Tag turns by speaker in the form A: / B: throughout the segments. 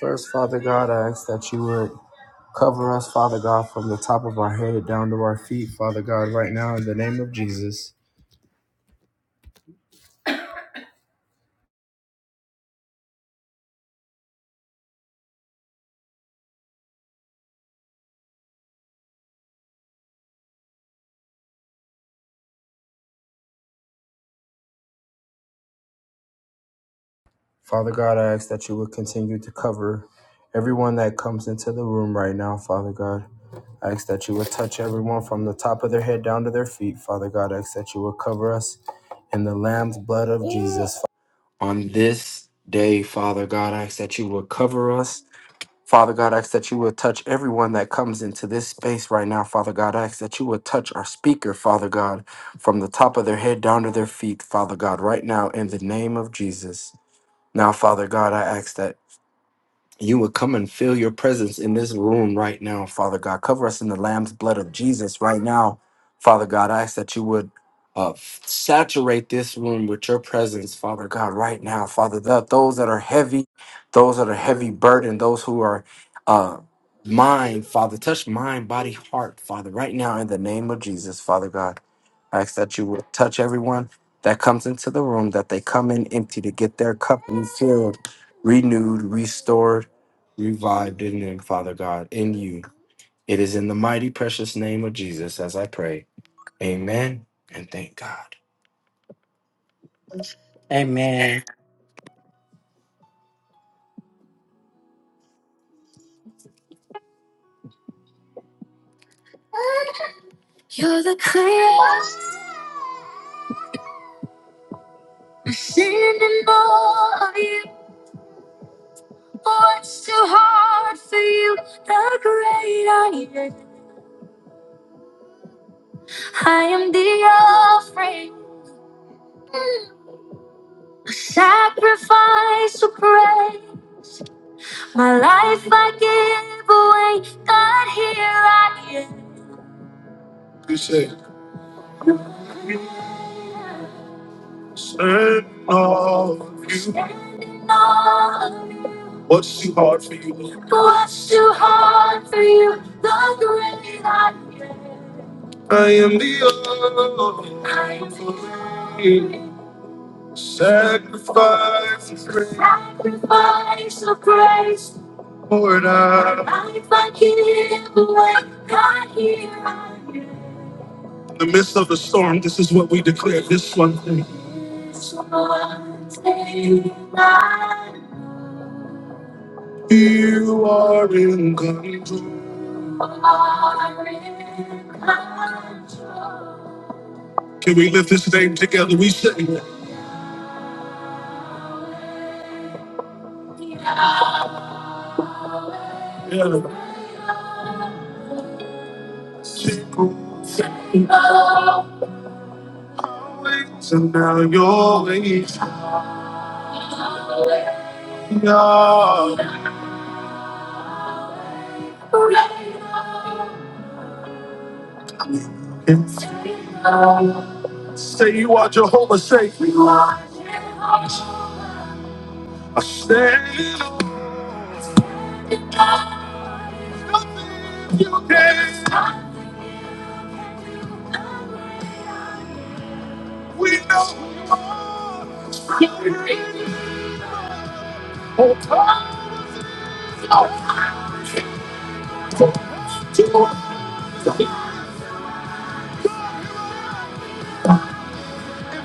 A: First, Father God, I ask that you would cover us, Father God, from the top of our head down to our feet, Father God, right now in the name of Jesus. Father God, I ask that you would continue to cover everyone that comes into the room right now, Father God. I ask that you would touch everyone from the top of their head down to their feet, Father God. I ask that you would cover us in the Lamb's blood of Jesus. On this day, Father God, I ask that you would cover us Father God, I ask that you would touch everyone that comes into this space right now, Father God. I ask that you would touch our speaker, Father God, from the top of their head down to their feet, Father God, right now in the name of Jesus. Now, Father God, I ask that you would come and feel your presence in this room right now, Father God. Cover us in the Lamb's blood of Jesus right now, Father God. I ask that you would uh, saturate this room with your presence, Father God, right now, Father. That those that are heavy, those that are heavy burdened, those who are uh, mind, Father, touch mind, body, heart, Father, right now in the name of Jesus, Father God. I ask that you would touch everyone that comes into the room, that they come in empty to get their cup refilled, renewed, restored revived in them, Father God, in you. It is in the mighty precious name of Jesus as I pray. Amen and thank God.
B: Amen.
A: You're the clearest sin and of you. For it's too hard for you, the great I am. I am the offering, a sacrifice of praise. My life I give away. God, here I am. You say, stand all of you. Standing all of you. What's too hard for you? Lord? What's too hard for you? The great I am. I am the only I am the only. Sacrifice of praise. Sacrifice of praise. poured out. In the midst of the storm, this is what we declare this one thing. This one thing I know. You are in control. You are in control. Can we lift this name together? We sing. it. Yeah. People say always, and now you're always young. Say you are Jehovah, say you are. I stand on you can. We know. Oh, God.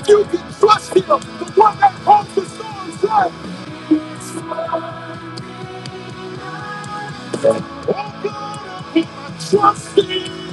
A: You can trust him. The one that holds the storm's life. Trust in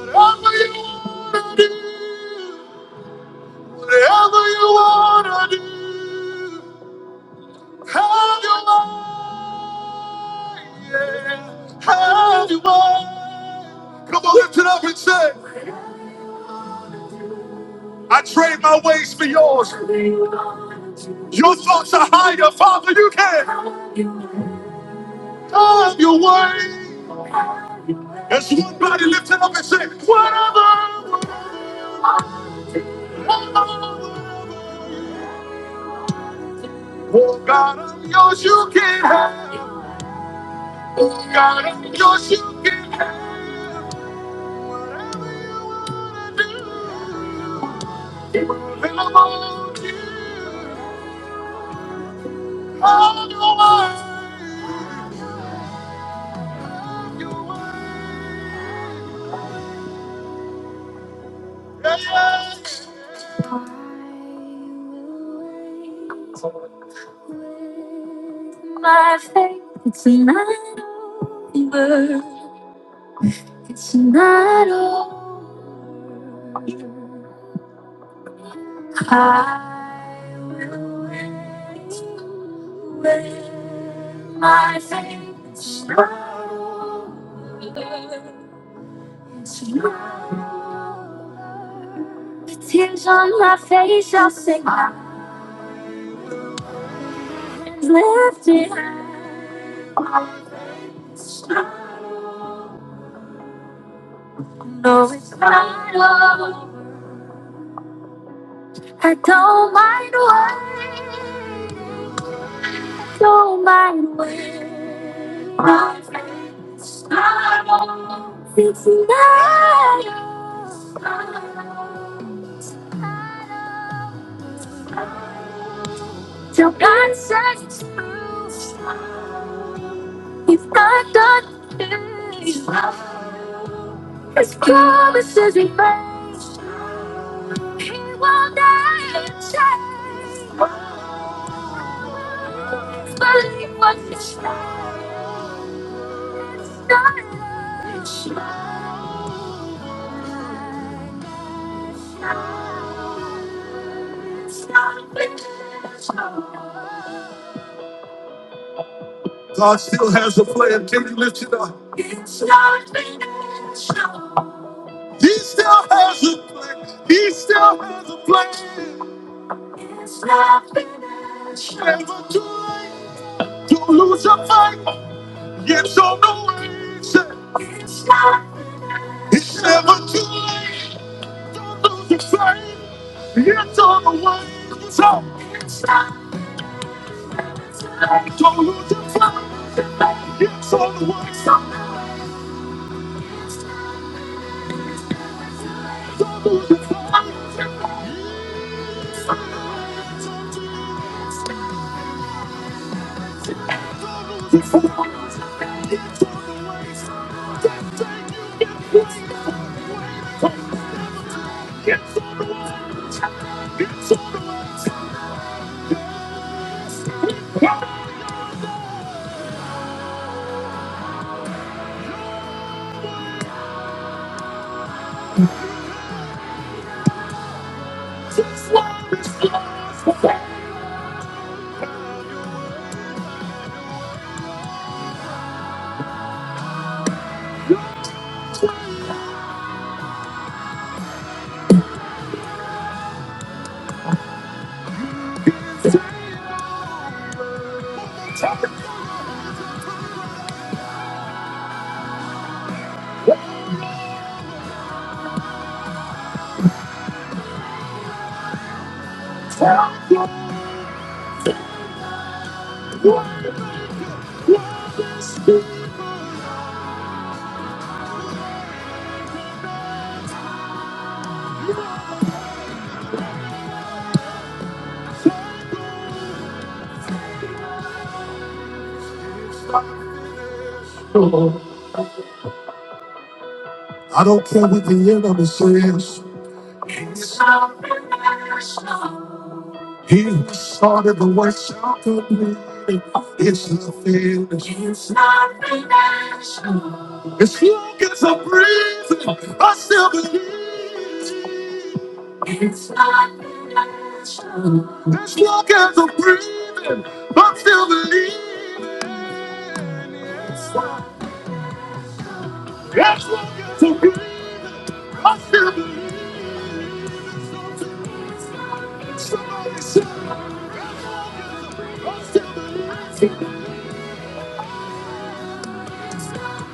A: Whatever you wanna do, whatever you wanna do, have your mind, yeah, have your mind. Come on, lift it up and say, I trade my ways for yours. Your thoughts are higher, Father. You can have your way. It's one body lifted up and said, Whatever. Oh God, I'm yours, you can have. Oh God, I'm yours, you can have. it. Available to you. All your work, your work. Yeah, yeah, yeah. My faith, it's not over. It's not over. I will wait with my faith slowly smile. The tears on my face, I'll sing my hands lifted. high. my faith stronger. No, it's not over. I don't mind waiting. Show my way. My friends, I don't. It's not Till God says it's true. He's not done. His promises remain. He will not change. Believe what you say. It's not it's not it's not It's not God still has a plan. Can you lift it up? It's not finished. He still has a plan. He still has a plan. It's not finished. Never too late Don't lose your fight. Yes or no answer. It's not finished. It's never too late Don't lose your fight. Yes or no answer. It's not finished. Don't lose your fight. Yes or no answer. It's I don't care what the enemy says. He who started the work shall complete it. It's not finished. It's not finished. As long as I'm breathing, I still believe. It's not finished. As long as I'm breathing, I still believe. As long as I'm breathing, I still believe. somebody say, I still believe.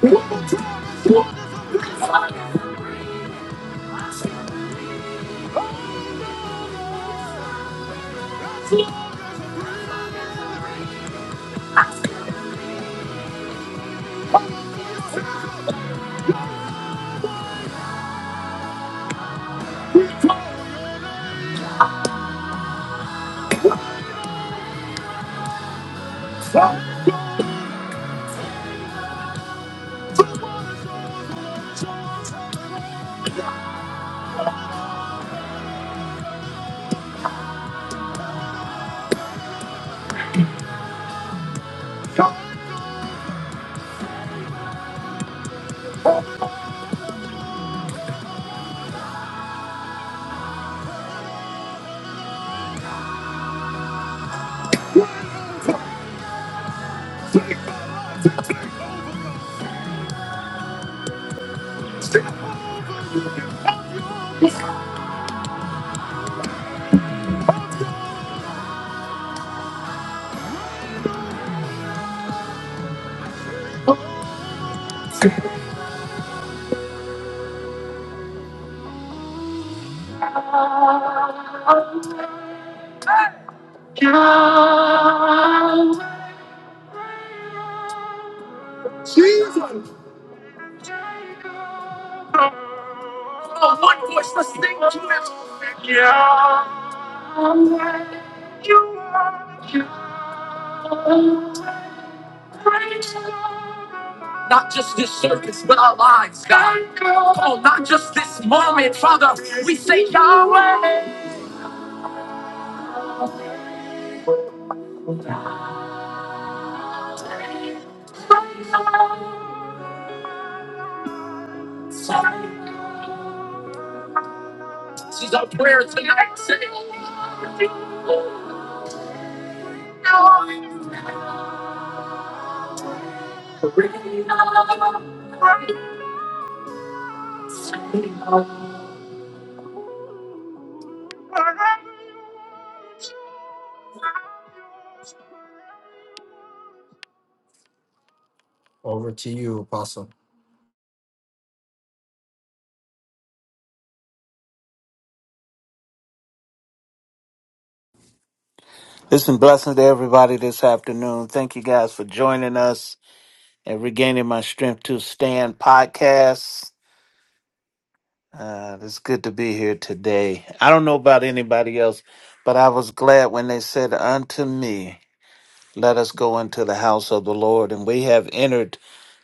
A: One more time, as long as I'm breathing, I still believe. This is our prayer tonight. Say, Over to you, Apostle.
C: Listen, blessings to everybody this afternoon. Thank you guys for joining us and regaining my strength to stand podcast. Uh, it's good to be here today. I don't know about anybody else, but I was glad when they said unto me, let us go into the house of the Lord. And we have entered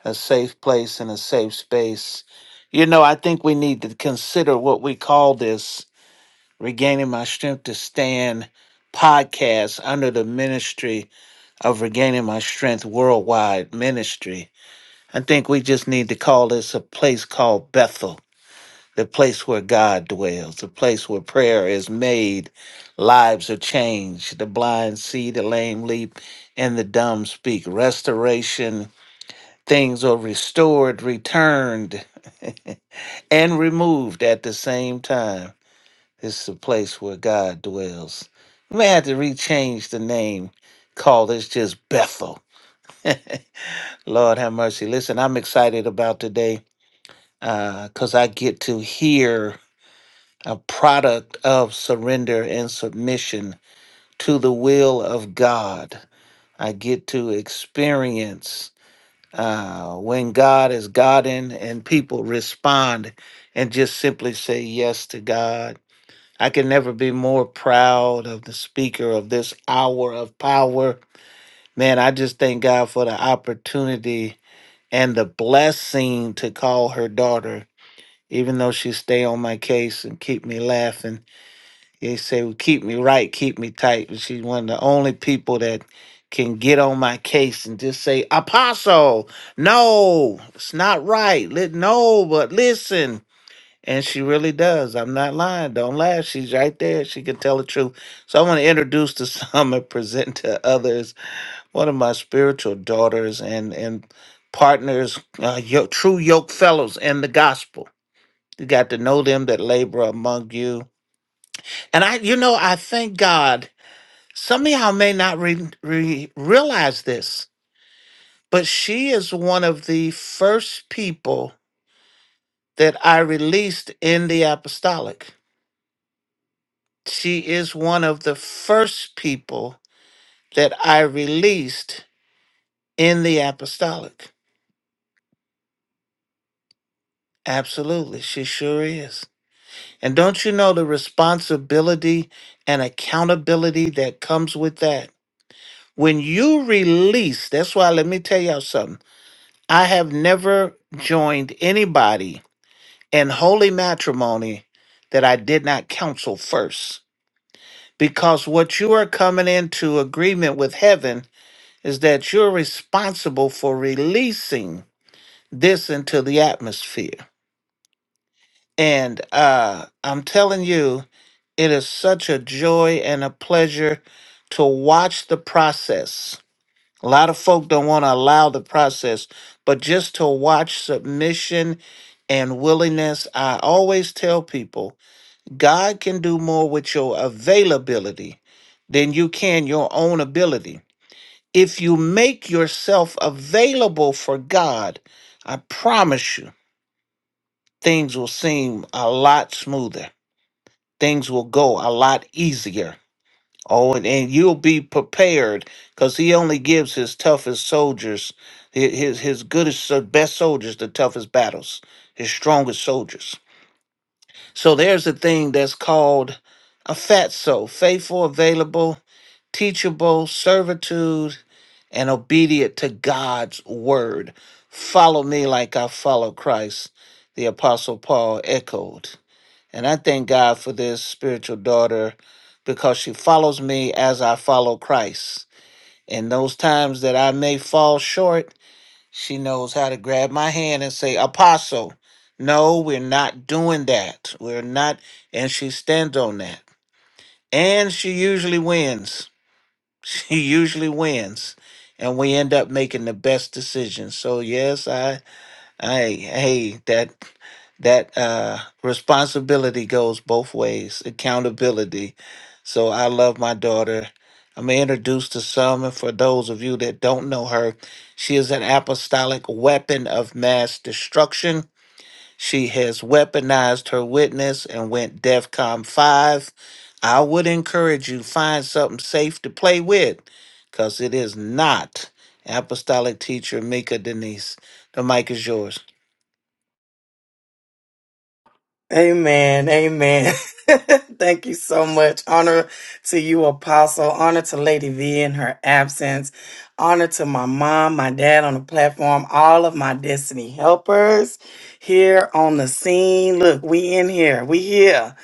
C: a safe place and a safe space. You know, I think we need to consider what we call this regaining my strength to stand podcast under the ministry of regaining my strength worldwide ministry. I think we just need to call this a place called Bethel, the place where God dwells, the place where prayer is made, lives are changed, the blind see, the lame leap, and the dumb speak. Restoration, things are restored, returned, and removed at the same time. This is a place where God dwells. We may have to rechange the name, call this just Bethel. Lord have mercy. Listen, I'm excited about today because I get to hear a product of surrender and submission to the will of God. I get to experience uh, when God is Godding and people respond and just simply say yes to God. I can never be more proud of the speaker of this hour of power. Man, I just thank God for the opportunity and the blessing to call her daughter, even though she stay on my case and keep me laughing. They say, well, keep me right, keep me tight. But she's one of the only people that can get on my case and just say, Apostle, no, it's not right. Let no, but listen. And she really does. I'm not lying. Don't laugh. She's right there. She can tell the truth. So I want to introduce to some and present to others one of my spiritual daughters and and partners, uh, yo- true yoke fellows in the gospel. You got to know them that labor among you. And I, you know, I thank God. Some of y'all may not re- re- realize this, but she is one of the first people that I released in the apostolic. She is one of the first people that I released in the apostolic. Absolutely, she sure is. And don't you know the responsibility and accountability that comes with that? When you release, that's why let me tell y'all something. I have never joined anybody in holy matrimony that I did not counsel first. Because what you are coming into agreement with heaven is that you're responsible for releasing this into the atmosphere. And uh, I'm telling you, It is such a joy and a pleasure to watch the process. A lot of folk don't want to allow the process, but just to watch submission and willingness, I always tell people God can do more with your availability than you can your own ability. If you make yourself available for God, I promise you, things will seem a lot smoother. Things will go a lot easier Oh, and, and you'll be prepared because he only gives his toughest soldiers, hi- his his goodest, so- best soldiers, the toughest battles, his strongest soldiers. So there's a thing that's called a fatso, faithful, available, teachable, servitude, and obedient to God's word. Follow me like I follow Christ, the Apostle Paul echoed. And I thank God for this spiritual daughter because she follows me as I follow Christ. In those times that I may fall short, she knows how to grab my hand and say, Apostle, no, we're not doing that. We're not. And she stands on that. And she usually wins. She usually wins. And we end up making the best decisions. So yes, I, I, hey, that that uh, responsibility goes both ways, accountability. So I love my daughter. I'm introduced to some, and for those of you that don't know her, she is an apostolic weapon of mass destruction. She has weaponized her witness and went DEFCON 5. I would encourage you find something safe to play with, because it is not apostolic teacher Mika Denise. The mic is yours.
B: Amen. Amen. Thank you so much. Honor to you, Apostle. Honor to Lady V in her absence. Honor to my mom, my dad on the platform, all of my destiny helpers here on the scene. Look, we in here. We here.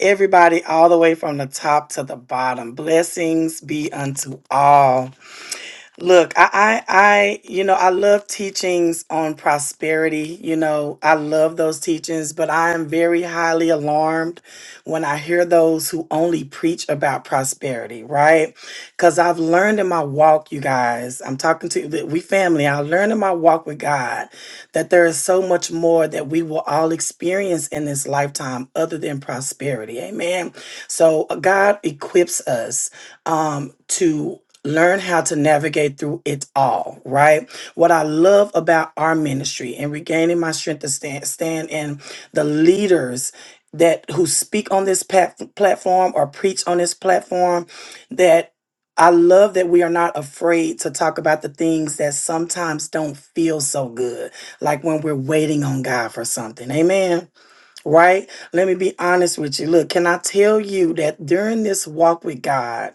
B: Everybody all the way from the top to the bottom. Blessings be unto all. Look, I, I, I, you know, I love teachings on prosperity. You know, I love those teachings, but I am very highly alarmed when I hear those who only preach about prosperity, right? Because I've learned in my walk, you guys, I'm talking to we family, I learned in my walk with God that there is so much more that we will all experience in this lifetime other than prosperity. Amen. So uh, God equips us um, to learn how to navigate through it all, right? What I love about our ministry and regaining my strength to stand, stand in the leaders that who speak on this pat- platform or preach on this platform that I love that we are not afraid to talk about the things that sometimes don't feel so good, like when we're waiting on God for something. Amen. Right? Let me be honest with you. Look, can I tell you that during this walk with God,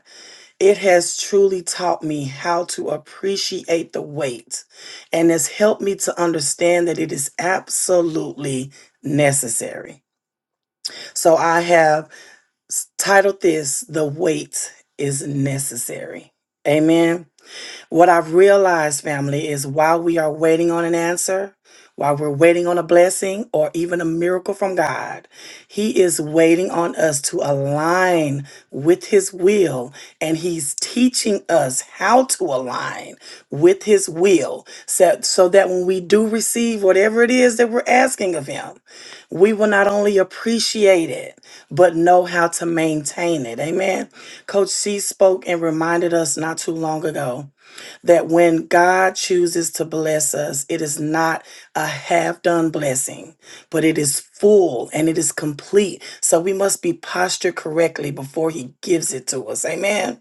B: it has truly taught me how to appreciate the wait and has helped me to understand that it is absolutely necessary. So I have s- titled this The Wait is Necessary. Amen. What I've realized, family, is while we are waiting on an answer, while we're waiting on a blessing or even a miracle from God, He is waiting on us to align with His will, and He's teaching us how to align with His will so, so that when we do receive whatever it is that we're asking of Him, we will not only appreciate it, but know how to maintain it. Amen. Coach C spoke and reminded us not too long ago that when God chooses to bless us, it is not a half done blessing, but it is full and it is complete. So we must be postured correctly before He gives it to us. Amen.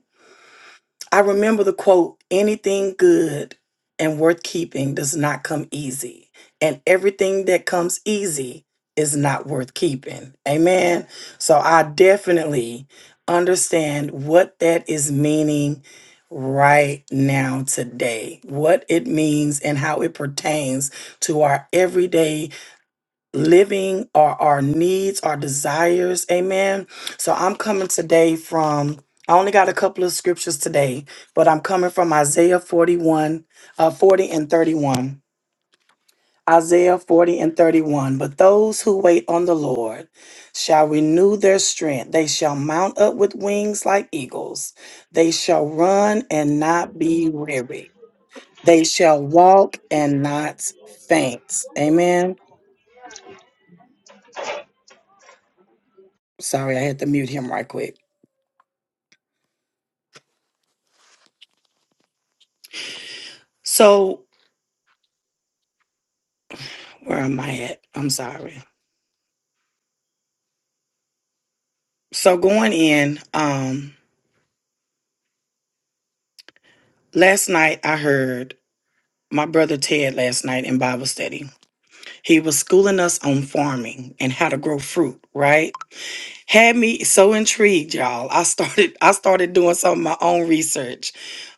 B: I remember the quote anything good and worth keeping does not come easy, and everything that comes easy is not worth keeping. Amen. So I definitely understand what that is meaning right now today what it means and how it pertains to our everyday living or our needs, our desires. Amen. So I'm coming today from, I only got a couple of scriptures today, but I'm coming from Isaiah 41, uh, 40 and 31. Isaiah 40 and 31. But those who wait on the Lord shall renew their strength. They shall mount up with wings like eagles. They shall run and not be weary. They shall walk and not faint. Amen. Sorry, I had to mute him right quick. So where am I at? I'm sorry. So going in, um, last night I heard my brother Ted last night in Bible study. He was schooling us on farming and how to grow fruit, right? had me so intrigued y'all i started i started doing some of my own research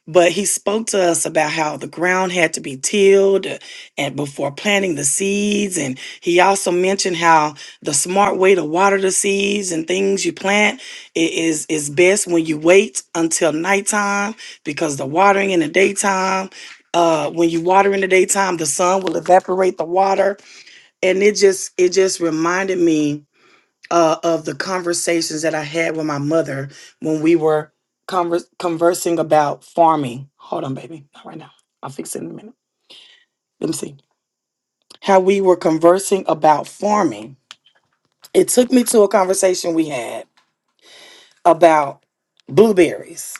B: but he spoke to us about how the ground had to be tilled uh, and before planting the seeds and he also mentioned how the smart way to water the seeds and things you plant i- is is best when you wait until nighttime because the watering in the daytime uh, when you water in the daytime the sun will evaporate the water and it just it just reminded me uh, of the conversations that I had with my mother when we were convers- conversing about farming. Hold on, baby. Not right now. I'll fix it in a minute. Let me see. How we were conversing about farming. It took me to a conversation we had about blueberries.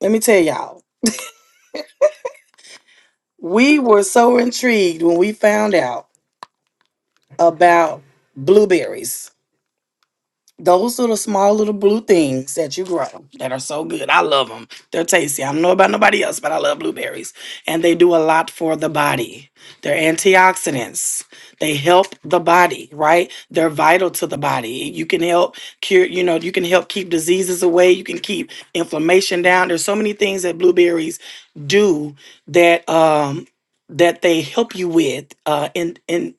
B: Let me tell y'all, we were so intrigued when we found out about blueberries Those are the small little blue things that you grow that are so good. I love them. They're tasty. I don't know about nobody else, but I love blueberries. And they do a lot for the body. They're antioxidants. They help the body, right? They're vital to the body. You can help cure, you know, you can help keep diseases away. You can keep inflammation down. There's so many things that blueberries do that um that they help you with uh in in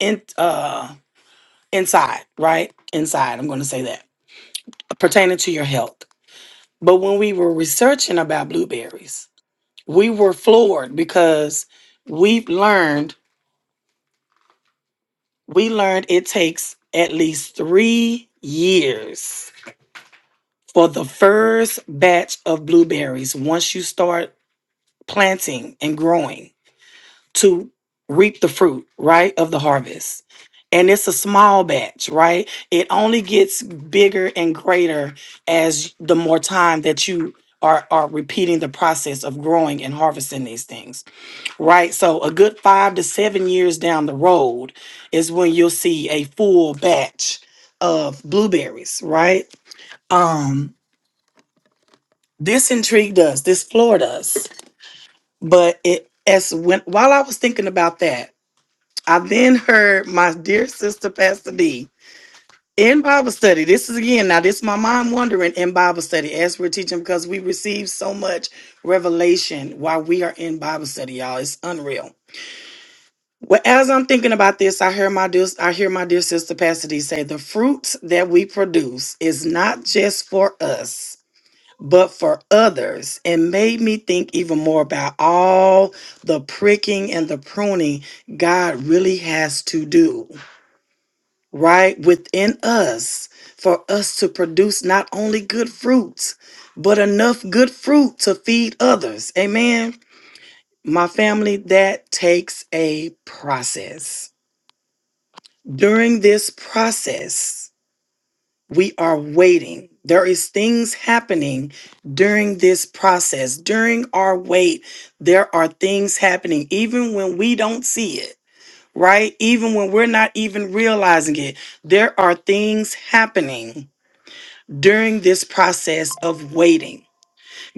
B: in uh inside, right? Inside. I'm going to say that pertaining to your health. But when we were researching about blueberries, we were floored because we've learned we learned it takes at least 3 years for the first batch of blueberries once you start planting and growing to reap the fruit, right, of the harvest. And it's a small batch, right? It only gets bigger and greater as the more time that you are, are repeating the process of growing and harvesting these things, right? So, a good five to seven years down the road is when you'll see a full batch of blueberries, right? Um, this intrigued us, this floored us, but it as when while I was thinking about that, I then heard my dear sister, Pastor D, in Bible study. This is again, now this is my mind wandering in Bible study as we're teaching because we receive so much revelation while we are in Bible study, y'all. It's unreal. Well, as I'm thinking about this, I hear my dear, I hear my dear sister Pastor D say, the fruits that we produce is not just for us, but for others. And made me think even more about all the pricking and the pruning God really has to do right, within us for us to produce not only good fruits, but enough good fruit to feed others. Amen. My family, that takes a process. During this process, we are waiting. There is things happening during this process. During our wait, there are things happening even when we don't see it, right? Even when we're not even realizing it, there are things happening during this process of waiting.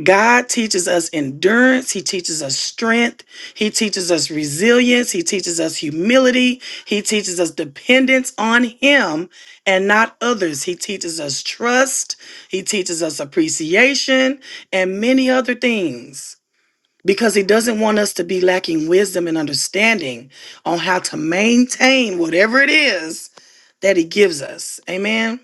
B: God teaches us endurance. He teaches us strength. He teaches us resilience. He teaches us humility. He teaches us dependence on Him and not others. He teaches us trust. He teaches us appreciation and many other things because He doesn't want us to be lacking wisdom and understanding on how to maintain whatever it is that He gives us. Amen.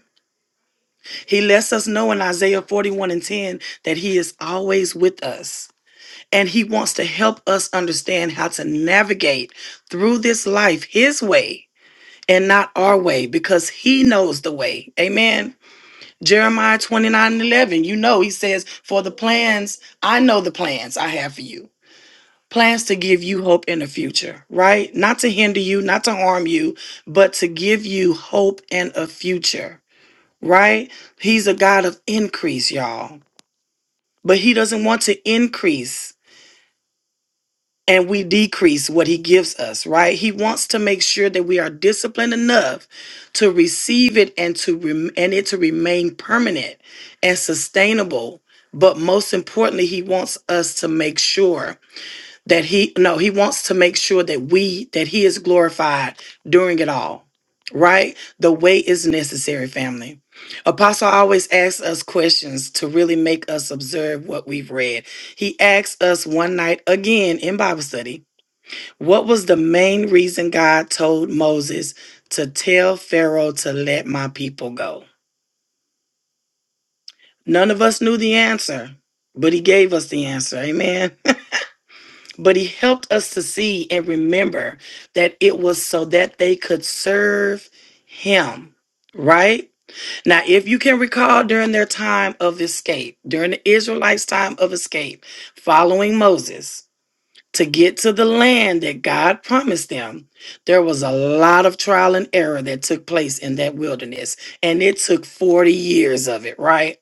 B: He lets us know in Isaiah 41 and 10 that He is always with us. And He wants to help us understand how to navigate through this life His way and not our way because He knows the way. Amen. Jeremiah 29 and 11, you know, He says, For the plans, I know the plans I have for you. Plans to give you hope in the future, right? Not to hinder you, not to harm you, but to give you hope and a future right? He's a God of increase, y'all. But he doesn't want to increase and we decrease what he gives us, right? He wants to make sure that we are disciplined enough to receive it and to rem- and it to remain permanent and sustainable. But most importantly, he wants us to make sure that he no he wants to make sure that we that he is glorified during it all right the way is necessary family apostle always asks us questions to really make us observe what we've read he asked us one night again in bible study what was the main reason god told moses to tell pharaoh to let my people go none of us knew the answer but he gave us the answer amen but he helped us to see and remember that it was so that they could serve him, right? Now, if you can recall during their time of escape, during the Israelites' time of escape, following Moses to get to the land that God promised them, there was a lot of trial and error that took place in that wilderness. And it took 40 years of it, right?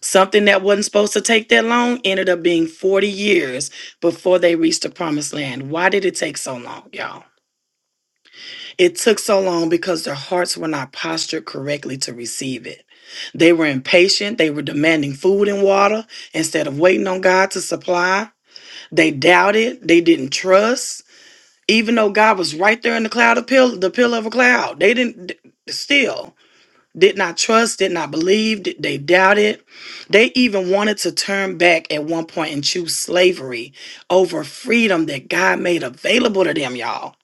B: Something that wasn't supposed to take that long ended up being 40 years before they reached the promised land. Why did it take so long, y'all? It took so long because their hearts were not postured correctly to receive it. They were impatient, they were demanding food and water instead of waiting on God to supply. They doubted, they didn't trust, even though God was right there in the cloud of pill, the pillar of a cloud. They didn't still did not trust, did not believe, did- they doubted. They even wanted to turn back at one point and choose slavery over freedom that God made available to them, y'all.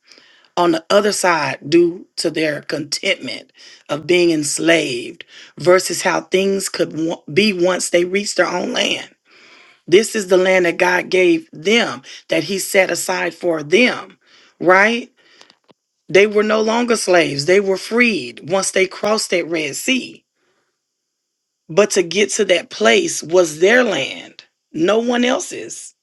B: On the other side, due to their contentment of being enslaved versus how things could wa- be once they reached their own land. This is the land that God gave them, that He set aside for them, right? They were no longer slaves, they were freed once they crossed that Red Sea but to get to that place was their land, no one else's.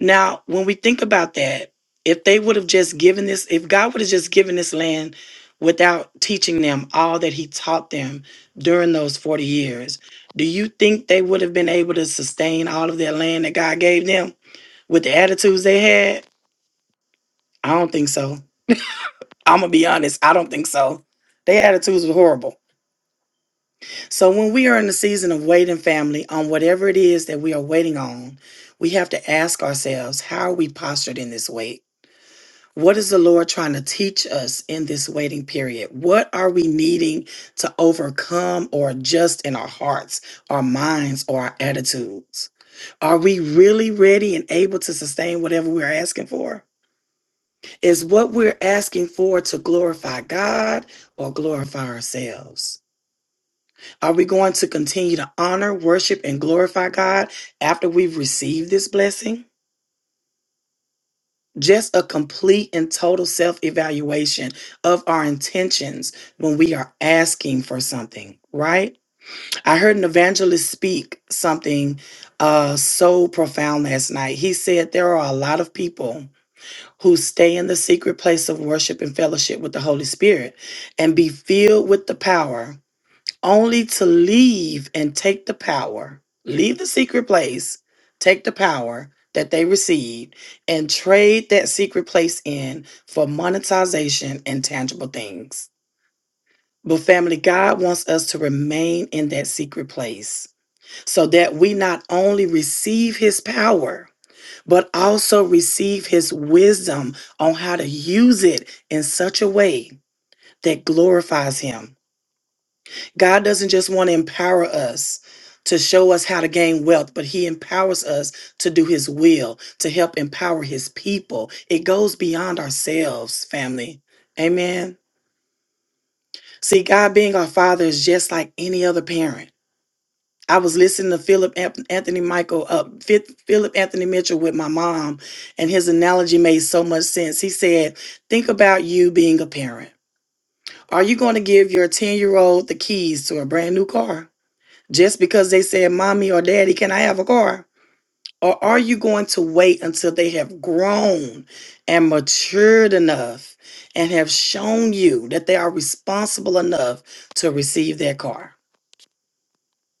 B: Now, when we think about that, if they would have just given this, if God would have just given this land without teaching them all that He taught them during those 40 years, do you think they would have been able to sustain all of that land that God gave them with the attitudes they had? I don't think so. I'm going to be honest, I don't think so. Their attitudes were horrible So when we are in the season of waiting, family, on whatever it is that we are waiting on, we have to ask ourselves, how are we postured in this wait? What is the Lord trying to teach us in this waiting period? What are we needing to overcome or adjust in our hearts, our minds, or our attitudes? Are we really ready and able to sustain whatever we're asking for? Is what we're asking for to glorify God or glorify ourselves? Are we going to continue to honor, worship, and glorify God after we've received this blessing? Just a complete and total self evaluation of our intentions when we are asking for something, right? I heard an evangelist speak something uh, so profound last night. He said there are a lot of people who stay in the secret place of worship and fellowship with the Holy Spirit and be filled with the power only to leave and take the power, leave the secret place, take the power that they received, and trade that secret place in for monetization and tangible things. But family, God wants us to remain in that secret place so that we not only receive his power, but also receive his wisdom on how to use it in such a way that glorifies him God doesn't just want to empower us to show us how to gain wealth, but He empowers us to do His will, to help empower His people. It goes beyond ourselves, family. Amen. See, God being our Father is just like any other parent. I was listening to Philip Ap- Anthony Michael, uh, Phi- Philip Anthony Mitchell with my mom, and his analogy made so much sense. He said, "Think about you being a parent. Are you going to give your ten-year-old the keys to a brand new car? just because they said, Mommy or Daddy, can I have a car? Or are you going to wait until they have grown and matured enough and have shown you that they are responsible enough to receive their car?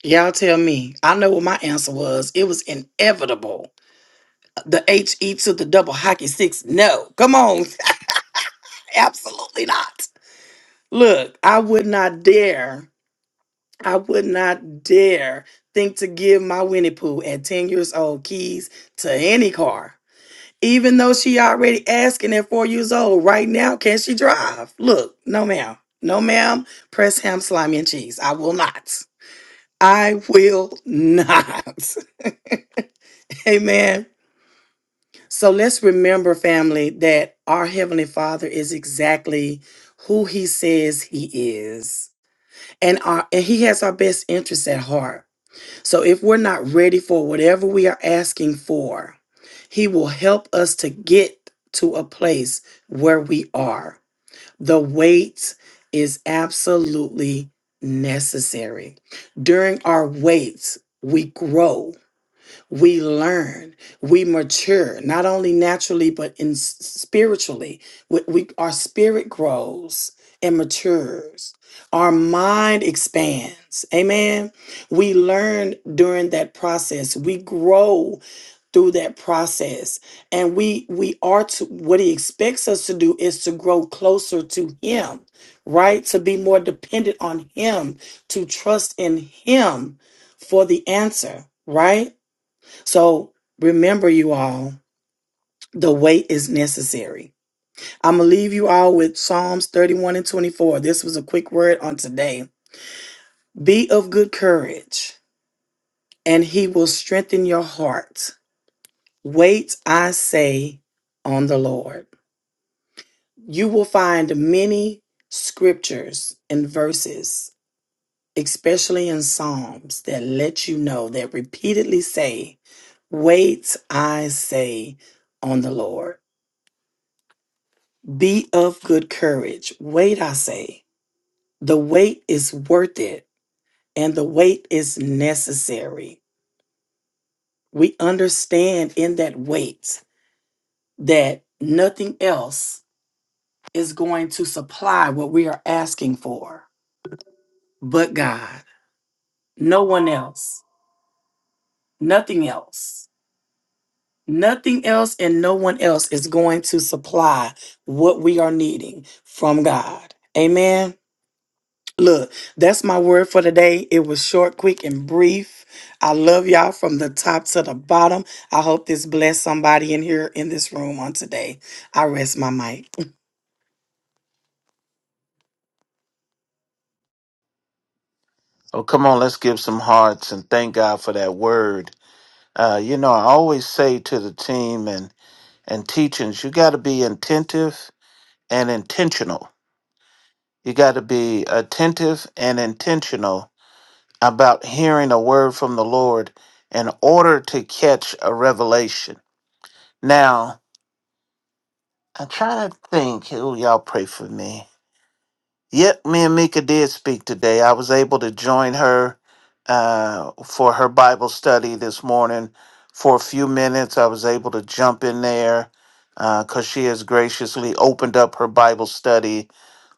B: Y'all tell me. I know what my answer was. It was inevitable. The H E to the double hockey sticks. No. Come on. Absolutely not. Look, I would not dare. I would not dare think to give my Winnie Pooh at 10 years old keys to any car. Even though she already asking at four years old, right now, can she drive? Look, no ma'am. No ma'am. Press ham, slimy, and cheese. I will not. I will not. Amen. So let's remember, family, that our Heavenly Father is exactly who He says He is. And, our, and He has our best interests at heart. So if we're not ready for whatever we are asking for, He will help us to get to a place where we are. The wait is absolutely necessary. During our waits, we grow we learn, we mature, not only naturally, but in s- spiritually. We, we, our spirit grows and matures. Our mind expands. Amen. We learn during that process. We grow through that process. And we we are to what he expects us to do is to grow closer to him, right? To be more dependent on him, to trust in him for the answer, right? So remember, you all, the wait is necessary. I'm going to leave you all with Psalms 31 and 24. This was a quick word on today. Be of good courage, and he will strengthen your heart. Wait, I say, on the Lord. You will find many scriptures and verses, especially in Psalms, that let you know that repeatedly say, Wait, I say, on the Lord. Be of good courage. Wait, I say. The wait is worth it, and the wait is necessary. We understand in that wait that nothing else is going to supply what we are asking for but God. No one else. Nothing else. Nothing else and no one else is going to supply what we are needing from God. Amen. Look, that's my word for today. It was short, quick, and brief. I love y'all from the top to the bottom. I hope this blessed somebody in here in this room on today. I rest my mic.
C: Oh, come on, let's give some hearts and thank God for that word. Uh, you know, I always say to the team and, and teachings, you got to be attentive and intentional. You got to be attentive and intentional about hearing a word from the Lord in order to catch a revelation. Now, I'm trying to think, oh, y'all pray for me. Yep, me and Mika did speak today. I was able to join her uh, for her Bible study this morning for a few minutes. I was able to jump in there because she has graciously opened up her Bible study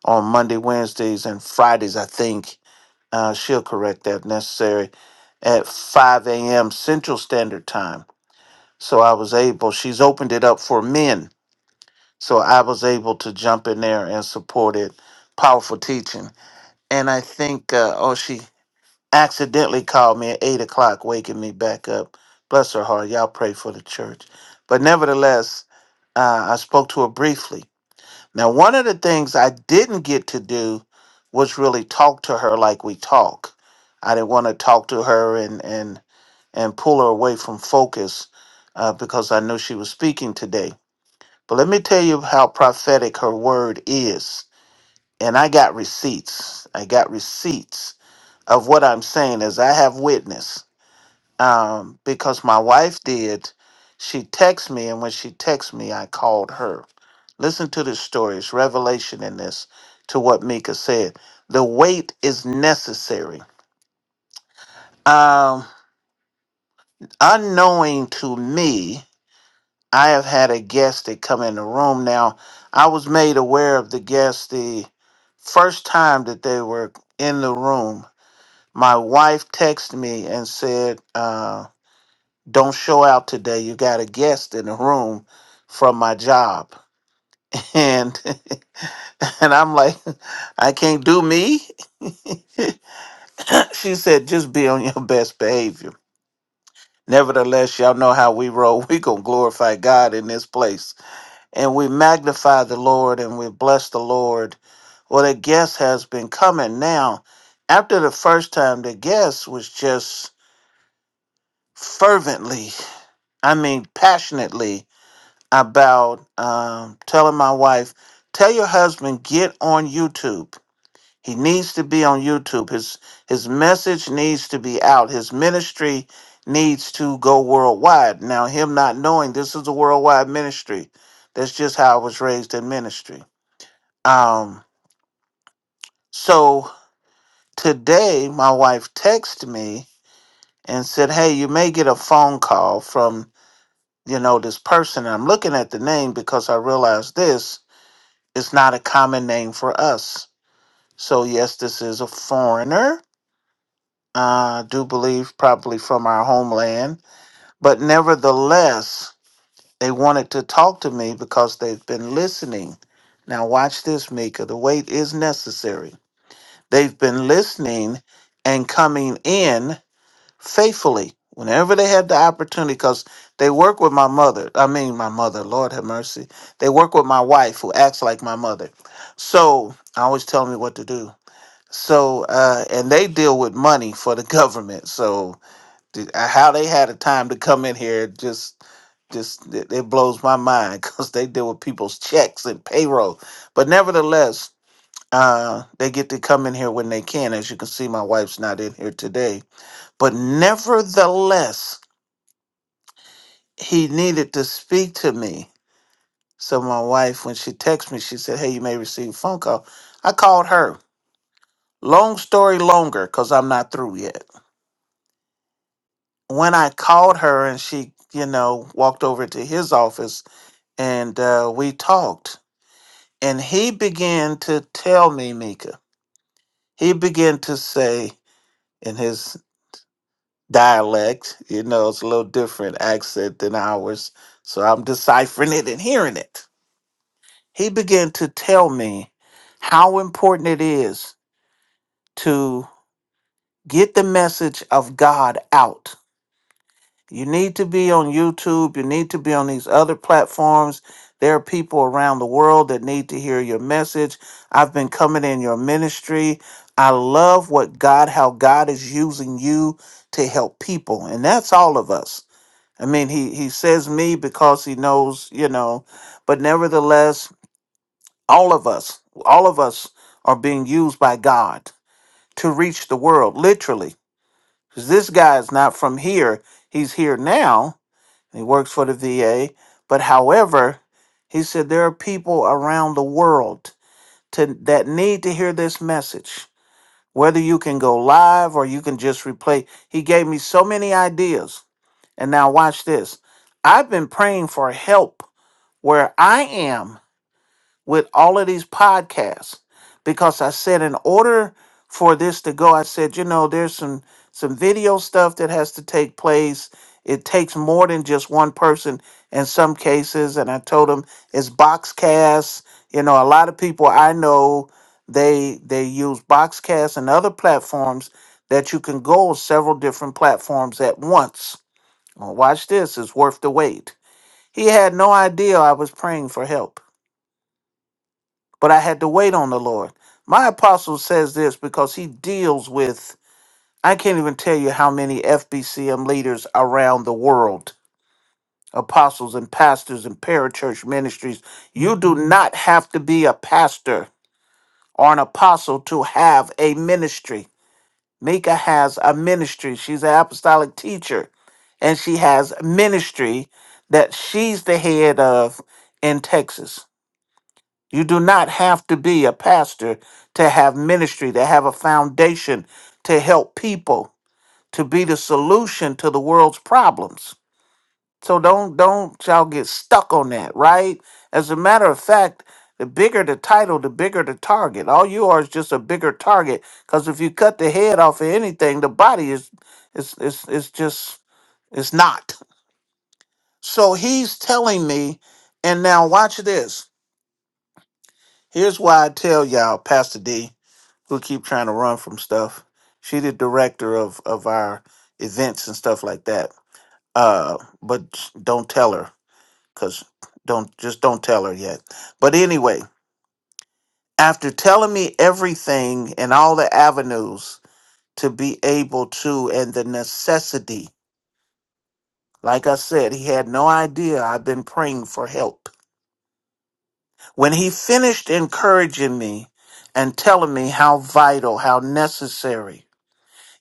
C: on Monday, Wednesdays, and Fridays, I think. Uh, she'll correct that if necessary at 5 a.m. Central Standard Time. So I was able, she's opened it up for men. So I was able to jump in there and support it. Powerful teaching and I think uh, oh she accidentally called me at eight o'clock, waking me back up. Bless her heart. Y'all pray for the church. But nevertheless, uh, I spoke to her briefly. Now, one of the things I didn't get to do was really talk to her like we talk. I didn't want to talk to her and and and pull her away from focus uh, because I knew she was speaking today. But let me tell you how prophetic her word is. And I got receipts. I got receipts of what I'm saying is I have witness um, because my wife did. She texted me, and when she texted me, I called her. Listen to this story. It's revelation in this to what Mika said. The wait is necessary. Um, unknowing to me, I have had a guest that come in the room. Now, I was made aware of the guest the first time that they were in the room. My wife texted me and said, um, don't show out today. You got a guest in the room from my job. And and I'm like, I can't do me. she said, just be on your best behavior. Nevertheless, y'all know how we roll. We gonna glorify God in this place. And we magnify the Lord and we bless the Lord. Well, the guest has been coming now. After the first time, the guest was just fervently, I mean passionately about um, telling my wife, tell your husband get on YouTube. He needs to be on YouTube. His his message needs to be out. His ministry needs to go worldwide. Now, him not knowing this is a worldwide ministry. That's just how I was raised in ministry. Um, so today my wife texted me and said, Hey, you may get a phone call from, you know, this person. And I'm looking at the name because I realized this. It's not a common name for us. So, yes, this is a foreigner. Uh, I do believe probably from our homeland. But nevertheless, they wanted to talk to me because they've been listening. Now, watch this, Mika. The wait is necessary. They've been listening and coming in faithfully whenever they have the opportunity because they work with my mother i mean my mother lord have mercy they work with my wife who acts like my mother so i always tell me what to do so uh and they deal with money for the government so th- how they had a time to come in here just just it, it blows my mind because they deal with people's checks and payroll. But nevertheless, uh, they get to come in here when they can. As you can see, my wife's not in here today but nevertheless, he needed to speak to me. So my wife, when she texted me, she said, Hey, you may receive a phone call. I called her. Long story longer, because I'm not through yet. When I called her and she, you know, walked over to his office and uh, we talked, and he began to tell me, Mika, he began to say in his dialect, you know, it's a little different accent than ours. So I'm deciphering it and hearing it he began to tell me how important it is to get the message of God out. You need to be on YouTube, you need to be on these other platforms. There are people around the world that need to hear your message. I've been coming in your ministry. I love what God, how God is using you to help people. And that's all of us. I mean, he, he says me because he knows, you know, but nevertheless, All of us, all of us are being used by God to reach the world, literally. 'Cause this guy is not from here. He's here now. He works for the VA. But however, he said there are people around the world to, that need to hear this message. Whether you can go live or you can just replay. He gave me so many ideas. And now watch this. I've been praying for help where I am with all of these podcasts because I said in order for this to go, I said, you know, there's some some video stuff that has to take place. It takes more than just one person in some cases. And I told them it's Boxcast. You know, a lot of people I know they they use Boxcast and other platforms that you can go on several different platforms at once. Well, watch this, it's worth the wait. He had no idea I was praying for help but I had to wait on the Lord. My apostle says this because he deals with, I can't even tell you how many FBCM leaders around the world, apostles and pastors and parachurch ministries. You do not have to be a pastor or an apostle to have a ministry. Mika has a ministry. She's an apostolic teacher, and she has ministry that she's the head of in Texas You do not have to be a pastor to have ministry, to have a foundation to help people, to be the solution to the world's problems. So don't don't y'all get stuck on that, right? As a matter of fact, the bigger the title, the bigger the target. All you are is just a bigger target. Because if you cut the head off of anything, the body is is is is just it's not. So he's telling me, and now watch this. Here's why I tell y'all, Pastor D, who keep trying to run from stuff. She the director of of our events and stuff like that. Uh, but don't tell her, cause don't just don't tell her yet. But anyway, after telling me everything and all the avenues to be able to and the necessity, like I said, he had no idea I've been praying for help. When he finished encouraging me and telling me how vital, how necessary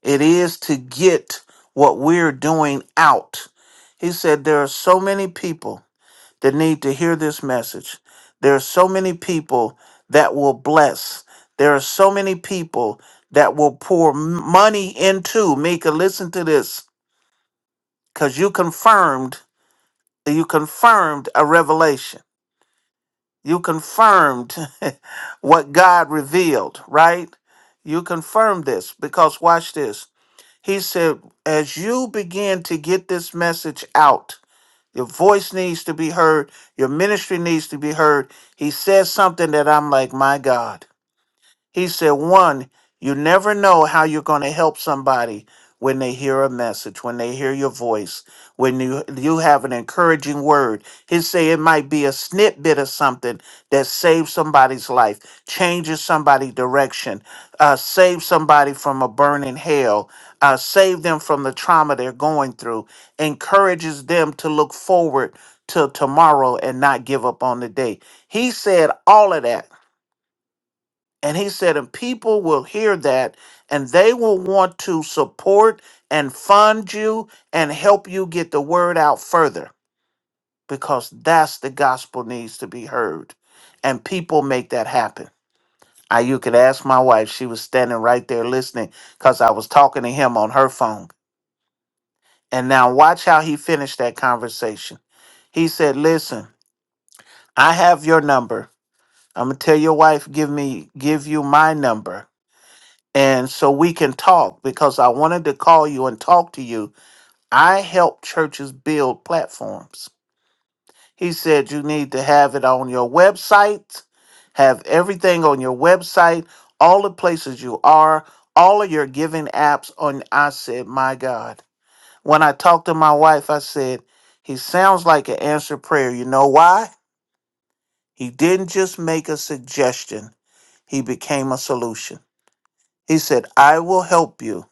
C: It is to get what we're doing out. He said, There are so many people that need to hear this message. There are so many people that will bless. There are so many people that will pour m- money into. Mika, listen to this because you confirmed. You confirmed a revelation. You confirmed what God revealed, right? You confirmed this because watch this. He said, as you begin to get this message out, your voice needs to be heard, your ministry needs to be heard. He said something that I'm like, my God. He said, one, you never know how you're going to help somebody when they hear a message, when they hear your voice, when you, you have an encouraging word. He said it might be a snippet of something that saves somebody's life, changes somebody's direction, uh, saves somebody from a burning hell, uh, save them from the trauma they're going through, encourages them to look forward to tomorrow and not give up on the day. He said all of that and he said, and people will hear that and they will want to support and fund you and help you get the word out further because that's the gospel needs to be heard. And people make that happen. I, you could ask my wife, she was standing right there listening because I was talking to him on her phone. And now watch how he finished that conversation. He said, Listen, I have your number. I'm gonna tell your wife, give me give you my number and so we can talk because I wanted to call you and talk to you. I help churches build platforms. He said you need to have it on your website, have everything on your website, all the places you are, all of your giving apps on I said, "My God." When I talked to my wife, I said, "He sounds like an answered prayer." You know why? He didn't just make a suggestion. He became a solution. He said, "I will help you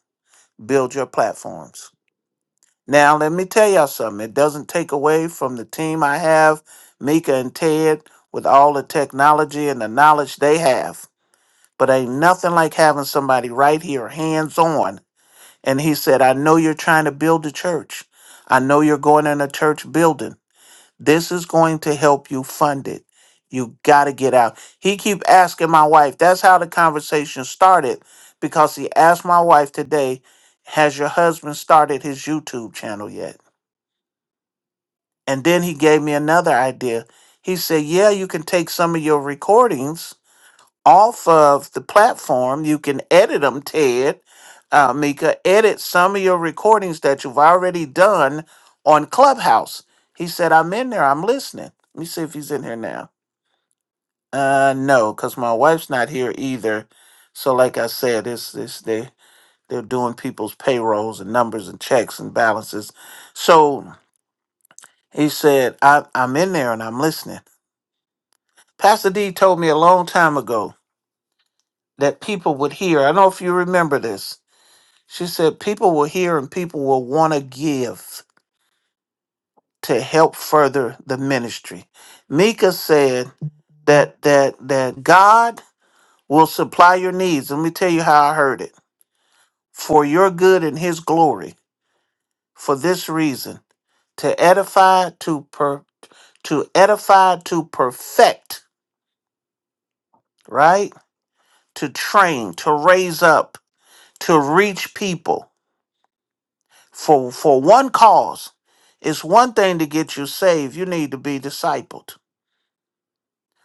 C: build your platforms." Now, let me tell y'all something. It doesn't take away from the team I have, Mika and Ted, with all the technology and the knowledge they have. But ain't nothing like having somebody right here, hands on. And he said, I know you're trying to build a church. I know you're going in a church building. This is going to help you fund it. You got to get out. He keep asking my wife. That's how the conversation started because he asked my wife today, has your husband started his YouTube channel yet? And then he gave me another idea. He said, Yeah, you can take some of your recordings off of the platform. You can edit them, Ted, uh, Mika, edit some of your recordings that you've already done on Clubhouse. He said, I'm in there. I'm listening. Let me see if he's in here now. Uh, no, because my wife's not here either. So, like I said, it's, it's they, they're doing people's payrolls and numbers and checks and balances. So he said, I, I'm in there and I'm listening. Pastor D told me a long time ago that people would hear. I don't know if you remember this. She said people will hear and people will want to give to help further the ministry. Mika said that that that God will supply your needs. Let me tell you how I heard it. For your good and his glory. For this reason, to edify, to per to edify, to perfect, right? To train, to raise up, to reach people for for one cause. It's one thing to get you saved. You need to be discipled.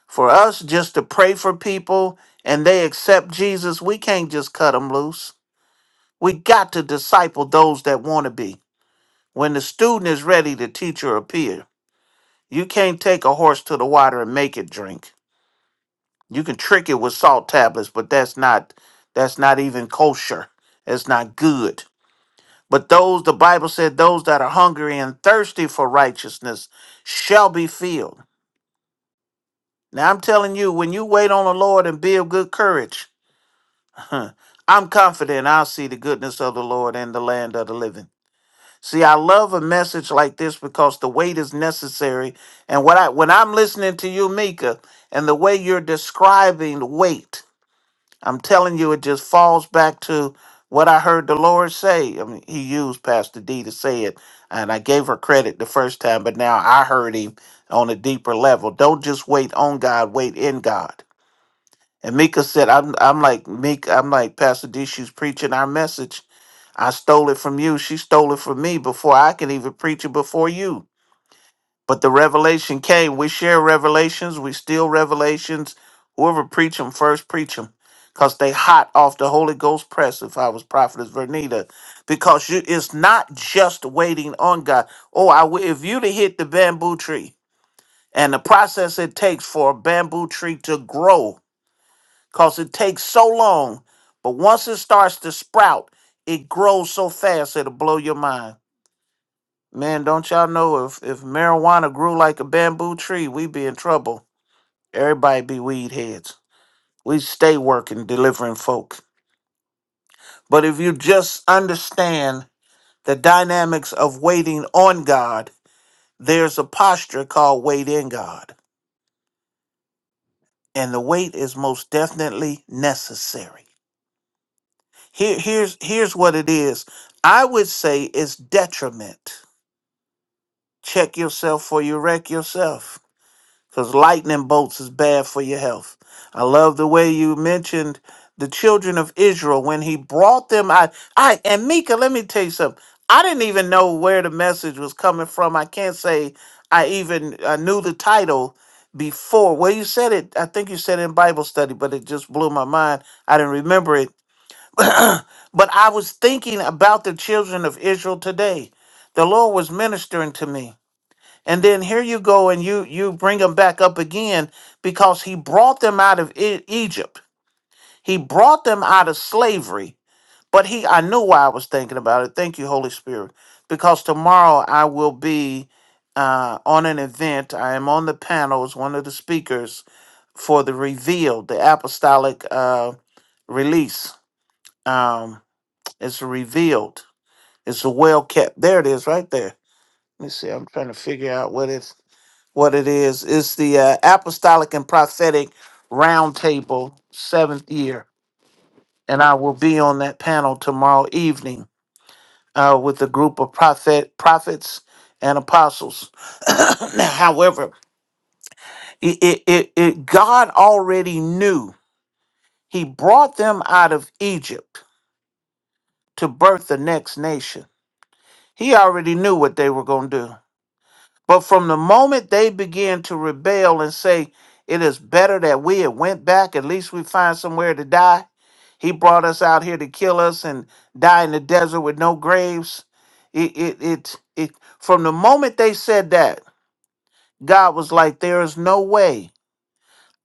C: For us just to pray for people and they accept Jesus, we can't just cut them loose. We got to disciple those that want to be. When the student is ready, the teacher appear. You can't take a horse to the water and make it drink. You can trick it with salt tablets, but that's not that's not even kosher. That's not good. But those, the Bible said, those that are hungry and thirsty for righteousness shall be filled. Now I'm telling you, when you wait on the Lord and be of good courage, huh, I'm confident I'll see the goodness of the Lord in the land of the living. See, I love a message like this because the wait is necessary. And what I when I'm listening to you, Mika, and the way you're describing wait. I'm telling you, it just falls back to what I heard the Lord say. I mean, He used Pastor D to say it, and I gave her credit the first time, but now I heard him on a deeper level. Don't just wait on God, wait in God. And Mika said, "I'm, I'm like Mika. I'm like Pastor D. She's preaching our message. I stole it from you. She stole it from me before I could even preach it before you." But the revelation came. We share revelations. We steal revelations. Whoever preach them first, preach them. Because they hot off the Holy Ghost press, if I was Prophetess Vernita. Because you, it's not just waiting on God. Oh, I, wi- if you to hit the bamboo tree and the process it takes for a bamboo tree to grow, because it takes so long. But once it starts to sprout, it grows so fast it'll blow your mind. Man, don't y'all know if, if marijuana grew like a bamboo tree, we'd be in trouble. Everybody be weed heads. We stay working, delivering folk. But if you just understand the dynamics of waiting on God, there's a posture called wait in God. And the wait is most definitely necessary. Here, here's here's what it is. I would say it's detriment. Check yourself for you wreck yourself. because lightning bolts is bad for your health. I love the way you mentioned the children of Israel when he brought them. I, I and Mika, let me tell you something. I didn't even know where the message was coming from. I can't say I even I knew the title before. Well, you said it. I think you said it in Bible study, but it just blew my mind. I didn't remember it. but I was thinking about the children of Israel today. The Lord was ministering to me and then here you go and you you bring them back up again because he brought them out of E- egypt he brought them out of slavery but he i knew why i was thinking about it thank you holy spirit because tomorrow i will be uh, on an event i am on the panel as one of the speakers for the revealed the apostolic uh, release um, it's revealed it's a well kept there it is right there let me see i'm trying to figure out what it's what it is. It's the uh, Apostolic and Prophetic Roundtable, seventh year, and I will be on that panel tomorrow evening uh, with a group of prophet prophets and apostles. Now, However, it, it, it, it God already knew. He brought them out of Egypt to birth the next nation. He already knew what they were going to do. But from the moment they began to rebel and say, it is better that we had went back, at least we find somewhere to die. He brought us out here to kill us and die in the desert with no graves. It, it, it, it, from the moment they said that, God was like, there is no way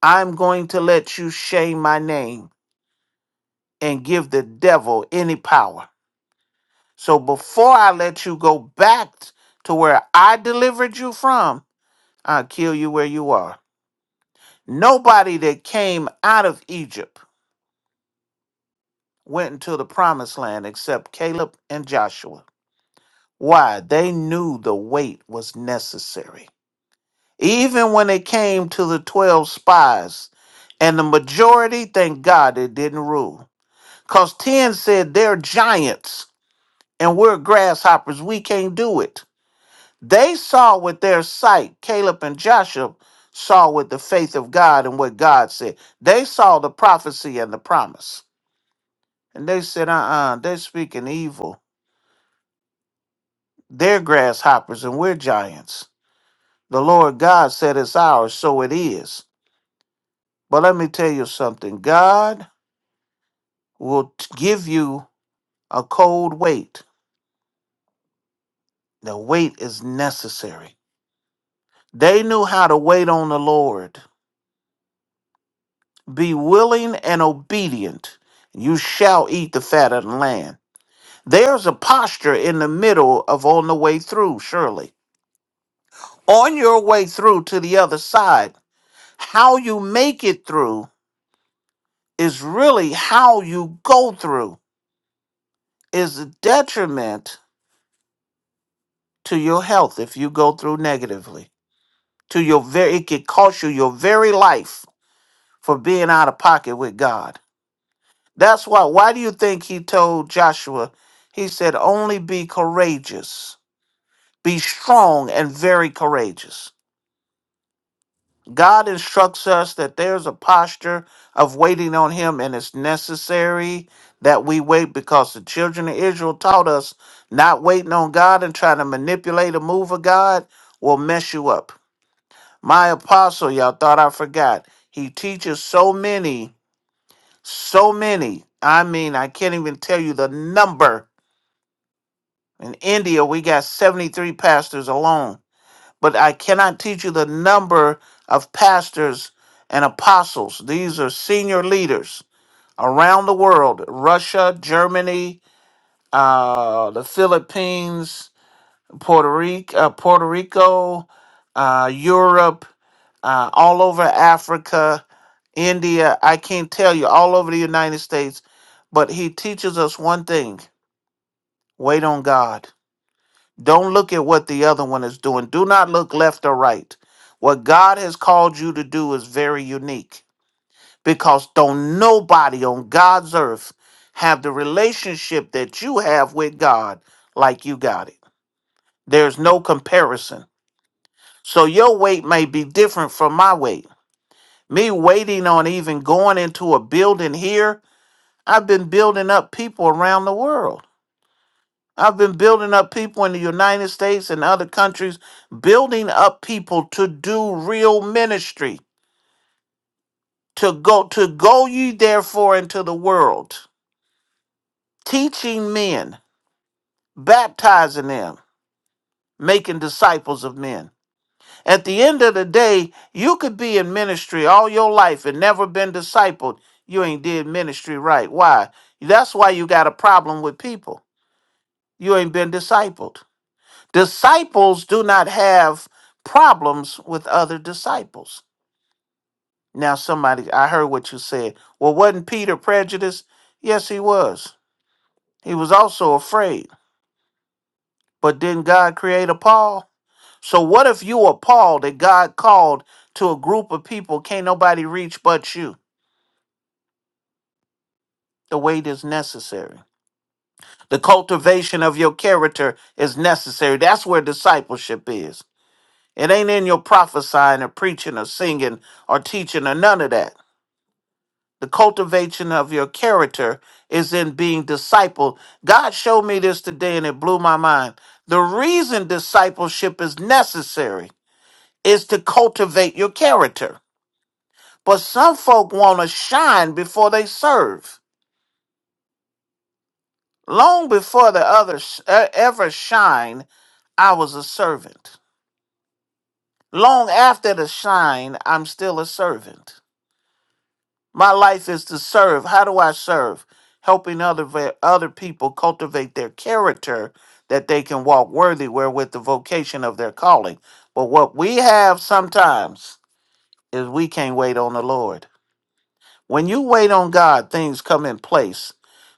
C: I'm going to let you shame my name and give the devil any power. So before I let you go back to where I delivered you from, I'll kill you where you are. Nobody that came out of Egypt went into the promised land except Caleb and Joshua. Why? They knew the wait was necessary. Even when it came to the 12 spies, and the majority, thank God, it didn't rule. Because 10 said they're giants and we're grasshoppers. We can't do it. They saw with their sight, Caleb and Joshua saw with the faith of God and what God said. They saw the prophecy and the promise. And they said, uh uh-uh, uh, they are speaking evil. They're grasshoppers and we're giants. The Lord God said it's ours, so it is. But let me tell you something God will t- give you a cold wait. The wait is necessary. They knew how to wait on the Lord. Be willing and obedient. You shall eat the fat of the land. There's a posture in the middle of on the way through, surely. On your way through to the other side, How you make it through is really how you go through is a detriment to your health if you go through negatively. To your very it could cost you your very life for being out of pocket with God. That's why why do you think he told Joshua, he said, only be courageous, be strong and very courageous. God instructs us that there's a posture of waiting on Him, and it's necessary that we wait because the children of Israel taught us not waiting on God and trying to manipulate a move of God will mess you up. My apostle, y'all thought I forgot. He teaches so many, so many. I mean, I can't even tell you the number. In India, we got 73 pastors alone but I cannot teach you the number of pastors and apostles. These are senior leaders around the world Russia, Germany, uh, the Philippines, Puerto Rico, uh, Puerto Rico uh, Europe, uh, all over Africa, India. I can't tell you, all over the United States. But he teaches us one thing wait on God. Don't look at what the other one is doing. Do not look left or right. What God has called you to do is very unique because don't nobody on God's earth have the relationship that you have with God like you got it. There's no comparison. So your weight may be different from my weight. Me waiting on even going into a building here, I've been building up people around the world. I've been building up people in the United States and other countries, building up people to do real ministry, to go to go ye therefore into the world, teaching men, baptizing them, making disciples of men. At the end of the day, you could be in ministry all your life and never been discipled. You ain't did ministry right. Why? That's why you got a problem with people. You ain't been discipled. Disciples do not have problems with other disciples. Now, somebody, I heard what you said. Well, wasn't Peter prejudiced? Yes, he was. He was also afraid. But didn't God create a Paul? So, what if you were Paul that God called to a group of people can't nobody reach but you? The weight is necessary. The cultivation of your character is necessary. That's where discipleship is. It ain't in your prophesying or preaching or singing or teaching or none of that. the cultivation of your character is in being discipled. God showed me this today and it blew my mind. The reason discipleship is necessary is to cultivate your character. But some folk want to shine before they serve. Long before the others uh, ever shine, I was a servant. Long after the shine, I'm still a servant. My life is to serve. How do I serve? Helping other ve- other people cultivate their character that they can walk worthy wherewith the vocation of their calling. But what we have sometimes is we can't wait on the Lord. When you wait on God, things come in place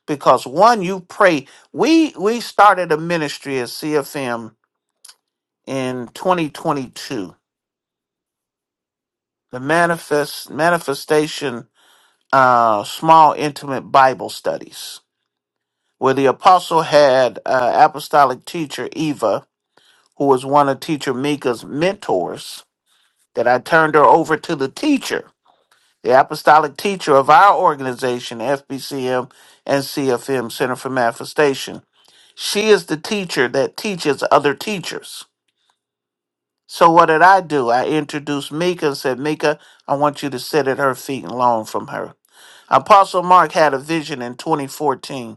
C: because one you pray. We we started a ministry at CFM in 2022. The manifest manifestation uh small intimate Bible studies where the apostle had uh, apostolic teacher Eva, who was one of teacher Mika's mentors, that I turned her over to the teacher, the apostolic teacher of our organization, FBCM and CFM, Center for Manifestation. She is the teacher that teaches other teachers. So what did I do? I introduced Mika and said, Mika, I want you to sit at her feet and learn from her. Apostle Mark had a vision in 2014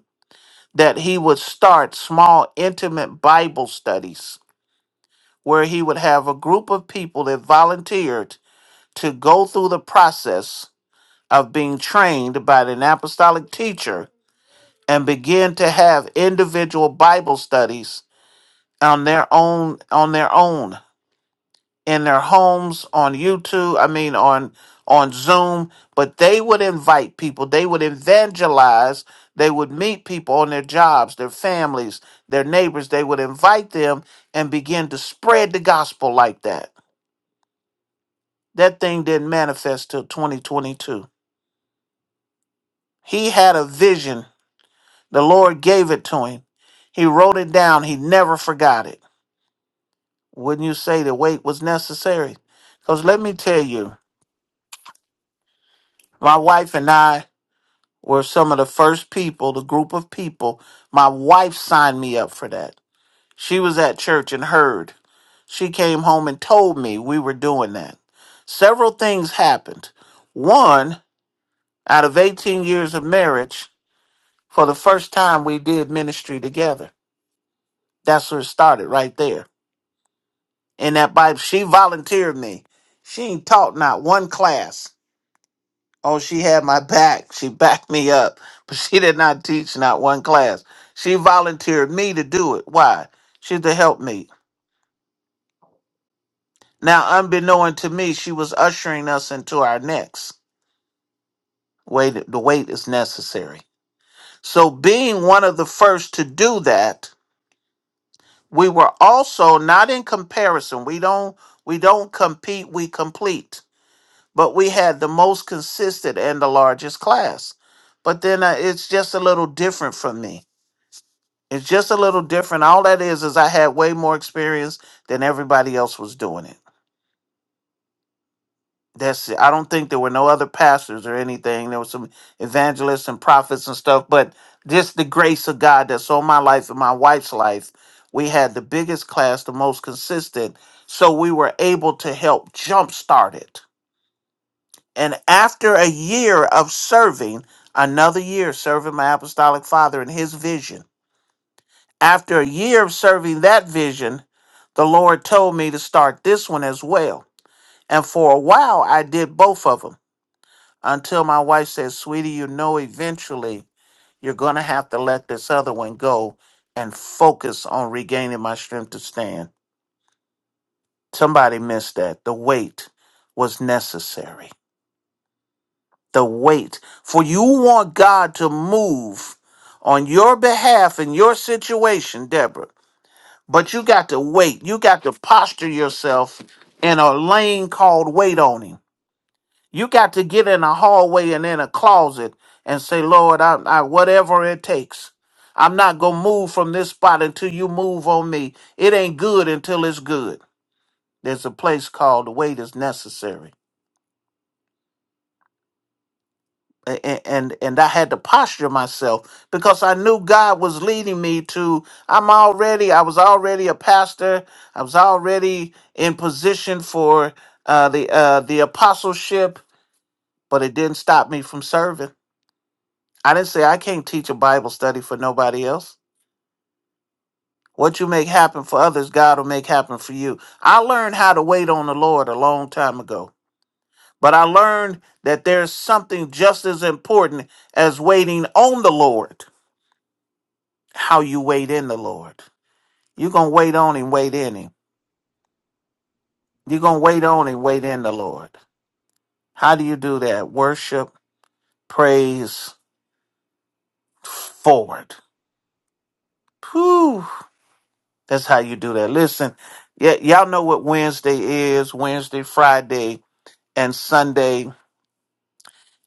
C: that he would start small, intimate Bible studies where he would have a group of people that volunteered to go through the process of being trained by an apostolic teacher and begin to have individual Bible studies on their own on their own in their homes on YouTube, I mean on on Zoom, but they would invite people, they would evangelize, they would meet people on their jobs, their families, their neighbors, they would invite them and begin to spread the gospel like that. That thing didn't manifest till 2022. He had a vision. The Lord gave it to him. He wrote it down. He never forgot it. Wouldn't you say the wait was necessary? Cuz let me tell you, my wife and I were some of the first people, the group of people. My wife signed me up for that. She was at church and heard. She came home and told me we were doing that. Several things happened. One, out of 18 years of marriage, for the first time we did ministry together. That's where it started right there. And that Bible, she volunteered me. She ain't taught not one class. Oh, she had my back. She backed me up, but she did not teach not one class. She volunteered me to do it. Why? She to help me. Now, unbeknown to me, she was ushering us into our next. Wait, the wait is necessary. So, being one of the first to do that, we were also not in comparison. We don't we don't compete. We complete. But we had the most consistent and the largest class. But then uh, it's just a little different from me It's just a little different. All that is is I had way more experience than everybody else was doing it. That's it. I don't think there were no other pastors or anything. There were some evangelists and prophets and stuff, but just the grace of God that's on my life and my wife's life. We had the biggest class, the most consistent, so we were able to help jumpstart it. And after a year of serving, another year serving my apostolic father and his vision. After a year of serving that vision, the Lord told me to start this one as well. And for a while, I did both of them until my wife said, Sweetie, you know, eventually you're going to have to let this other one go and focus on regaining my strength to stand. Somebody missed that. The wait was necessary. The wait. For you want God to move on your behalf in your situation, Deborah. But you got to wait. You got to posture yourself in a lane called wait on him. You got to get in a hallway and in a closet and say, Lord, I, I whatever it takes. I'm not gonna move from this spot until you move on me. It ain't good until it's good. There's a place called wait is necessary. A- and and I had to posture myself because I knew God was leading me to I'm already I was already a pastor I was already in position for uh, the uh, the apostleship but it didn't stop me from serving I didn't say I can't teach a Bible study for nobody else what you make happen for others God will make happen for you I learned how to wait on the Lord a long time ago but I learned that there's something just as important as waiting on the Lord how you wait in the Lord. You're going to wait on and wait in Him. You're going to wait on and wait in the Lord. How do you do that? Worship, praise, forward. Whew. That's how you do that. Listen, y- y'all know what Wednesday is Wednesday, Friday, and Sunday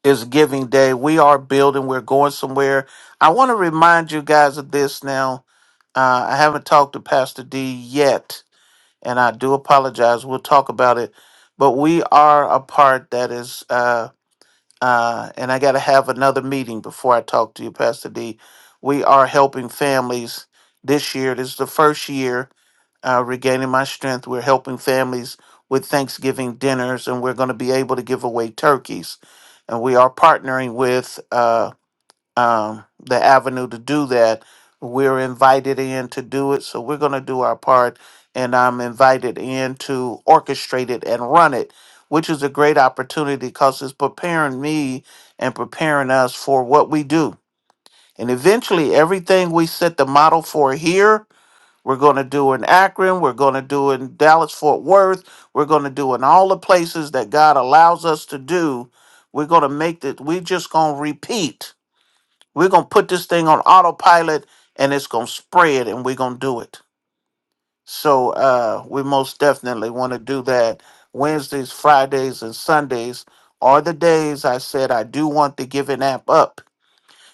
C: is giving day. We are building, we're going somewhere. I want to remind you guys of this now. Uh, I haven't talked to Pastor D yet and I do apologize. We'll talk about it, but we are a part that is, uh, uh, and I got to have another meeting before I talk to you, Pastor D. We are helping families this year. This is the first year uh, regaining my strength. We're helping families with Thanksgiving dinners, and we're going to be able to give away turkeys. And we are partnering with uh, um, the avenue to do that. We're invited in to do it, so we're going to do our part, and I'm invited in to orchestrate it and run it, which is a great opportunity because it's preparing me and preparing us for what we do. And eventually, everything we set the model for here, we're going to do in Akron, we're going to do in Dallas, Fort Worth, we're going to do in all the places that God allows us to do. We're going to make that, we're just going to repeat we're gonna put this thing on autopilot and it's gonna spread and we're gonna do it. So uh we most definitely wanna do that. Wednesdays, Fridays, and Sundays are the days I said I do want the giving app up.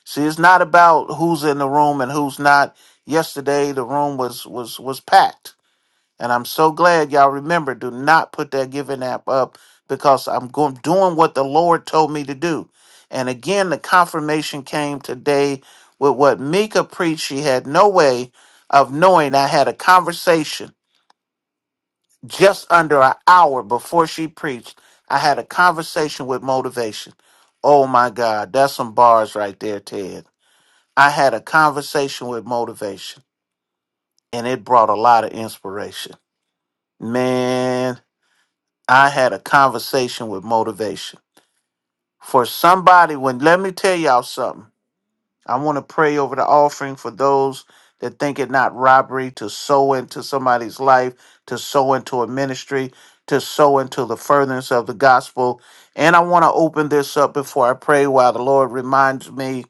C: See, it's not about who's in the room and who's not. Yesterday the room was was was packed and I'm so glad y'all remember do not put that giving app up because I'm going doing what the Lord told me to do. And again, the confirmation came today with what Mika preached. She had no way of knowing I had a conversation just under an hour before she preached. I had a conversation with motivation. Oh my God, that's some bars right there, Ted. I had a conversation with motivation and it brought a lot of inspiration. Man, I had a conversation with motivation. For somebody, when let me tell y'all something, I want to pray over the offering for those that think it not robbery to sow into somebody's life, to sow into a ministry, to sow into the furtherance of the gospel. And I want to open this up before I pray while the Lord reminds me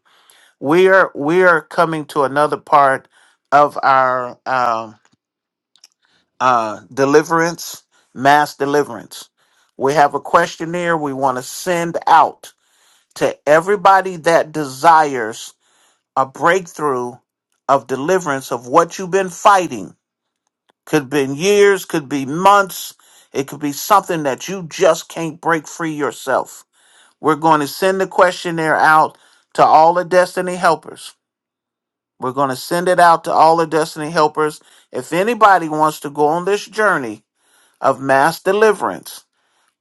C: we are we are coming to another part of our um uh, deliverance, mass deliverance. We have a questionnaire we want to send out to everybody that desires a breakthrough of deliverance of what you've been fighting. Could be years, could be months, it could be something that you just can't break free yourself. We're going to send the questionnaire out to all the destiny helpers. We're going to send it out to all the destiny helpers. If anybody wants to go on this journey, of mass deliverance.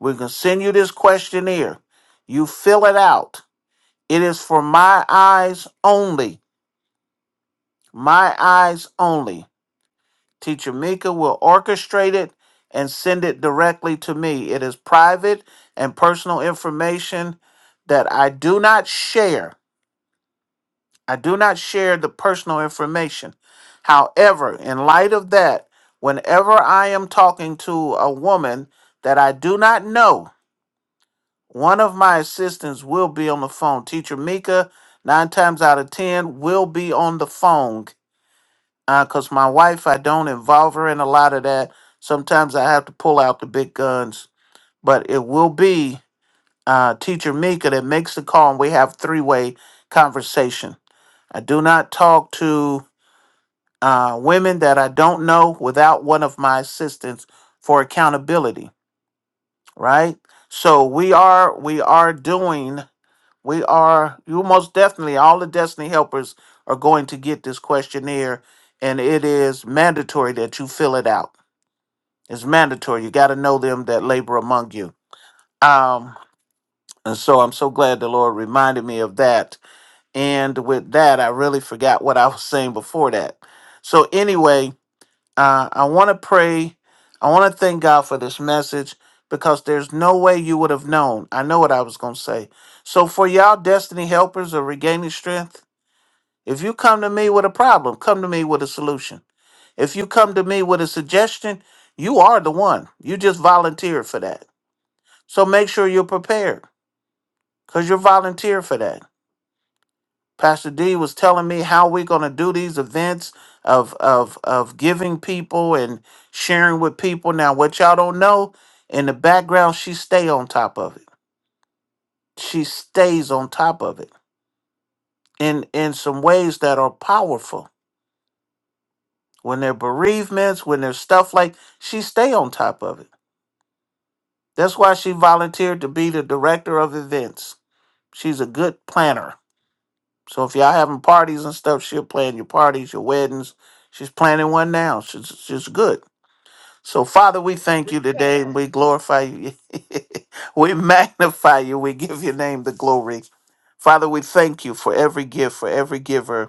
C: We can send you this questionnaire. You fill it out. It is for my eyes only. My eyes only. Teacher Mika will orchestrate it and send it directly to me. It is private and personal information that I do not share. I do not share the personal information. However, in light of that, whenever I am talking to a woman that I do not know, One of my assistants will be on the phone. Teacher Mika, nine times out of ten, will be on the phone. Because my wife, I don't involve her in a lot of that. Sometimes I have to pull out the big guns. But it will be uh, Teacher Mika that makes the call, and we have three way conversation. I do not talk to uh, women that I don't know without one of my assistants for accountability, right? So we are we are doing We are, you most definitely, all the Destiny helpers are going to get this questionnaire, and it is mandatory that you fill it out. It's mandatory. You got to know them that labor among you. Um, and so I'm so glad the Lord reminded me of that. And with that, I really forgot what I was saying before that. So, anyway, uh, I want to pray. I want to thank God for this message because there's no way you would have known. I know what I was going to say. So, for y'all, Destiny helpers are regaining strength. If you come to me with a problem, come to me with a solution. If you come to me with a suggestion, you are the one. You just volunteered for that. So make sure you're prepared because you're volunteered for that. Pastor D was telling me how we're going to do these events of, of, of giving people and sharing with people. Now, what y'all don't know, in the background, she stay on top of it. She stays on top of it in, in some ways that are powerful when there are bereavements, when there's stuff like she stay on top of it. That's why she volunteered to be the director of events. She's a good planner. So if y'all having parties and stuff, she'll plan your parties, your weddings. She's planning one now. She's she's good. So Father, we thank you today and we glorify you. we magnify you. We give your name the glory. Father, we thank you for every gift, for every giver.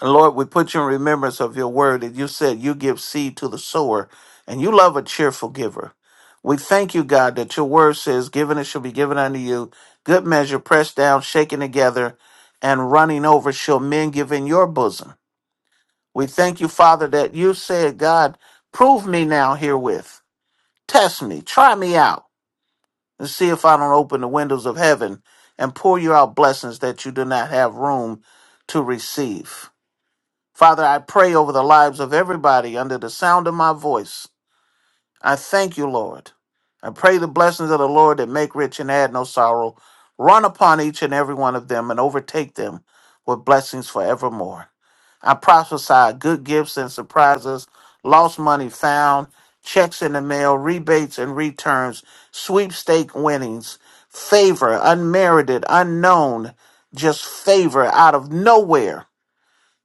C: And Lord, we put you in remembrance of your word that you said you give seed to the sower and you love a cheerful giver. We thank you, God, that your word says, Given it shall be given unto you, good measure, pressed down, shaken together, and running over shall men give in your bosom. We thank you, Father, that you said, God, prove me now herewith. Test me, try me out, and see if I don't open the windows of heaven and pour you out blessings that you do not have room to receive. Father, I pray over the lives of everybody under the sound of my voice. I thank you, Lord. I pray the blessings of the Lord that make rich and add no sorrow run upon each and every one of them and overtake them with blessings forevermore. I prophesy good gifts and surprises, lost money found, checks in the mail, rebates and returns, sweepstake winnings, favor, unmerited, unknown, just favor out of nowhere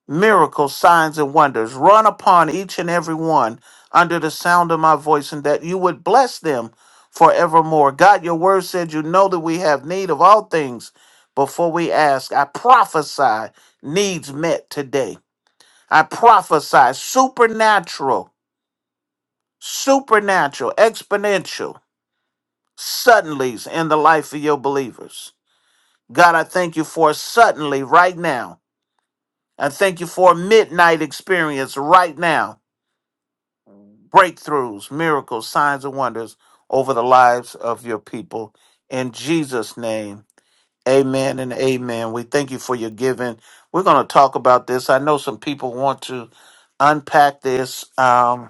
C: miracles, signs, and wonders run upon each and every one under the sound of my voice, and that you would bless them forevermore. God, your word said you know that we have need of all things before we ask. I prophesy needs met today. I prophesy supernatural, supernatural, exponential suddenlies in the life of your believers. God, I thank you for a suddenly right now. I thank you for a midnight experience right now. breakthroughs, miracles, signs, and wonders over the lives of your people. In Jesus' name, amen and amen. We thank you for your giving. We're going to talk about this. I know some people want to unpack this. Um,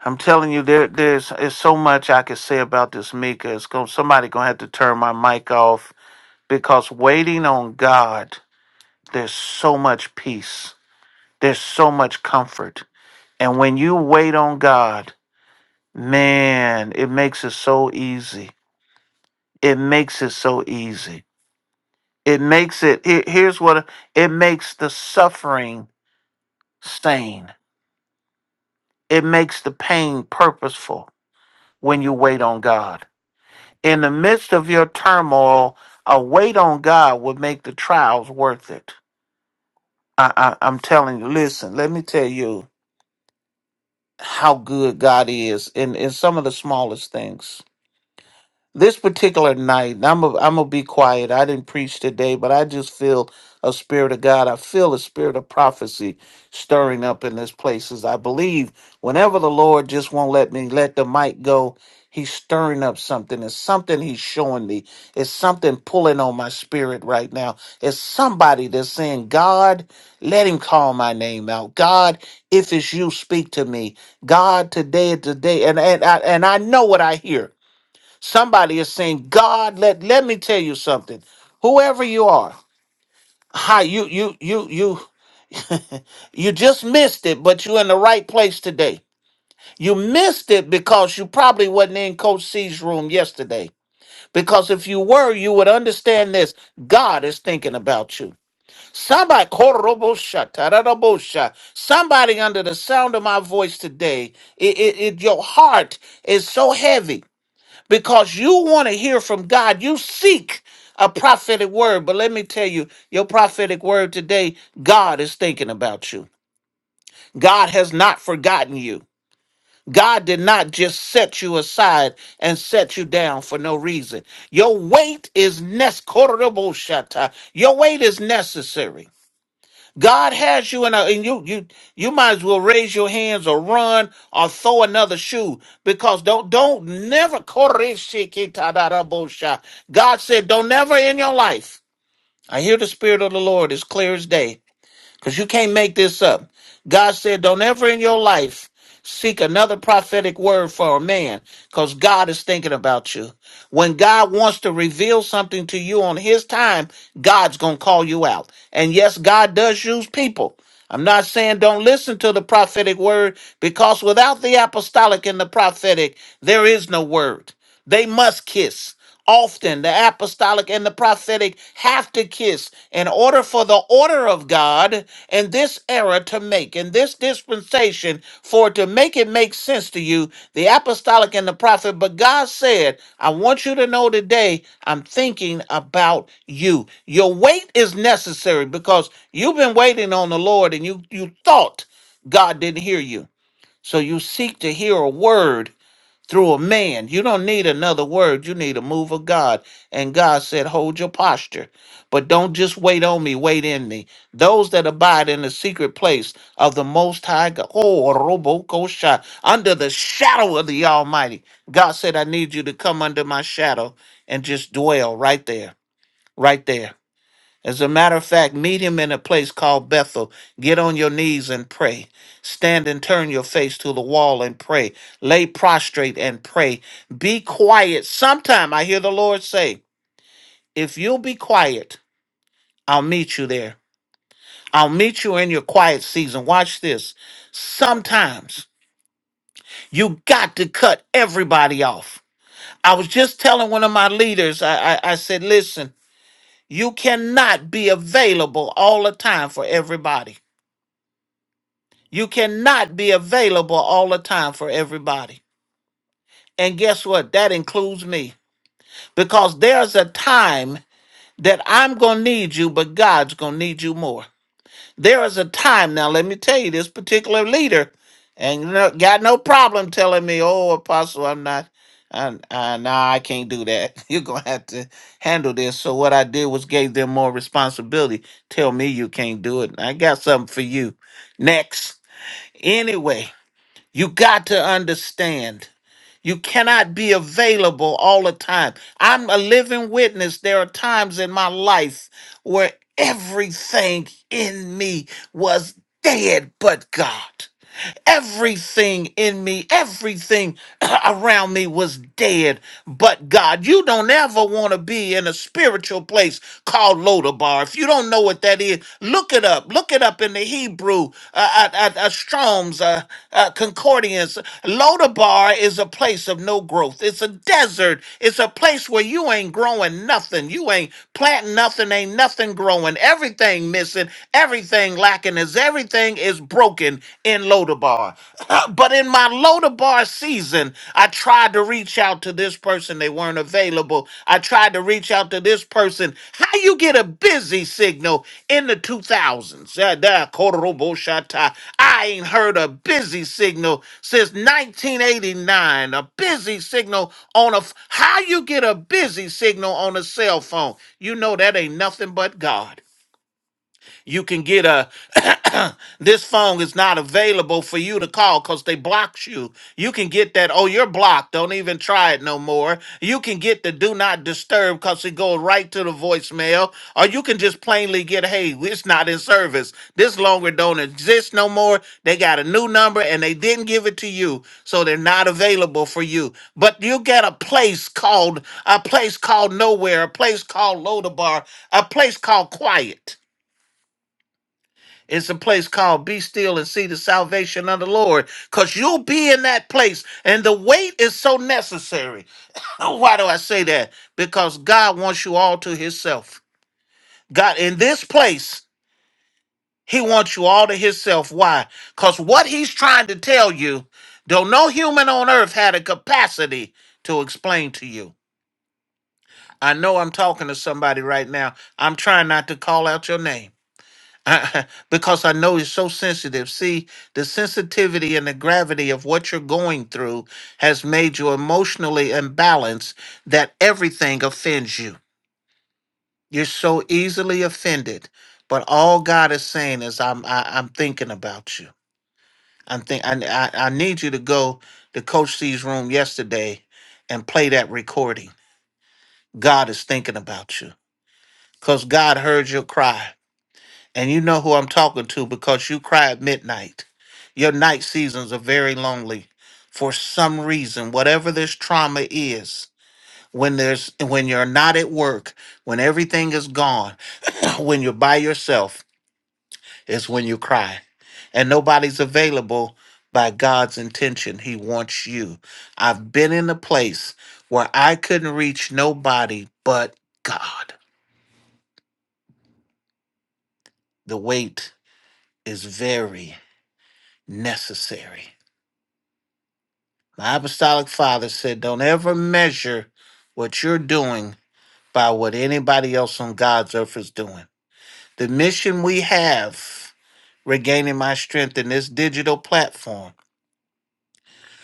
C: I'm telling you, there, there's, there's so much I could say about this, Mika. It's going, somebody going to have to turn my mic off because waiting on God, there's so much peace. There's so much comfort. And when you wait on God, Man, it makes it so easy. It makes it so easy. It makes it, here- here's what it makes the suffering sane. It makes the pain purposeful when you wait on God. In the midst of your turmoil, a wait on God will make the trials worth it. I, I, I'm telling you, listen, let me tell you how good God is in, in some of the smallest things This particular night, and I'm i am i gonna be quiet. I didn't preach today, but I just feel a spirit of God. I feel a spirit of prophecy stirring up in this place. As I believe, whenever the Lord just won't let me let the mic go, He's stirring up something. It's something He's showing me. It's something pulling on my spirit right now. It's somebody that's saying, "God, let Him call my name out. God, if it's You, speak to me. God, today, today." And and I, and I know what I hear. Somebody is saying, God, let, let me tell you something. Whoever you are, hi, you you you you you just missed it, but you're in the right place today. You missed it because you probably wasn't in Coach C's room yesterday. Because if you were, you would understand this. God is thinking about you. Somebody, korobosha, tararabosha, somebody under the sound of my voice today, it, it, it- your heart is so heavy because you want to hear from God. You seek a prophetic word. But let me tell you, your prophetic word today, God is thinking about you. God has not forgotten you. God did not just set you aside and set you down for no reason. Your weight is nes- Your weight is necessary. God has you in a, and you you you might as well raise your hands or run or throw another shoe because don't don't never God said don't never in your life. I hear the spirit of the Lord as clear as day because you can't make this up. God said, Don't ever in your life seek another prophetic word for a man because God is thinking about you. When God wants to reveal something to you on his time, God's going to call you out. And yes, God does use people. I'm not saying don't listen to the prophetic word because without the apostolic and the prophetic, there is no word. They must kiss. Often the apostolic and the prophetic have to kiss in order for the order of God in this era to make, in this dispensation, for it to make it make sense to you, the apostolic and the prophet. But God said, I want you to know today, I'm thinking about you. Your wait is necessary because you've been waiting on the Lord and you, you thought God didn't hear you. So you seek to hear a word through a man. You don't need another word. You need a move of God. And God said, Hold your posture, but don't just wait on me, wait in me. Those that abide in the secret place of the Most High God, oh, Robokosha, under the shadow of the Almighty. God said, I need you to come under my shadow and just dwell right there, right there as a matter of fact, meet him in a place called Bethel. Get on your knees and pray. Stand and turn your face to the wall and pray. Lay prostrate and pray. Be quiet. Sometime I hear the Lord say, If you'll be quiet, I'll meet you there. I'll meet you in your quiet season. Watch this. Sometimes you got to cut everybody off. I was just telling one of my leaders, I, I, I said, Listen, you cannot be available all the time for everybody. You cannot be available all the time for everybody. And guess what? That includes me. Because there's a time that I'm going to need you, but God's going to need you more. There is a time, now let me tell you, this particular leader and no- got no problem telling me, oh, Apostle, I'm not, I, I, nah, I can't do that. You're going to have to handle this. So what I did was gave them more responsibility. Tell me you can't do it. I got something for you. Next. Anyway, You got to understand. You cannot be available all the time. I'm a living witness. There are times in my life where everything in me was dead but God. Everything in me, everything around me was dead. But God, you don't ever want to be in a spiritual place called Lodabar. If you don't know what that is, look it up. Look it up in the Hebrew, uh, uh, uh, uh, Strong's uh, uh, Concordance. Lodabar is a place of no growth. It's a desert. It's a place where you ain't growing nothing. You ain't planting nothing. Ain't nothing growing. Everything missing. Everything lacking is everything is broken in Lodabar. but in my Lodabar season, I tried to reach out to this person. They weren't available. I tried to reach out to this person. How you get a busy signal in the 2000s? Yeah, that Korobo Shata. I ain't heard a busy signal since 1989. A busy signal on a, f- how you get a busy signal on a cell phone? You know that ain't nothing but God. You can get a this phone is not available for you to call because they blocked you. You can get that, oh, you're blocked. Don't even try it no more. You can get the do not disturb because it goes right to the voicemail. Or you can just plainly get, hey, it's not in service. This longer don't exist no more. They got a new number and they didn't give it to you. So they're not available for you. But you get a place called a place called nowhere, a place called Lodabar, a place called quiet. It's a place called Be Still and See the Salvation of the Lord. Because you'll be in that place. And the wait is so necessary. Why do I say that? Because God wants you all to Himself. God, in this place, He wants you all to Himself. Why? Because what He's trying to tell you, though no human on earth had a capacity to explain to you. I know I'm talking to somebody right now. I'm trying not to call out your name. I, because I know it's so sensitive. See, the sensitivity and the gravity of what you're going through has made you emotionally imbalanced that everything offends you. You're so easily offended. But all God is saying is, I'm I, I'm thinking about you. I'm think I, I I need you to go to Coach C's room yesterday and play that recording. God is thinking about you because God heard your cry. And you know who I'm talking to because you cry at midnight. Your night seasons are very lonely. For some reason, whatever this trauma is, when there's when you're not at work, when everything is gone, when you're by yourself, is when you cry. And nobody's available by God's intention. He wants you. I've been in a place where I couldn't reach nobody but God. The wait is very necessary My apostolic father said, Don't ever measure what you're doing by what anybody else on God's earth is doing. The mission we have, regaining my strength in this digital platform,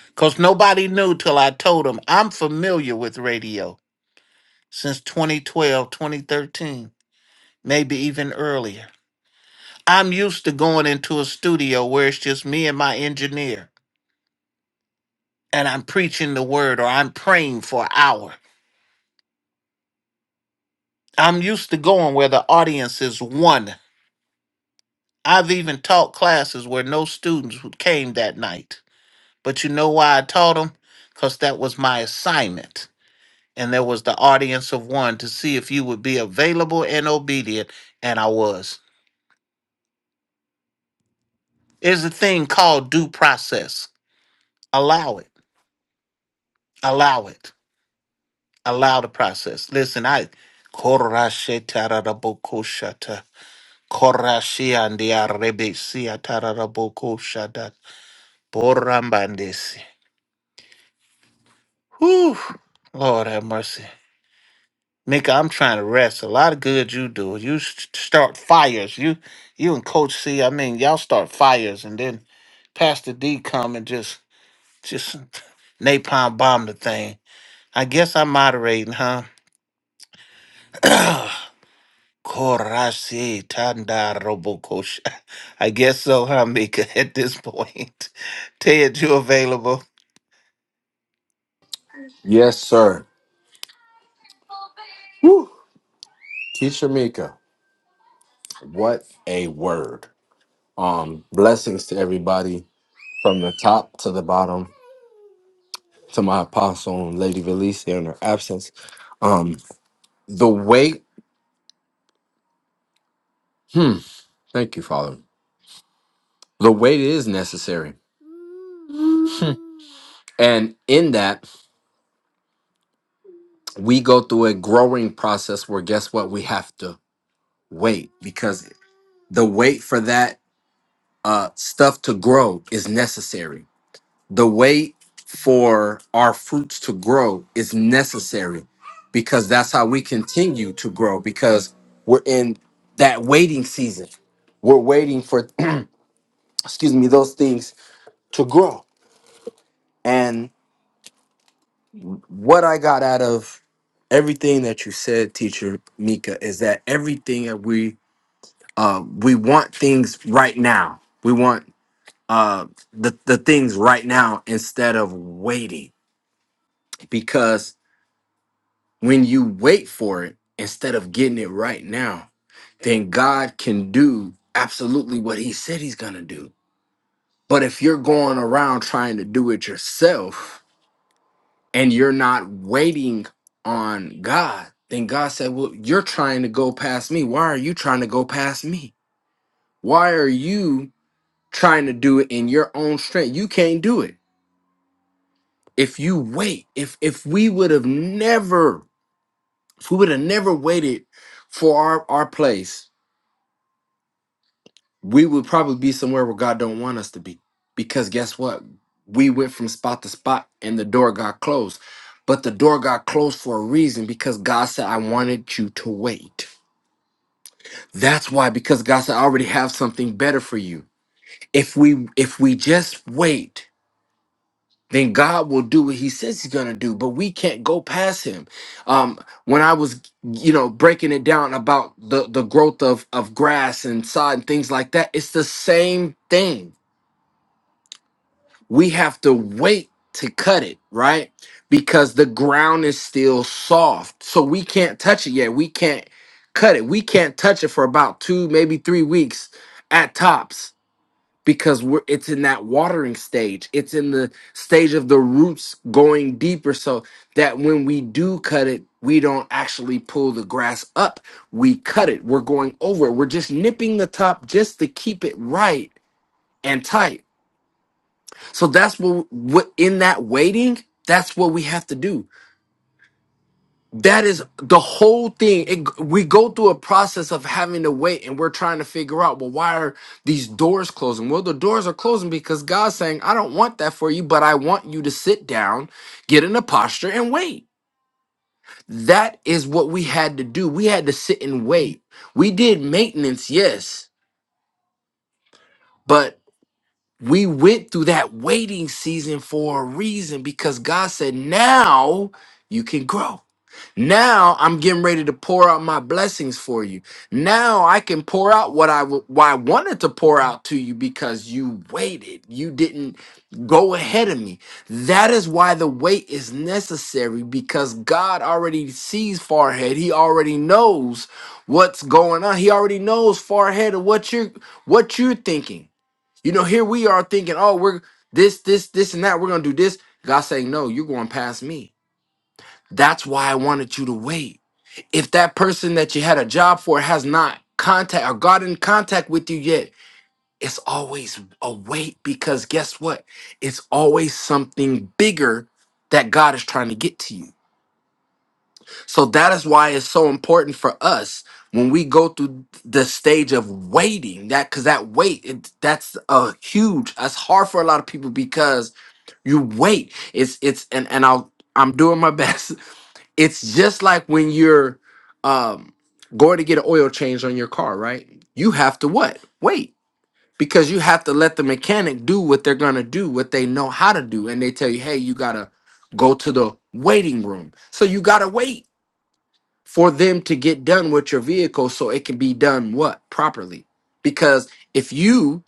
C: because nobody knew till I told them I'm familiar with radio since 2012, 2013, maybe even earlier. I'm used to going into a studio where it's just me and my engineer, and I'm preaching the word or I'm praying for an hour I'm used to going where the audience is one. I've even taught classes where no students who came that night. But you know why I taught them? Because that was my assignment. And there was the audience of one to see if you would be available and obedient. And I was. There's a thing called due process. Allow it. Allow it. Allow the process. Listen, I. Korashetaraboko shata. Korashiandiarebesiatarabokoshadata. Borambandesi. Whew. Lord have mercy. Mika, I'm trying to rest. A lot of good you do. You s- start fires. You you and Coach C, I mean, y'all start fires and then Pastor D come and just just napalm bomb the thing. I guess I'm moderating, huh? Korasi tanda robokosha. I guess so, huh, Mika, at this point. Ted, you available?
A: Yes, sir. Woo. Teacher Mika, what a word. Um, blessings to everybody from the top to the bottom to my apostle and Lady Velice in her absence. Um, the weight, hmm, thank you, Father. The weight is necessary. And in that, we go through a growing process where guess what? We have to wait because the wait for that uh, stuff to grow is necessary the wait for our fruits to grow is necessary because that's how we continue to grow because we're in that waiting season we're waiting for excuse me those things to grow and what i got out of everything that you said teacher mika is that everything that we uh we want things right now we want uh the, the things right now instead of waiting because When you wait for it instead of getting it right now, then God can do absolutely what he said he's going to do. But if you're going around trying to do it yourself and you're not waiting on God, then God said, Well, you're trying to go past me. Why are you trying to go past me? Why are you trying to do it in your own strength? You can't do it. If you wait, if if we would have never, if we would have never waited for our, our place we would probably be somewhere where God don't want us to be. Because guess what? We went from spot to spot and the door got closed. But the door got closed for a reason because God said, I wanted you to wait. That's why, because God said, I already have something better for you. If we if we just wait, then God will do what He says He's gonna do, but we can't go past Him. Um, when I was, you know, breaking it down about the the growth of of grass and sod and things like that, it's the same thing we have to wait to cut it, right? Because the ground is still soft. So we can't touch it yet. We can't cut it. We can't touch it for about two, maybe three weeks at tops because we're it's in that watering stage. It's in the stage of the roots going deeper so that when we do cut it, we don't actually pull the grass up. We cut it. We're going over it. We're just nipping the top just to keep it right and tight so that's what, what in that waiting, that's what we have to do. That is the whole thing. It, we go through a process of having to wait and we're trying to figure out, well, why are these doors closing? Well, the doors are closing because God's saying, I don't want that for you, but I want you to sit down, get in a posture and wait. That is what we had to do. We had to sit and wait. We did maintenance, yes, but. we went through that waiting season for a reason because God said, now you can grow. Now I'm getting ready to pour out my blessings for you. Now I can pour out what I, w- what I wanted to pour out to you because you waited. You didn't go ahead of me. That is why the wait is necessary because God already sees far ahead. He already knows what's going on. He already knows far ahead of what you're what you're thinking. You know, here we are thinking, oh, we're this, this, this, and that. We're going to do this. God saying, no, you're going past me. That's why I wanted you to wait. If that person that you had a job for has not contact or got in contact with you yet, it's always a wait because guess what? It's always something bigger that God is trying to get to you. So that is why it's so important for us when we go through the stage of waiting that because that wait it, that's a huge that's hard for a lot of people because You wait. It's it's and and I'll I'm doing my best. It's just like when you're um going to get an oil change on your car, right? You have to what? Wait. Because you have to let the mechanic do what they're gonna do, what they know how to do, and they tell you, hey, you gotta go to the waiting room. So you gotta wait for them to get done with your vehicle so it can be done what properly. Because if you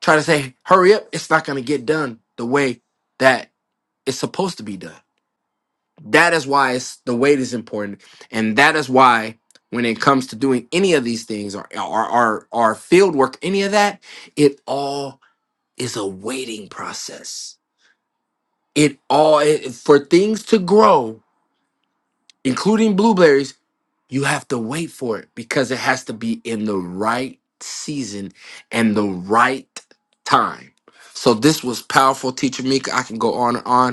A: try to say hurry up, it's not gonna get done the way that it's supposed to be done. That is why it's, the weight is important, and that is why when it comes to doing any of these things or or or, or field work, any of that, it all is a waiting process. It all it, for things to grow, including blueberries, you have to wait for it because it has to be in the right season and the right time. So this was powerful, teacher Mika. I can go on and on.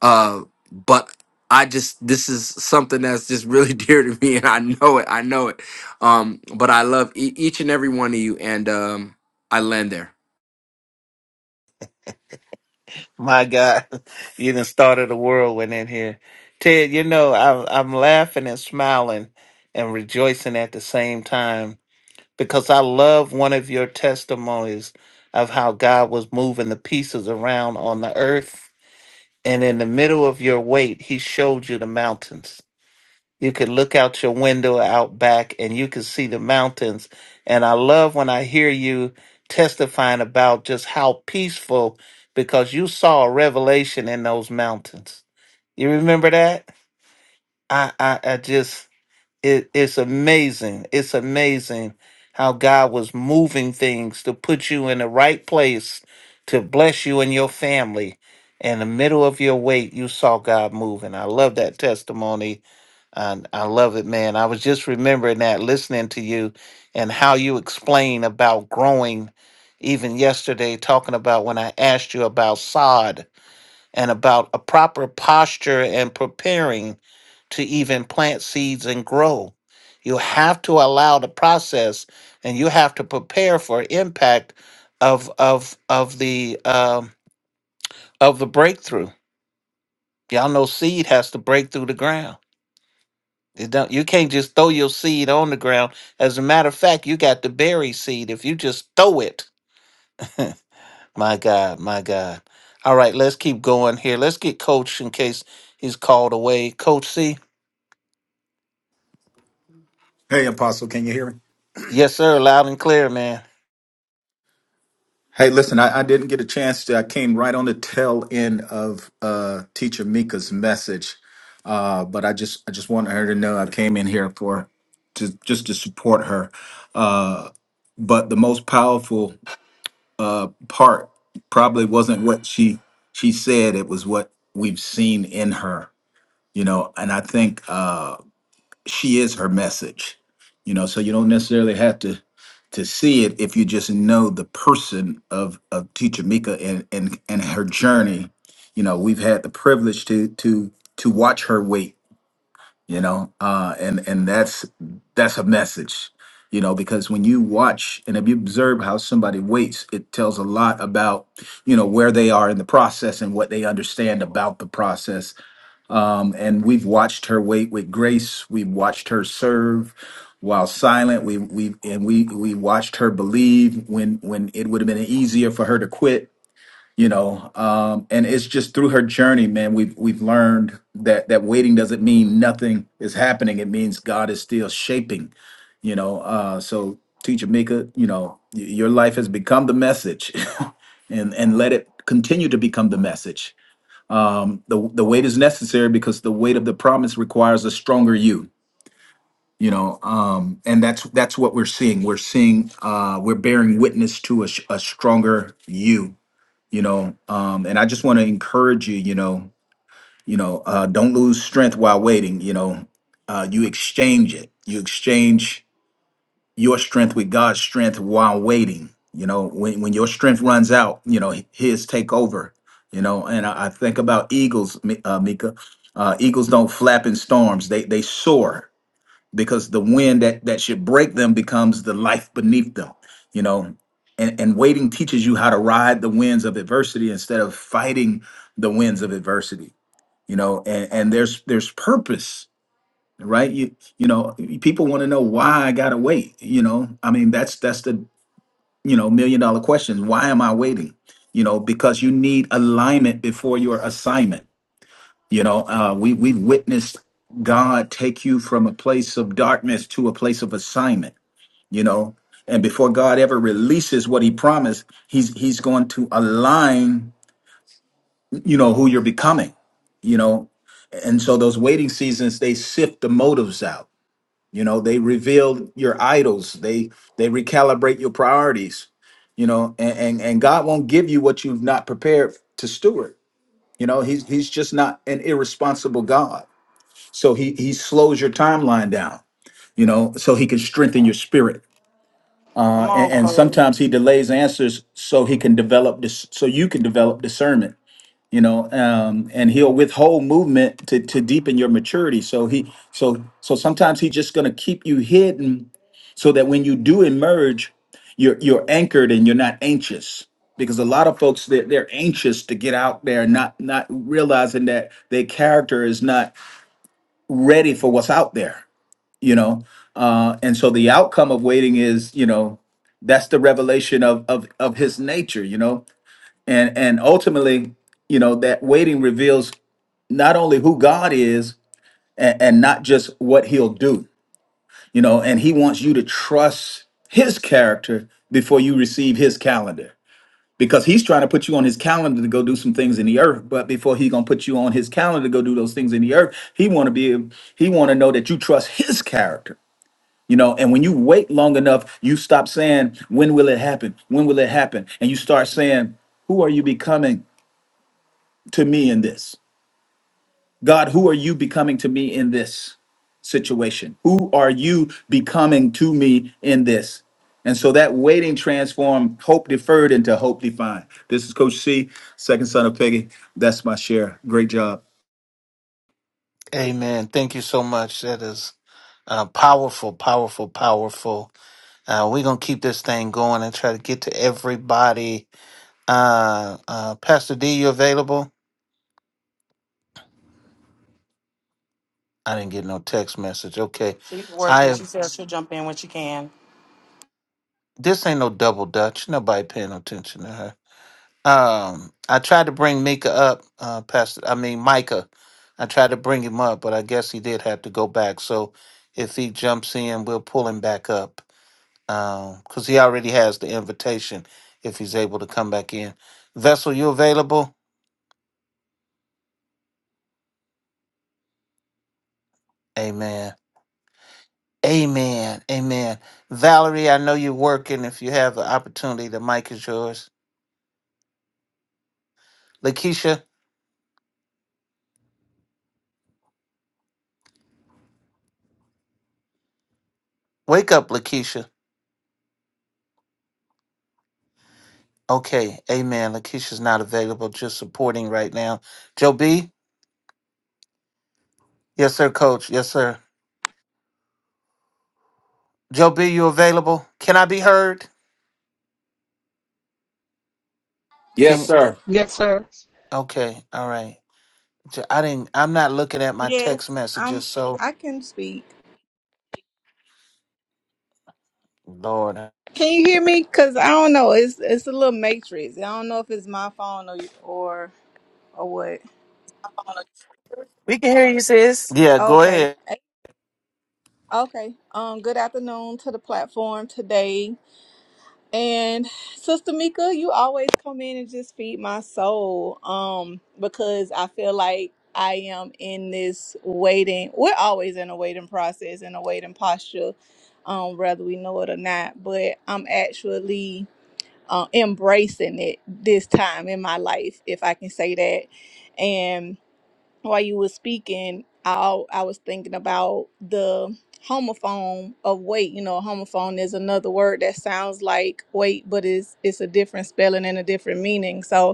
A: Uh, but I just this is something that's just really dear to me, and I know it. I know it. Um, but I love e- each and every one of you, and um, I land there.
C: My God, you done started a whirlwind in here. Ted, you know, I'm, I'm laughing and smiling and rejoicing at the same time because I love one of your testimonies of how God was moving the pieces around on the earth. And in the middle of your wait, he showed you the mountains. You could look out your window out back and you could see the mountains. And I love when I hear you testifying about just how peaceful because you saw a revelation in those mountains. You remember that? I I, I just it, it's amazing. It's amazing how God was moving things to put you in the right place to bless you and your family. In the middle of your wait, you saw God moving. I love that testimony I, I love it, man. I was just remembering that listening to you and how you explain about growing even yesterday, talking about when I asked you about sod and about a proper posture and preparing to even plant seeds and grow. You have to allow the process and you have to prepare for impact of of of the um, of the breakthrough. Y'all know seed has to break through the ground It don't, you can't just throw your seed on the ground. As a matter of fact, you got the berry seed. If you just throw it, my God, my God. All right, let's keep going here. Let's get Coach in case he's called away. Coach C,
D: Hey, Apostle, can you hear me?
C: yes, sir, loud and clear, man.
D: Hey, listen, I, I didn't get a chance to. I came right on the tail end of uh, Teacher Mika's message, uh, but I just I just wanted her to know I came in here for to just to support her. Uh, but the most powerful uh, part probably wasn't what she she said; it was what we've seen in her. You know, and I think. Uh, she is her message you know so you don't necessarily have to to see it if you just know the person of of teacher mika and and and her journey you know we've had the privilege to to to watch her wait you know uh and and that's that's a message you know because when you watch and if you observe how somebody waits it tells a lot about you know where they are in the process and what they understand about the process um, and we've watched her wait with grace. We've watched her serve while silent. We we and we we watched her believe when when it would have been easier for her to quit. You know, um, and it's just through her journey, man. We've we've learned that that waiting doesn't mean nothing is happening. It means God is still shaping. You know, uh, so teacher Mika, you know, y- your life has become the message, and and let it continue to become the message um the the weight is necessary because the weight of the promise requires a stronger you you know um and that's that's what we're seeing we're seeing uh we're bearing witness to a, sh- a stronger you you know um and i just want to encourage you you know you know uh don't lose strength while waiting you know uh you exchange it you exchange your strength with God's strength while waiting. You know, when when your strength runs out, you know His take over. You know, and I, I think about eagles, Mi- uh, Mika. Uh, eagles don't flap in storms; they they soar because the wind that that should break them becomes the life beneath them. You know, and and waiting teaches you how to ride the winds of adversity instead of fighting the winds of adversity. You know, and and there's there's purpose right you you know people want to know why i gotta wait you know i mean that's that's the you know million dollar question why am i waiting you know because you need alignment before your assignment you know uh we we've witnessed god take you from a place of darkness to a place of assignment you know and before god ever releases what he promised he's he's going to align you know who you're becoming you know and so those waiting seasons they sift the motives out You know, they reveal your idols. They they recalibrate your priorities. You know, and and, and God won't give you what you've not prepared to steward. You know, he's he's just not an irresponsible God. So he he slows your timeline down. You know, so he can strengthen your spirit.
B: Come
D: Uh, and,
B: on,
D: and
B: Chloe.
D: sometimes he delays answers so he can develop this, so you can develop discernment you know um and he'll withhold movement to to deepen your maturity so he so so sometimes he's just going to keep you hidden so that when you do emerge you're you're anchored and you're not anxious because a lot of folks they're, they're anxious to get out there not not realizing that their character is not ready for what's out there you know uh and so the outcome of waiting is you know that's the revelation of of of his nature you know and and ultimately you know that waiting reveals not only who God is and, and not just what he'll do, you know, and he wants you to trust his character before you receive his calendar because he's trying to put you on his calendar to go do some things in the earth but before he's going to put you on his calendar to go do those things in the earth he want to be he want to know that you trust his character you know and when you wait long enough you stop saying when will it happen when will it happen and you start saying who are you becoming to me in this God, who are you becoming to me in this situation? Who are you becoming to me in this? And so that waiting transformed hope deferred into hope defined. This is Coach C, second son of Peggy. That's my share. Great job.
C: Amen. Thank you so much. That is uh, powerful, powerful, powerful. Uh, we're gonna keep this thing going and try to get to everybody. Uh, uh, Pastor D, you available? I didn't get no text message. Okay.
B: She's working. She says she'll jump in when she can.
C: This ain't no double dutch. Nobody paying no attention to her. Um, I tried to bring Mika up, uh, Pastor. I mean Micah. I tried to bring him up, but I guess he did have to go back. So if he jumps in, we'll pull him back up because he already has the invitation. If he's able to come back in, Vessel, you available? Amen. Amen. Amen. Valerie, I know you're working. If you have the opportunity, the mic is yours. Lakeisha, wake up, Lakeisha. Okay, amen. Lakeisha's not available, just supporting right now. Joe B? Yes, sir, coach. Yes, sir. Joe B, you available? Can I be heard?
A: Yes,
C: Can
A: sir.
E: Yes, sir.
C: okay, all right. J- I didn't I'm not looking at my
F: Yes,
C: text messages,
F: I'm.
C: so
F: I can speak.
C: Lord.
F: Can you hear me? Cause I don't know. It's it's a little matrix. I don't know if it's my phone or or or what.
B: We can hear you, sis.
C: Yeah, go
F: Okay.
C: ahead.
F: Eh, Okay. Um. Good afternoon to the platform today. And Sister Mika, you always come in and just feed my soul. Um. Because I feel like I am in this waiting. We're always in a waiting process and a waiting posture, um, whether we know it or not. But I'm actually uh, embracing it this time in my life, if I can say that. And while you were speaking, I I was thinking about the homophone of weight. You know, homophone is another word that sounds like weight, but it's it's a different spelling and a different meaning. So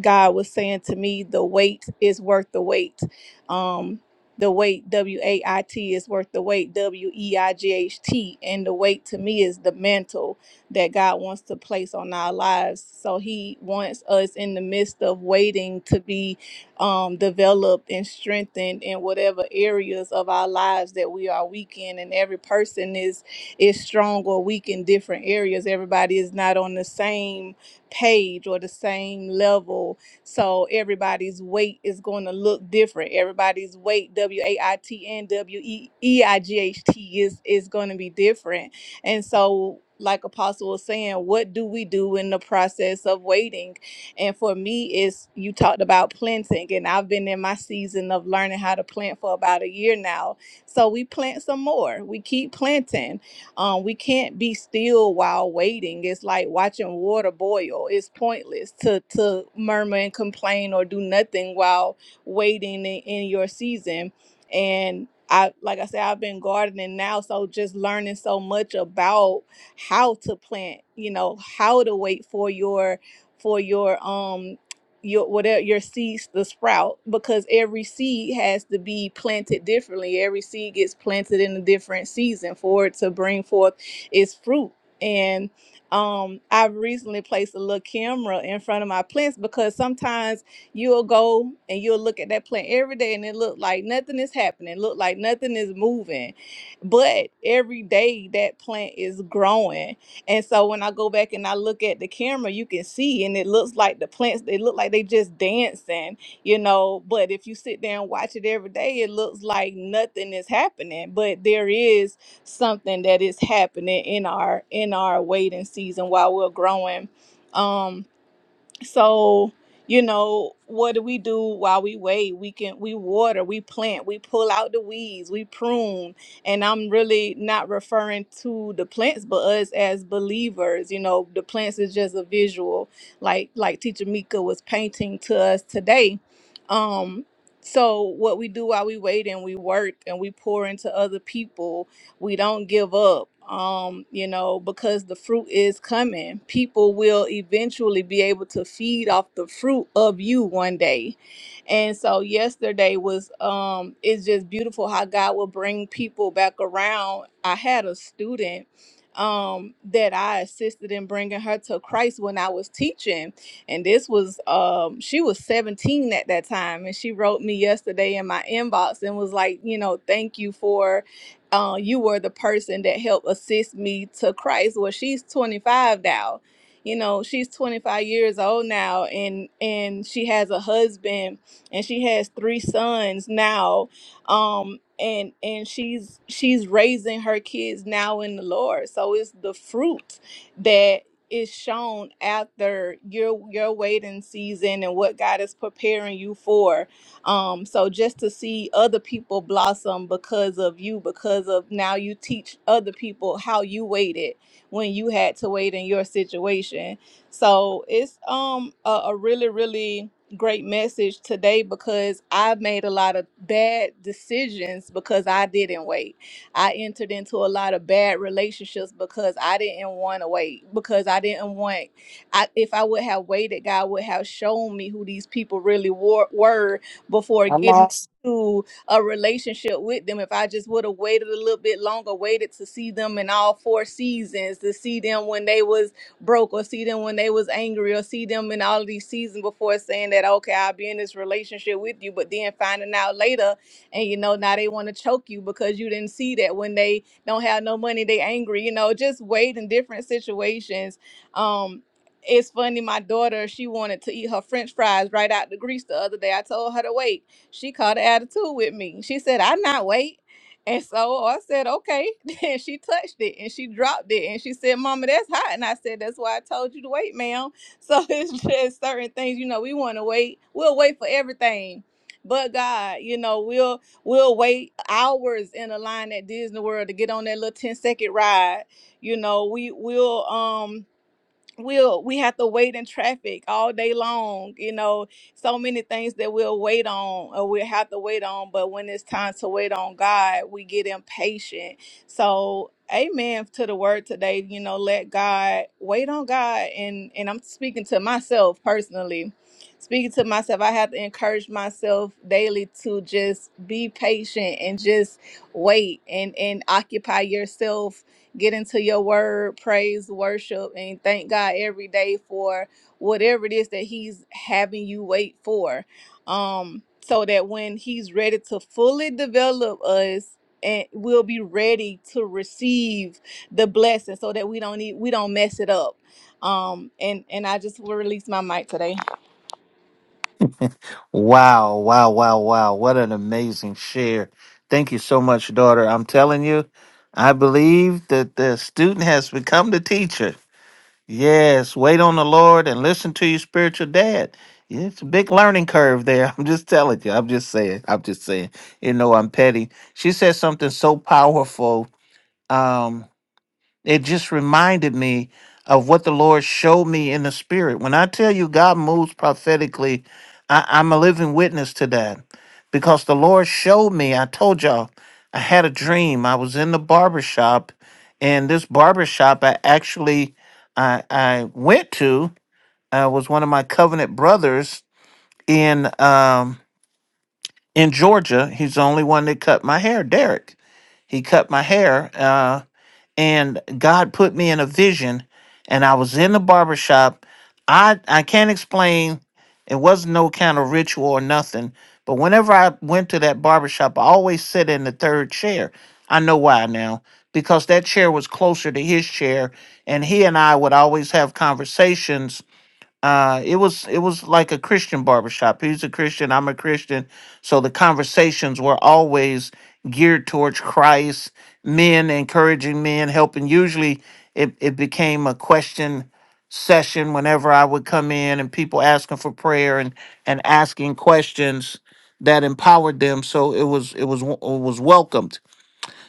F: God was saying to me, the wait is worth the wait. Um, the wait, W A I T, is worth the wait, W E I G H T. And the wait to me is the mantle that God wants to place on our lives. So He wants us in the midst of waiting to be um, developed and strengthened in whatever areas of our lives that we are weak in. And every person is is strong or weak in different areas. Everybody is not on the same page or the same level. So everybody's weight is going to look different. Everybody's weight, W A I T N W E E I G H T, is is going to be different. And so, like Apostle was saying, what do we do in the process of waiting? And for me, it's you talked about planting, and I've been in my season of learning how to plant for about a year now. So we plant some more. We keep planting um, we can't be still while waiting. It's like watching water boil. It's pointless to to murmur and complain or do nothing while waiting in, in your season. And I like I said, I've been gardening now, so just learning so much about how to plant, you know, how to wait for your for your um your whatever your seeds to sprout because every seed has to be planted differently. Every seed gets planted in a different season for it to bring forth its fruit. And um, I've recently placed a little camera in front of my plants because sometimes you'll go and you'll look at that plant every day and it look like nothing is happening, look like nothing is moving, but every day that plant is growing and so when I go back and I look at the camera, you can see, and it looks like the plants, they look like they just dancing, you know. But if you sit there and watch it every day, it looks like nothing is happening. But there is something that is happening in our in our waiting season while we're growing. Um so you know what do we do while we wait we can we water we plant we pull out the weeds we prune and i'm really not referring to the plants but us as believers you know the plants is just a visual like like teacher mika was painting to us today um so what we do while we wait and we work and we pour into other people we don't give up um you know because the fruit is coming people will eventually be able to feed off the fruit of you one day and so yesterday was um it's just beautiful how god will bring people back around i had a student um that i assisted in bringing her to christ when i was teaching and this was um she was 17 at that time and she wrote me yesterday in my inbox and was like you know thank you for uh, you were the person that helped assist me to Christ. Well, she's 25 now. You know, she's 25 years old now and and she has a husband and she has three sons now. Um and and she's she's raising her kids now in the Lord. So it's the fruit that is shown after your your waiting season and what God is preparing you for um, so just to see other people blossom because of you, because of now you teach other people how you waited when you had to wait in your situation. So it's um a, a really, really great message today because I made a lot of bad decisions because I didn't wait. I entered into a lot of bad relationships because I didn't want to wait, because I didn't want I, if I would have waited, God would have shown me who these people really were, were before
B: I'm
F: getting
B: lost.
F: into a relationship with them. If I just would have waited a little bit longer, waited to see them in all four seasons, to see them when they was broke or see them when they was angry or see them in all of these seasons before saying that, okay, I'll be in this relationship with you, but then finding out later and you know, now they want to choke you because you didn't see that when they don't have no money, they angry, you know, just wait in different situations. Um it's funny my daughter she wanted to eat her french fries right out the grease the other day i told her to wait she caught an attitude with me she said i not wait and so i said okay and she touched it and she dropped it and she said mama that's hot and i said that's why i told you to wait ma'am so it's just certain things you know we want to wait we'll wait for everything but God, you know, we'll we'll wait hours in a line at Disney World to get on that little 10 second ride. You know, we will um we'll we have to wait in traffic all day long you know so many things that we'll wait on or we'll have to wait on but when it's time to wait on god we get impatient so amen to the word today you know let god wait on god and and i'm speaking to myself personally speaking to myself i have to encourage myself daily to just be patient and just wait and and occupy yourself get into your word, praise, worship, and thank God every day for whatever it is that He's having you wait for. Um, so that when He's ready to fully develop us, and we'll be ready to receive the blessing so that we don't need we don't mess it up. Um and and I just will release my mic today.
C: Wow, wow, wow, wow. What an amazing share. Thank you so much, daughter. I'm telling you, I believe that the student has become the teacher. Yes, wait on the Lord and listen to your spiritual dad. It's a big learning curve there. I'm just telling you. I'm just saying. I'm just saying. You know, I'm petty. She said something so powerful. Um. It just reminded me of what the Lord showed me in the spirit. When I tell you God moves prophetically, I, I'm a living witness to that because the Lord showed me. I told y'all, I had a dream. I was in the barber shop, and this barber shop I actually I, I went to uh, was one of my covenant brothers in um, in Georgia. He's the only one that cut my hair, Derek. He cut my hair. Uh, and God put me in a vision and I was in the barber shop. I I can't explain. It wasn't no kind of ritual or nothing. But whenever I went to that barber shop, I always sit in the third chair. I know why now. Because that chair was closer to his chair and he and I would always have conversations uh it was it was like a christian barbershop he's a christian i'm a christian so the conversations were always geared towards christ men encouraging men helping usually it, it became a question session whenever i would come in and people asking for prayer and and asking questions that empowered them so it was it was w- it was welcomed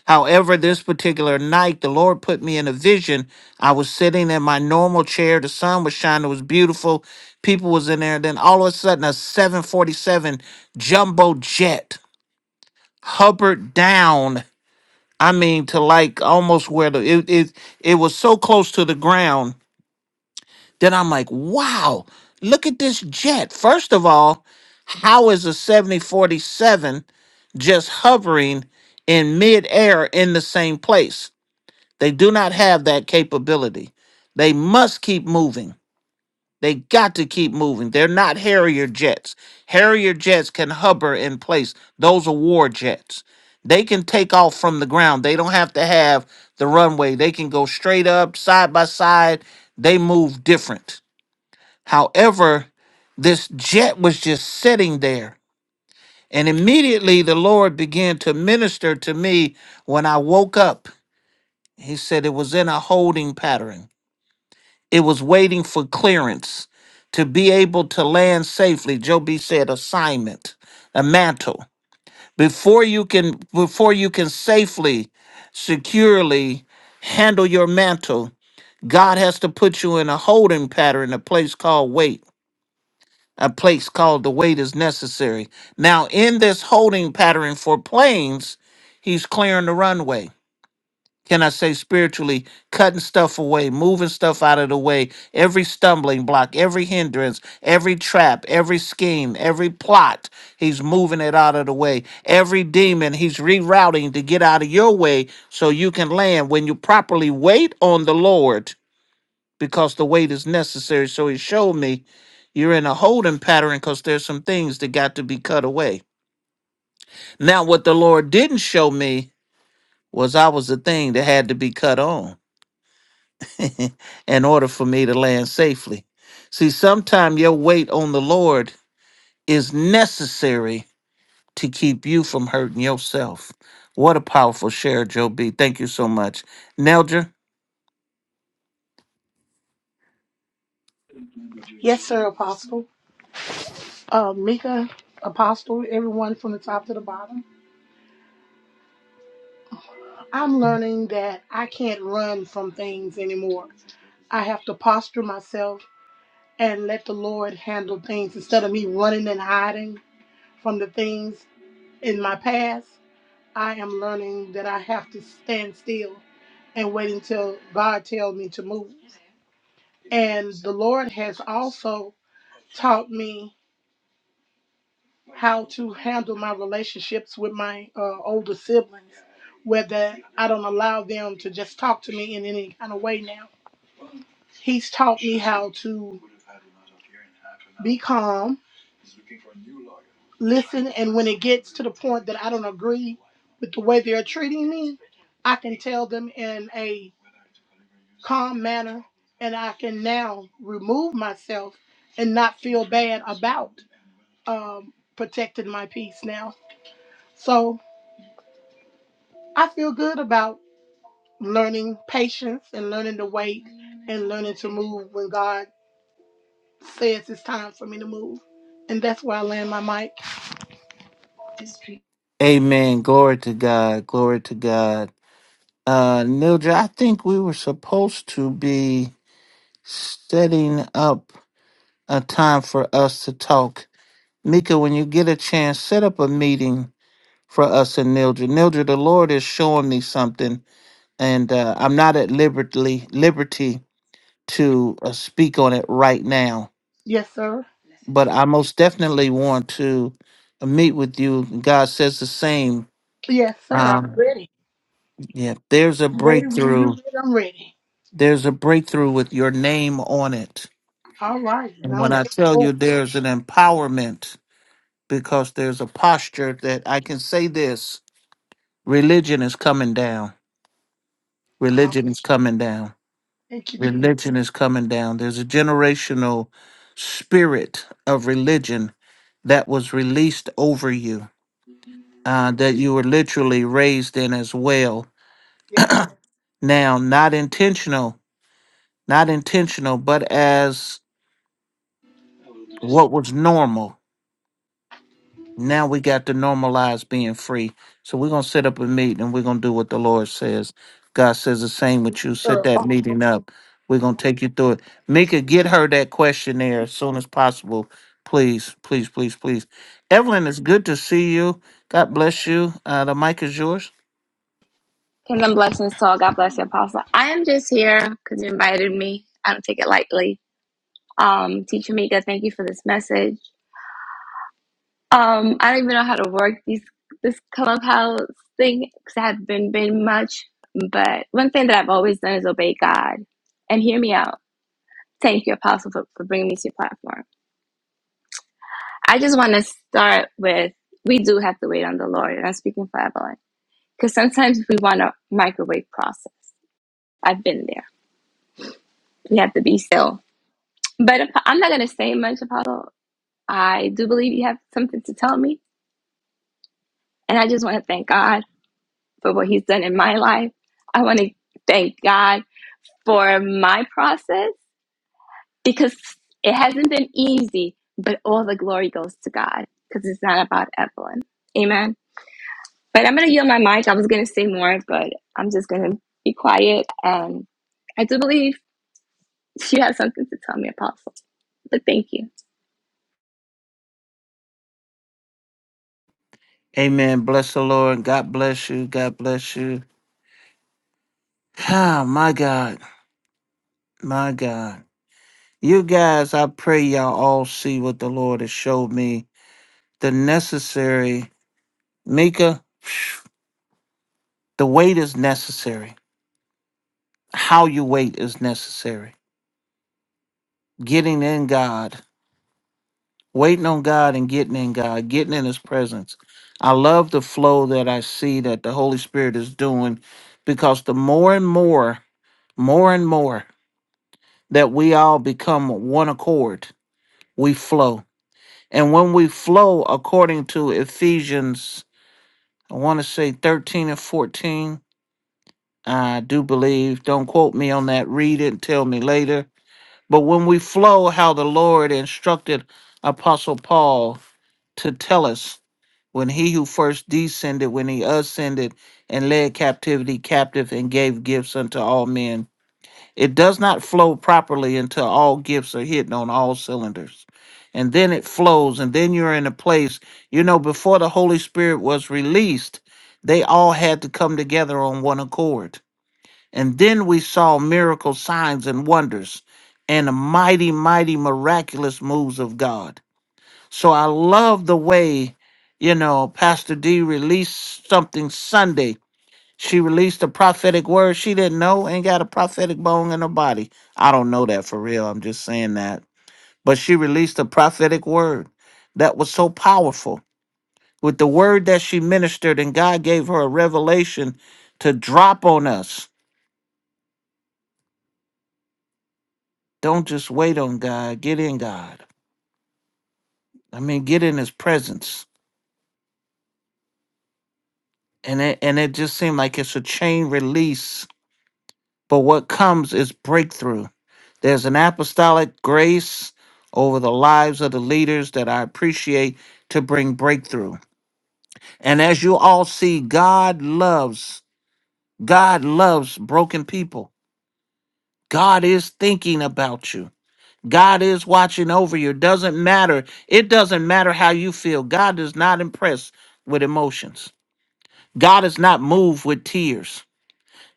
C: However, this particular night, the Lord put me in a vision. I was sitting in my normal chair. The sun was shining. It was beautiful. People was in there. Then all of a sudden, a 747 jumbo jet hovered down. I mean, to like almost where the it it, it was so close to the ground. Then I'm like, wow, look at this jet. First of all, how is a 7047 just hovering in midair in the same place? They do not have that capability. They must keep moving. They got to keep moving. They're not Harrier jets. Harrier jets can hover in place. Those are war jets. They can take off from the ground. They don't have to have the runway. They can go straight up, side by side. They move different. However, this jet was just sitting there. And immediately the Lord began to minister to me when I woke up. He said it was in a holding pattern. It was waiting for clearance to be able to land safely. Joe B said assignment, a mantle. Before you can before you can safely, securely handle your mantle, God has to put you in a holding pattern, a place called wait. A place called the wait is necessary. Now, in this holding pattern for planes, he's clearing the runway can I say spiritually, cutting stuff away, moving stuff out of the way, every stumbling block, every hindrance, every trap, every scheme, every plot, he's moving it out of the way. Every demon, he's rerouting to get out of your way so you can land. When you properly wait on the Lord, because the wait is necessary. So he showed me you're in a holding pattern because there's some things that got to be cut away. Now, what the Lord didn't show me was I was the thing that had to be cut on. in order for me to land safely. See, sometimes your wait on the Lord is necessary to keep you from hurting yourself. What a powerful share, Joe B. Thank you so much. Nelja,
E: Yes, sir, Apostle. Uh, Mika, Apostle, everyone from the top to the bottom. I'm learning that I can't run from things anymore. I have to posture myself and let the Lord handle things instead of me running and hiding from the things in my past. I am learning that I have to stand still and wait until God tells me to move. And the Lord has also taught me how to handle my relationships with my uh, older siblings, whether I don't allow them to just talk to me in any kind of way now. He's taught me how to be calm, listen, and when it gets to the point that I don't agree with the way they're treating me, I can tell them in a calm manner and I can now remove myself and not feel bad about um, protecting my peace now. So I feel good about learning patience and learning to wait and learning to move when God says it's time for me to move. And that's where I land my mic.
C: amen. Glory to God. Glory to God. Uh, Nelja, I think we were supposed to be setting up a time for us to talk. Mika, when you get a chance, set up a meeting for us and Nildred. Nildred, the Lord is showing me something and uh, I'm not at liberty liberty to uh, speak on it right now.
E: Yes, sir.
C: But I most definitely want to uh, meet with you. God says the same.
E: Yes, sir. I'm
C: Um,
E: ready.
C: yeah, there's a
E: I'm ready when you're
C: breakthrough.
E: ready. I'm ready.
C: There's a breakthrough with your name on it.
E: All right. And
C: And
E: I'm
C: when I
E: ready.
C: tell
E: Oh,
C: you there's an empowerment, because there's a posture that I can say this religion is coming down. Religion is coming down
E: thank you, Jesus.
C: Religion is coming down. There's a generational spirit of religion that was released over you, uh, that you were literally raised in as well.
E: Yes,
C: Now, not intentional, not intentional, but as what was normal. Now we got to normalize being free. So we're going to set up a meeting and we're going to do what the Lord says. God says the same with you. Set
E: sir.
C: that meeting up. We're going to take you through it. Mika, get her that questionnaire as soon as possible. Please, please, please, please. Evelyn, it's good to see you. God bless you. Uh, the mic is yours.
G: Kingdom blessings to all. God bless you, Apostle. I am just here because you invited me. I don't take it lightly. Um, Teacher Mika, thank you for this message. Um, I don't even know how to work these this clubhouse thing because I haven't been, been much. But one thing that I've always done is obey God. And hear me out. Thank you, Apostle, for, for bringing me to your platform. I just want to start with we do have to wait on the Lord. And I'm speaking for Evelyn because sometimes we want a microwave process. I've been there. We have to be still But if, I'm not going to say much, Apollo. I do believe you have something to tell me. And I just want to thank God for what He's done in my life. I want to thank God for my process because it hasn't been easy, but all the glory goes to God because it's not about Evelyn. Amen. But I'm going to yield my mic. I was going to say more, but I'm just going to be quiet. And I do believe she has something to tell me, Apostle. But thank you.
C: Amen. Bless the Lord. God bless you. God bless you. Ah, my God. My God. You guys, I pray y'all all see what the Lord has showed me. The necessary Mika, phew, the wait is necessary. How you wait is necessary. Getting in God, waiting on God and getting in God, getting in His presence. I love the flow that I see that the Holy Spirit is doing because the more and more, more and more that we all become one accord, we flow. And when we flow according to Ephesians, I want to say 13 and 14, I do believe, don't quote me on that, read it and tell me later But when we flow, how the Lord instructed Apostle Paul to tell us when he who first descended, when he ascended and led captivity captive and gave gifts unto all men, it does not flow properly until all gifts are hitting on all cylinders. And then it flows, and then you're in a place, you know, before the Holy Spirit was released, they all had to come together on one accord and then we saw miracle signs and wonders and the mighty, mighty, miraculous moves of God. So I love the way, you know, Pastor D released something Sunday. She released a prophetic word she didn't know ain't got a prophetic bone in her body. I don't know that for real. I'm just saying that. But she released a prophetic word that was so powerful. With the word that she ministered, and God gave her a revelation to drop on us Don't just wait on God. Get in God. I mean, get in His presence. And it, and it just seemed like it's a chain release. But what comes is breakthrough. There's an apostolic grace over the lives of the leaders that I appreciate to bring breakthrough. And as you all see, God loves, God loves broken people. God is thinking about you. God is watching over you. Doesn't matter. It doesn't matter how you feel. God is not impressed with emotions. God is not moved with tears.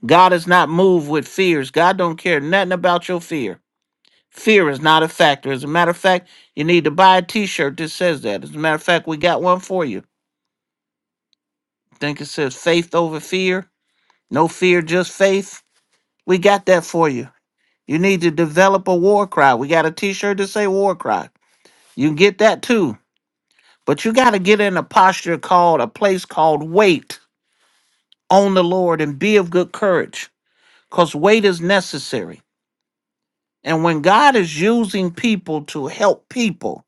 C: God is not moved with fears. God don't care nothing about your fear. Fear is not a factor. As a matter of fact, you need to buy a t-shirt that says that. As a matter of fact, we got one for you. I think it says faith over fear. No fear, just faith. We got that for you. You need to develop a war cry. We got a t-shirt that say war cry. You can get that too. But you got to get in a posture called a place called wait on the Lord and be of good courage because wait is necessary. And when God is using people to help people,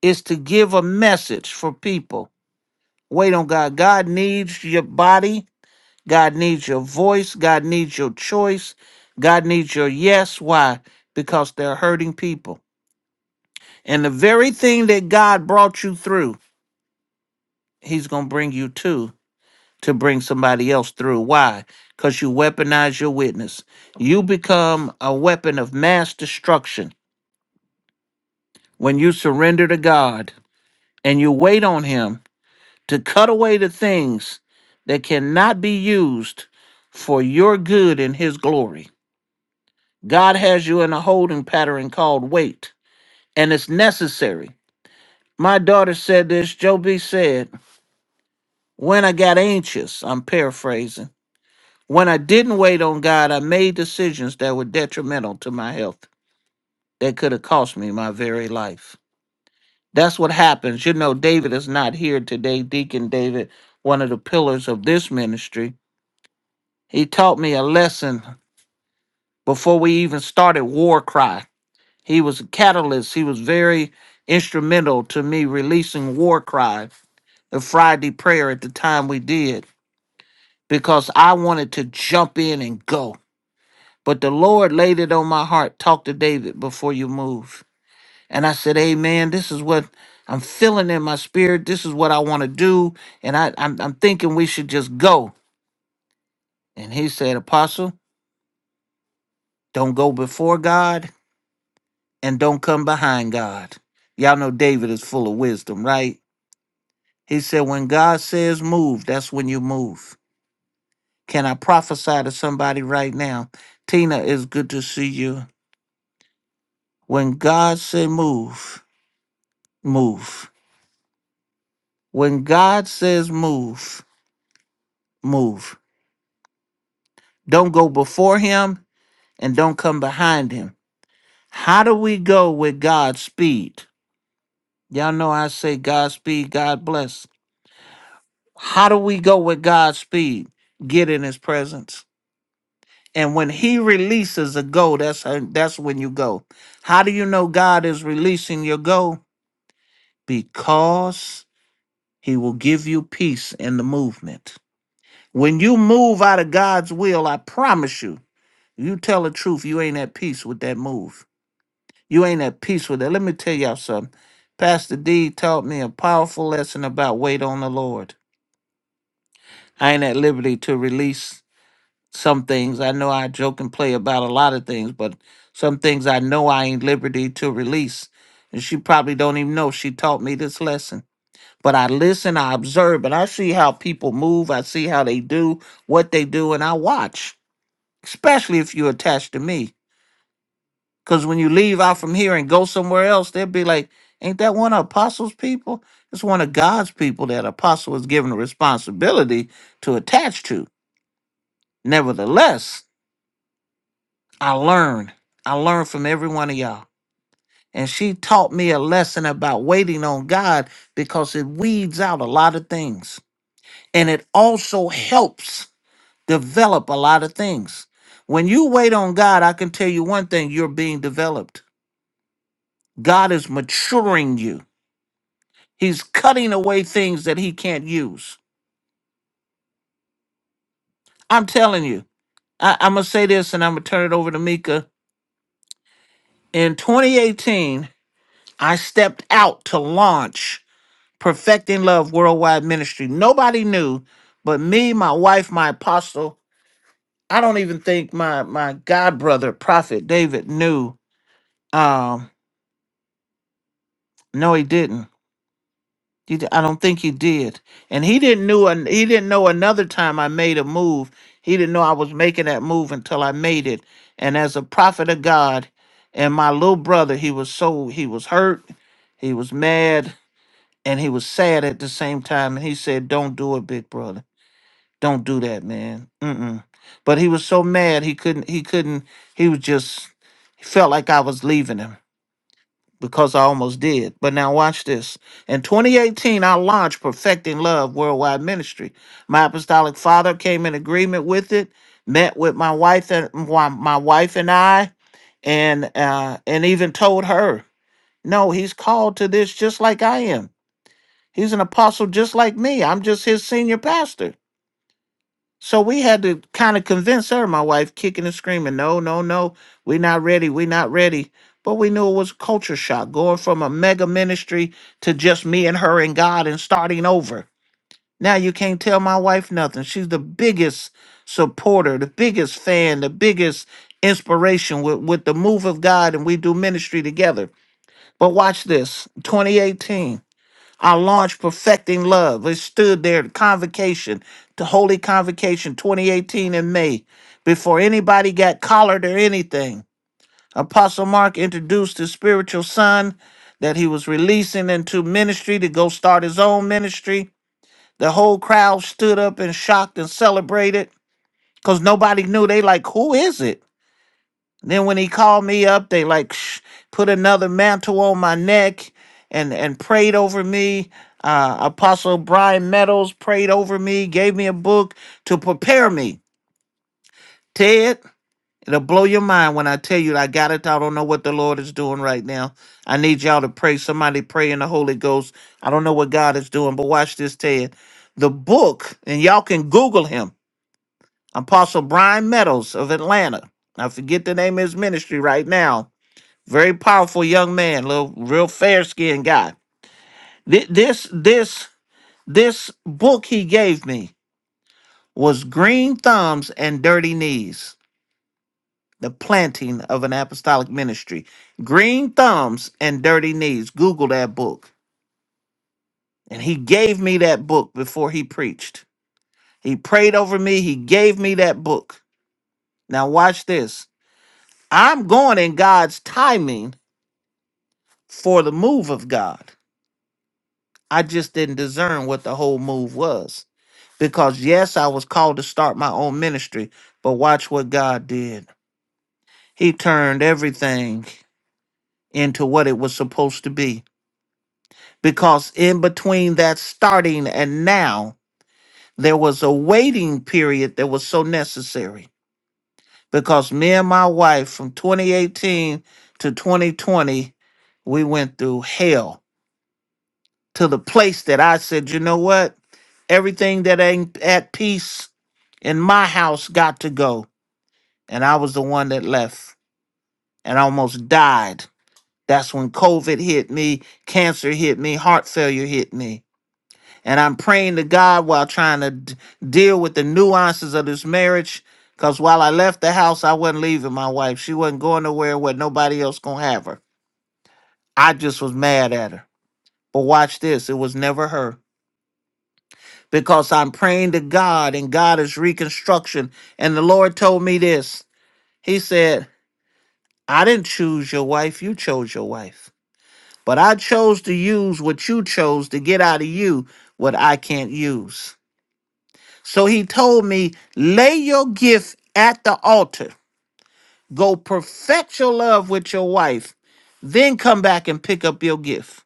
C: is to give a message for people. Wait on God. God needs your body. God needs your voice. God needs your choice. God needs your yes. Why? Because they're hurting people. And the very thing that God brought you through, He's going to bring you to to bring somebody else through. Why? Because you weaponize your witness. You become a weapon of mass destruction when you surrender to God and you wait on Him to cut away the things that cannot be used for your good and His glory. God has you in a holding pattern called wait, and it's necessary. My daughter said this, Joe B said, When I got anxious, I'm paraphrasing. When I didn't wait on God, I made decisions that were detrimental to my health, that could have cost me my very life. That's what happens. You know, David is not here today. Deacon David, one of the pillars of this ministry, he taught me a lesson before we even started War Cry. He was a catalyst, he was very instrumental to me releasing War Cry the Friday prayer at the time we did because I wanted to jump in and go. But the Lord laid it on my heart talk to David before you move. And I said, Amen. This is what I'm feeling in my spirit. This is what I want to do. And I, I'm, I'm thinking we should just go. And he said, Apostle, don't go before God and don't come behind God. Y'all know David is full of wisdom, right? He said, When God says move, that's when you move. Can I prophesy to somebody right now? Tina, it's good to see you. When God say move, move When God says move, move. Don't go before him and don't come behind him. How do we go with God's speed? Y'all know I say God's speed, God bless. How do we go with God's speed? Get in his presence. And when he releases a go, that's that's when you go. How do you know God is releasing your go? Because he will give you peace in the movement. When you move out of God's will, I promise you. You tell the truth, you ain't at peace with that move. You ain't at peace with that. Let me tell y'all something. Pastor D taught me a powerful lesson about wait on the Lord. I ain't at liberty to release some things. I know I joke and play about a lot of things, but some things I know I ain't liberty to release. And she probably don't even know she taught me this lesson. But I listen, I observe, and I see how people move. I see how they do, what they do, and I watch, especially if you're attached to me. Because when you leave out from here and go somewhere else, they'll be like, ain't that one of apostles' people? It's one of God's people that apostle is given a responsibility to attach to. Nevertheless, I learned. I learned from every one of y'all. And she taught me a lesson about waiting on God because it weeds out a lot of things. And it also helps develop a lot of things. When you wait on God, I can tell you one thing you're being developed. God is maturing you. He's cutting away things that he can't use. I'm telling you, I, I'm going to say this and I'm going to turn it over to Mika. In 2018, I stepped out to launch Perfecting Love Worldwide Ministry. Nobody knew but me, my wife, my apostle. I don't even think my, my God brother, Prophet David, knew. Um, no, he didn't. You, d- I don't think he did. And he didn't knew an, he didn't know another time I made a move. He didn't know I was making that move until I made it. And as a prophet of God, and my little brother, he was so he was hurt, he was mad, and he was sad at the same time. And he said, "Don't do it, big brother. Don't do that, man. Mm-mm." But he was so mad he couldn't he couldn't he was just he felt like I was leaving him because I almost did. But now watch this. In 2018, I launched Perfecting Love Worldwide Ministry. My apostolic father came in agreement with it, met with my wife and my my wife and I, and uh, and even told her, no, he's called to this just like I am. He's an apostle just like me. I'm just his senior pastor. So we had to kind of convince her, my wife, kicking and screaming, no, no, no, we're not ready, we're not ready. But we knew it was a culture shock, going from a mega ministry to just me and her and God and starting over. Now you can't tell my wife nothing. She's the biggest supporter, the biggest fan, the biggest inspiration with, with the move of God, and we do ministry together. But watch this 2018. I launched Perfecting Love. It stood there at convocation, the Holy Convocation 2018 in May, before anybody got collared or anything. Apostle Mark introduced his spiritual son that he was releasing into ministry to go start his own ministry. The whole crowd stood up and shocked and celebrated because nobody knew. They like, who is it? Then when he called me up, they like sh- put another mantle on my neck and and prayed over me. Uh, Apostle Brian Meadows prayed over me, gave me a book to prepare me. Ted, it'll blow your mind when I tell you I got it. I don't know what the Lord is doing right now. I need y'all to pray. Somebody pray in the Holy Ghost. I don't know what God is doing, but watch this, Ted. The book, and y'all can Google him. Apostle Brian Meadows of Atlanta. I forget the name of his ministry right now very powerful young man, little real fair skinned guy. Th- This this this book he gave me was Green Thumbs and Dirty Knees: The Planting of an Apostolic Ministry. Green Thumbs and Dirty Knees. Google that book. And he gave me that book before he preached. He prayed over me. He gave me that book. Now watch this. I'm going in God's timing for the move of God. I just didn't discern what the whole move was. Because, yes, I was called to start my own ministry, but watch what God did. He turned everything into what it was supposed to be. Because in between that starting and now, there was a waiting period that was so necessary. Because me and my wife from 2018 to 2020, we went through hell to the place that I said, you know what? Everything that ain't at peace in my house got to go and I was the one that left and almost died. That's when COVID hit me, cancer hit me, heart failure hit me. And I'm praying to God while trying to d- deal with the nuances of this marriage. Because while I left the house, I wasn't leaving my wife. She wasn't going nowhere where nobody else going to have her. I just was mad at her. But watch this it was never her. Because I'm praying to God and God is reconstruction. And the Lord told me this He said, I didn't choose your wife, you chose your wife. But I chose to use what you chose to get out of you what I can't use. So he told me, lay your gift at the altar. Go perfect your love with your wife. Then come back and pick up your gift.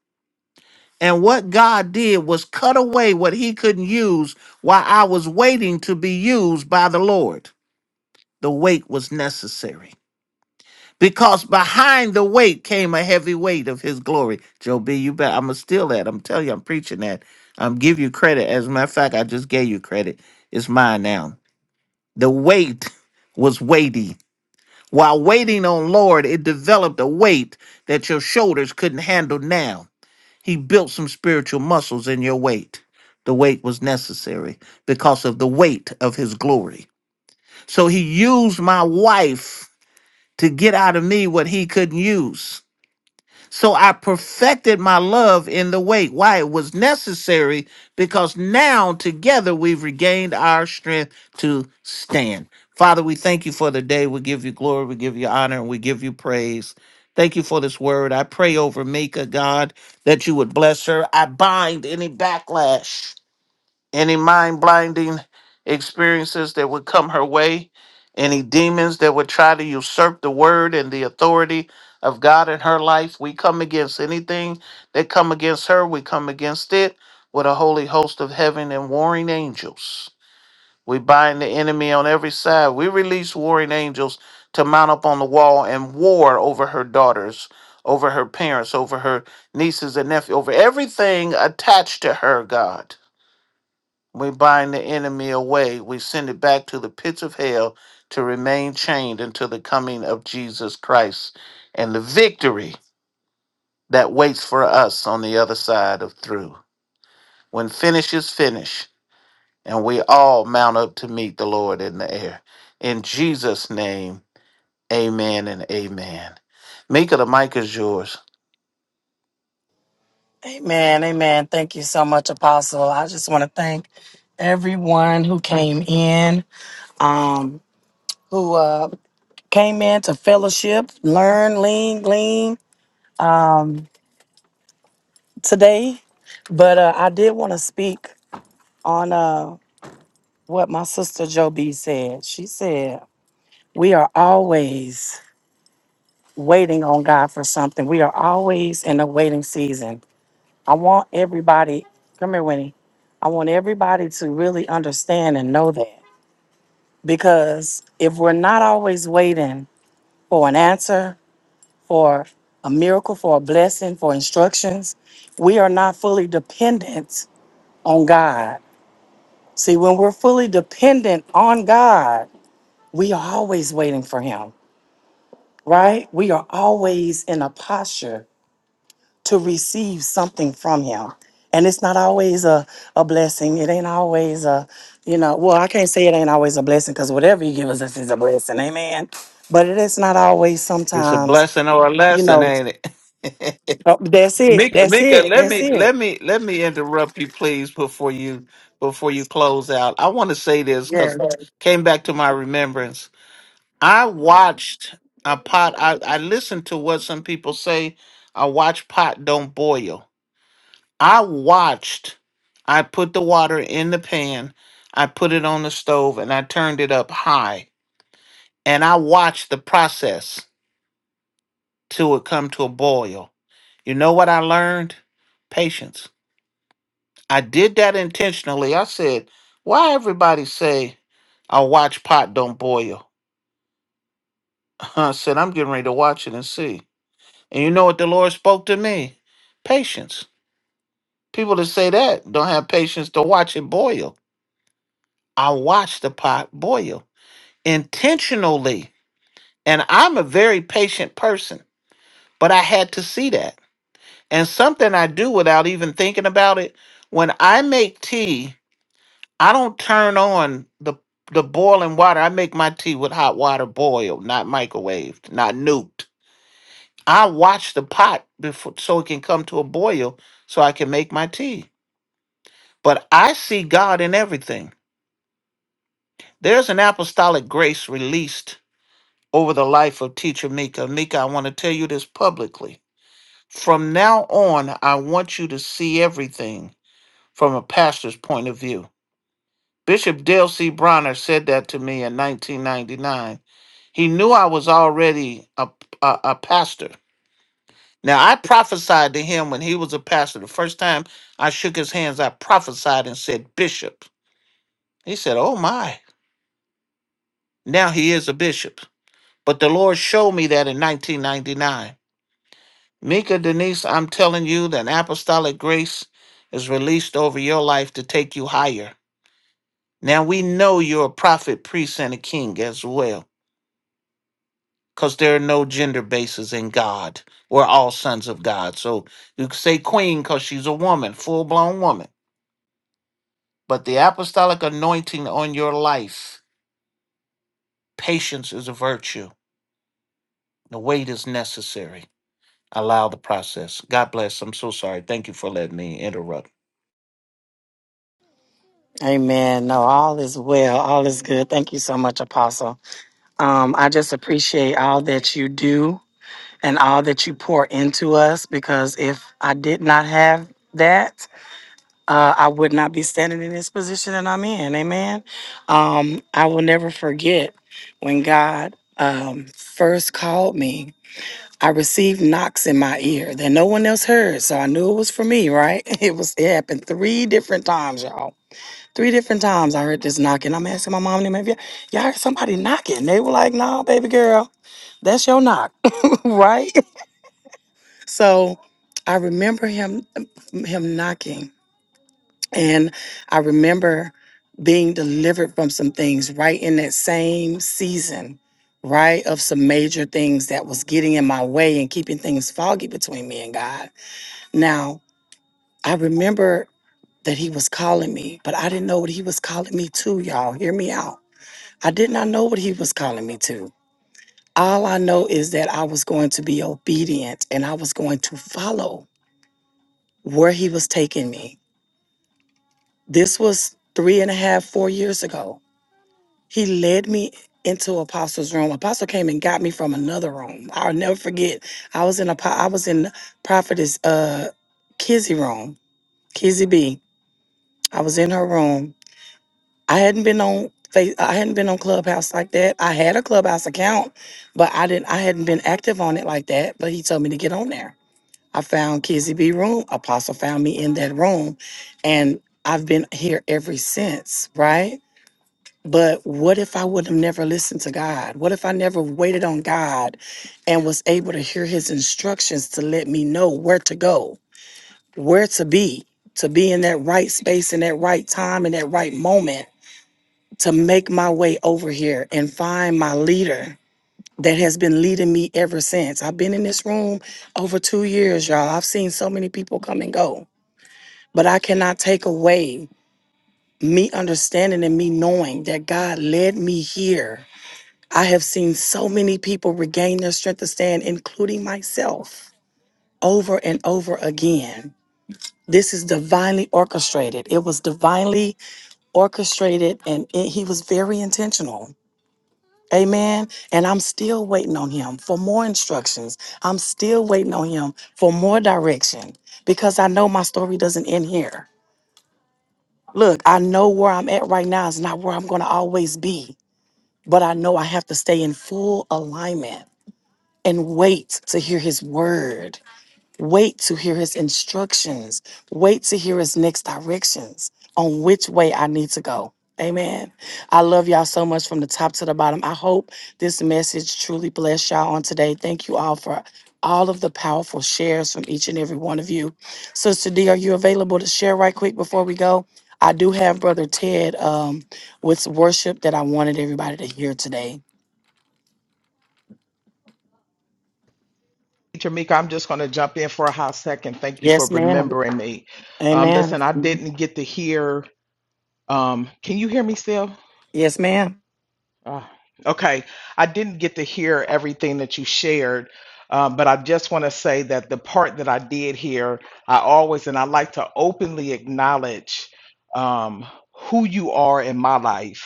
C: And what God did was cut away what he couldn't use while I was waiting to be used by the Lord. The wait was necessary. because behind the weight came a heavy weight of his glory. Joe B, you bet. I'm going to steal that. I'm telling you, I'm preaching that. I'm give you credit. As a matter of fact, I just gave you credit. It's mine now. The weight was weighty. While waiting on Lord, it developed a weight that your shoulders couldn't handle now. He built some spiritual muscles in your weight. The weight was necessary because of the weight of his glory. So he used my wife to get out of me what he couldn't use. So I perfected my love in the wait. Why? It was necessary because now together we've regained our strength to stand. Father, we thank you for the day. We give you glory. We give you honor. And we give you praise. Thank you for this word. I pray over Mika, God, that you would bless her. I bind any backlash any mind blinding experiences that would come her way, any demons that would try to usurp the word and the authority of God in her life. We come against anything that come against her, we come against it with a holy host of heaven and warring angels. We bind the enemy on every side. We release warring angels to mount up on the wall and war over her daughters, over her parents, over her nieces and nephews, over everything attached to her, God. We bind the enemy away. We send it back to the pits of hell to remain chained until the coming of Jesus Christ and the victory that waits for us on the other side of through. When finish is finished, and we all mount up to meet the Lord in the air. In Jesus' name, amen and amen. Mika, the mic is yours.
B: Amen. Amen. Thank you so much, Apostle. I just want to thank everyone who came in, um, who uh, came in to fellowship, learn, lean, glean. today, but uh, I did want to speak on uh, what my sister Joe B said. She said, We are always waiting on God for something, we are always in a waiting season. I want everybody, come here, Winnie. I want everybody to really understand and know that because if we're not always waiting for an answer, for a miracle, for a blessing, for instructions, we are not fully dependent on God See, when we're fully dependent on God, we are always waiting for Him, right? We are always in a posture to receive something from Him. And it's not always a, a blessing. It ain't always a, you know, well, I can't say it ain't always a blessing because whatever He gives us is a blessing. Amen. But it is not always
C: It's a
B: sometimes,
C: blessing or a
B: you
C: lesson,
B: know,
C: ain't it?
B: oh, that's it.
C: Mika,
B: That's
C: Mika,
B: it.
C: let
B: That's
C: me
B: it.
C: let me let me interrupt you, please, before you before you close out. I want to say this
B: Yeah.
C: because came back to my remembrance. I watched a pot. I I listened to what some people say. I watch pot don't boil. I watched. I put the water in the pan. I put it on the stove and I turned it up high. And I watched the process till it come to a boil. You know what I learned? Patience I did that intentionally. I said, why everybody say I watch pot don't boil? I said, I'm getting ready to watch it and see. And you know what the Lord spoke to me? Patience. People that say that don't have patience to watch it boil. I watch the pot boil intentionally. And I'm a very patient person, but I had to see that. And something I do without even thinking about it, when I make tea, I don't turn on the the boiling water. I make my tea with hot water boiled, not microwaved, not nuked. I watch the pot before so it can come to a boil so I can make my tea. But I see God in everything. There's an apostolic grace released over the life of teacher Mika. Mika, I want to tell you this publicly. From now on, I want you to see everything from a pastor's point of view. Bishop Dale C. Bronner said that to me in 1999 He knew I was already a, a, a pastor. Now, I prophesied to him when he was a pastor. The first time I shook his hands, I prophesied and said, Bishop. He said, Oh my. Now he is a bishop. But the Lord showed me that in 1999. Mika Denise, I'm telling you that apostolic grace is released over your life to take you higher. Now we know you're a prophet, priest, and a king as well. because there are no gender bases in God. We're all sons of God. So you can say queen because she's a woman, full blown woman. But the apostolic anointing on your life, patience is a virtue. The wait is necessary. Allow the process. God bless. I'm so sorry. Thank you for letting me interrupt.
B: Amen. No, all is well. All is good. Thank you so much, Apostle. Um, I just appreciate all that you do and all that you pour into us because if I did not have that, uh, I would not be standing in this position that I'm in. Amen. Um, I will never forget when God um, first called me. I received knocks in my ear that no one else heard, so I knew it was for me. Right? It was. It happened three different times, y'all. Three different times I heard this knocking. I'm asking my mom and them, "Have y'all y'all heard somebody knocking?" They were like, "No, baby girl." That's your knock, right? So I remember him him knocking and I remember being delivered from some things right in that same season, right? Of some major things that was getting in my way and keeping things foggy between me and God. Now, I remember that he was calling me, but I didn't know what he was calling me to, y'all. Hear me out. I did not know what he was calling me to. All I know is that I was going to be obedient and I was going to follow where he was taking me. This was three and a half, four years ago. He led me into Apostle's room. Apostle came and got me from another room. I'll never forget. I was in a I was in Prophetess uh Kizzy room, Kizzy B. I was in her room. I hadn't been on face I hadn't been on Clubhouse like that. I had a Clubhouse account, but I didn't I hadn't been active on it like that. But he told me to get on there. I found Kizzy B room. Apostle found me in that room. And I've been here ever since, right? But what if I would have never listened to God? What if I never waited on God and was able to hear his instructions to let me know where to go, where to be, to be in that right space, in that right time, in that right moment, to make my way over here and find my leader that has been leading me ever since? I've been in this room over two years, y'all. I've seen so many people come and go but I cannot take away me understanding and me knowing that God led me here. I have seen so many people regain their strength to stand, including myself, over and over again. This is divinely orchestrated. It was divinely orchestrated, and it- he was very intentional. Amen. And I'm still waiting on him for more instructions. I'm still waiting on him for more direction because I know my story doesn't end here. Look, I know where I'm at right now is not where I'm going to always be, but I know I have to stay in full alignment and wait to hear his word. Wait to hear his instructions. Wait to hear his next directions on which way I need to go. Amen. I love y'all so much from the top to the bottom. I hope this message truly blessed y'all on today. Thank you all for all of the powerful shares from each and every one of you. Sister D, are you available to share right quick before we go? I do have Brother Ted um, with worship that I wanted everybody to hear today.
H: Tamika, I'm just going to jump in for a hot second. Thank you for
B: Yes, ma'am.
H: remembering me. Um,
B: Amen.
H: listen, I didn't get to hear. Um, can you hear me still?
B: Yes, ma'am.
H: Oh, okay. I didn't get to hear everything that you shared, um, but I just want to say that the part that I did hear, I always and I like to openly acknowledge um, who you are in my life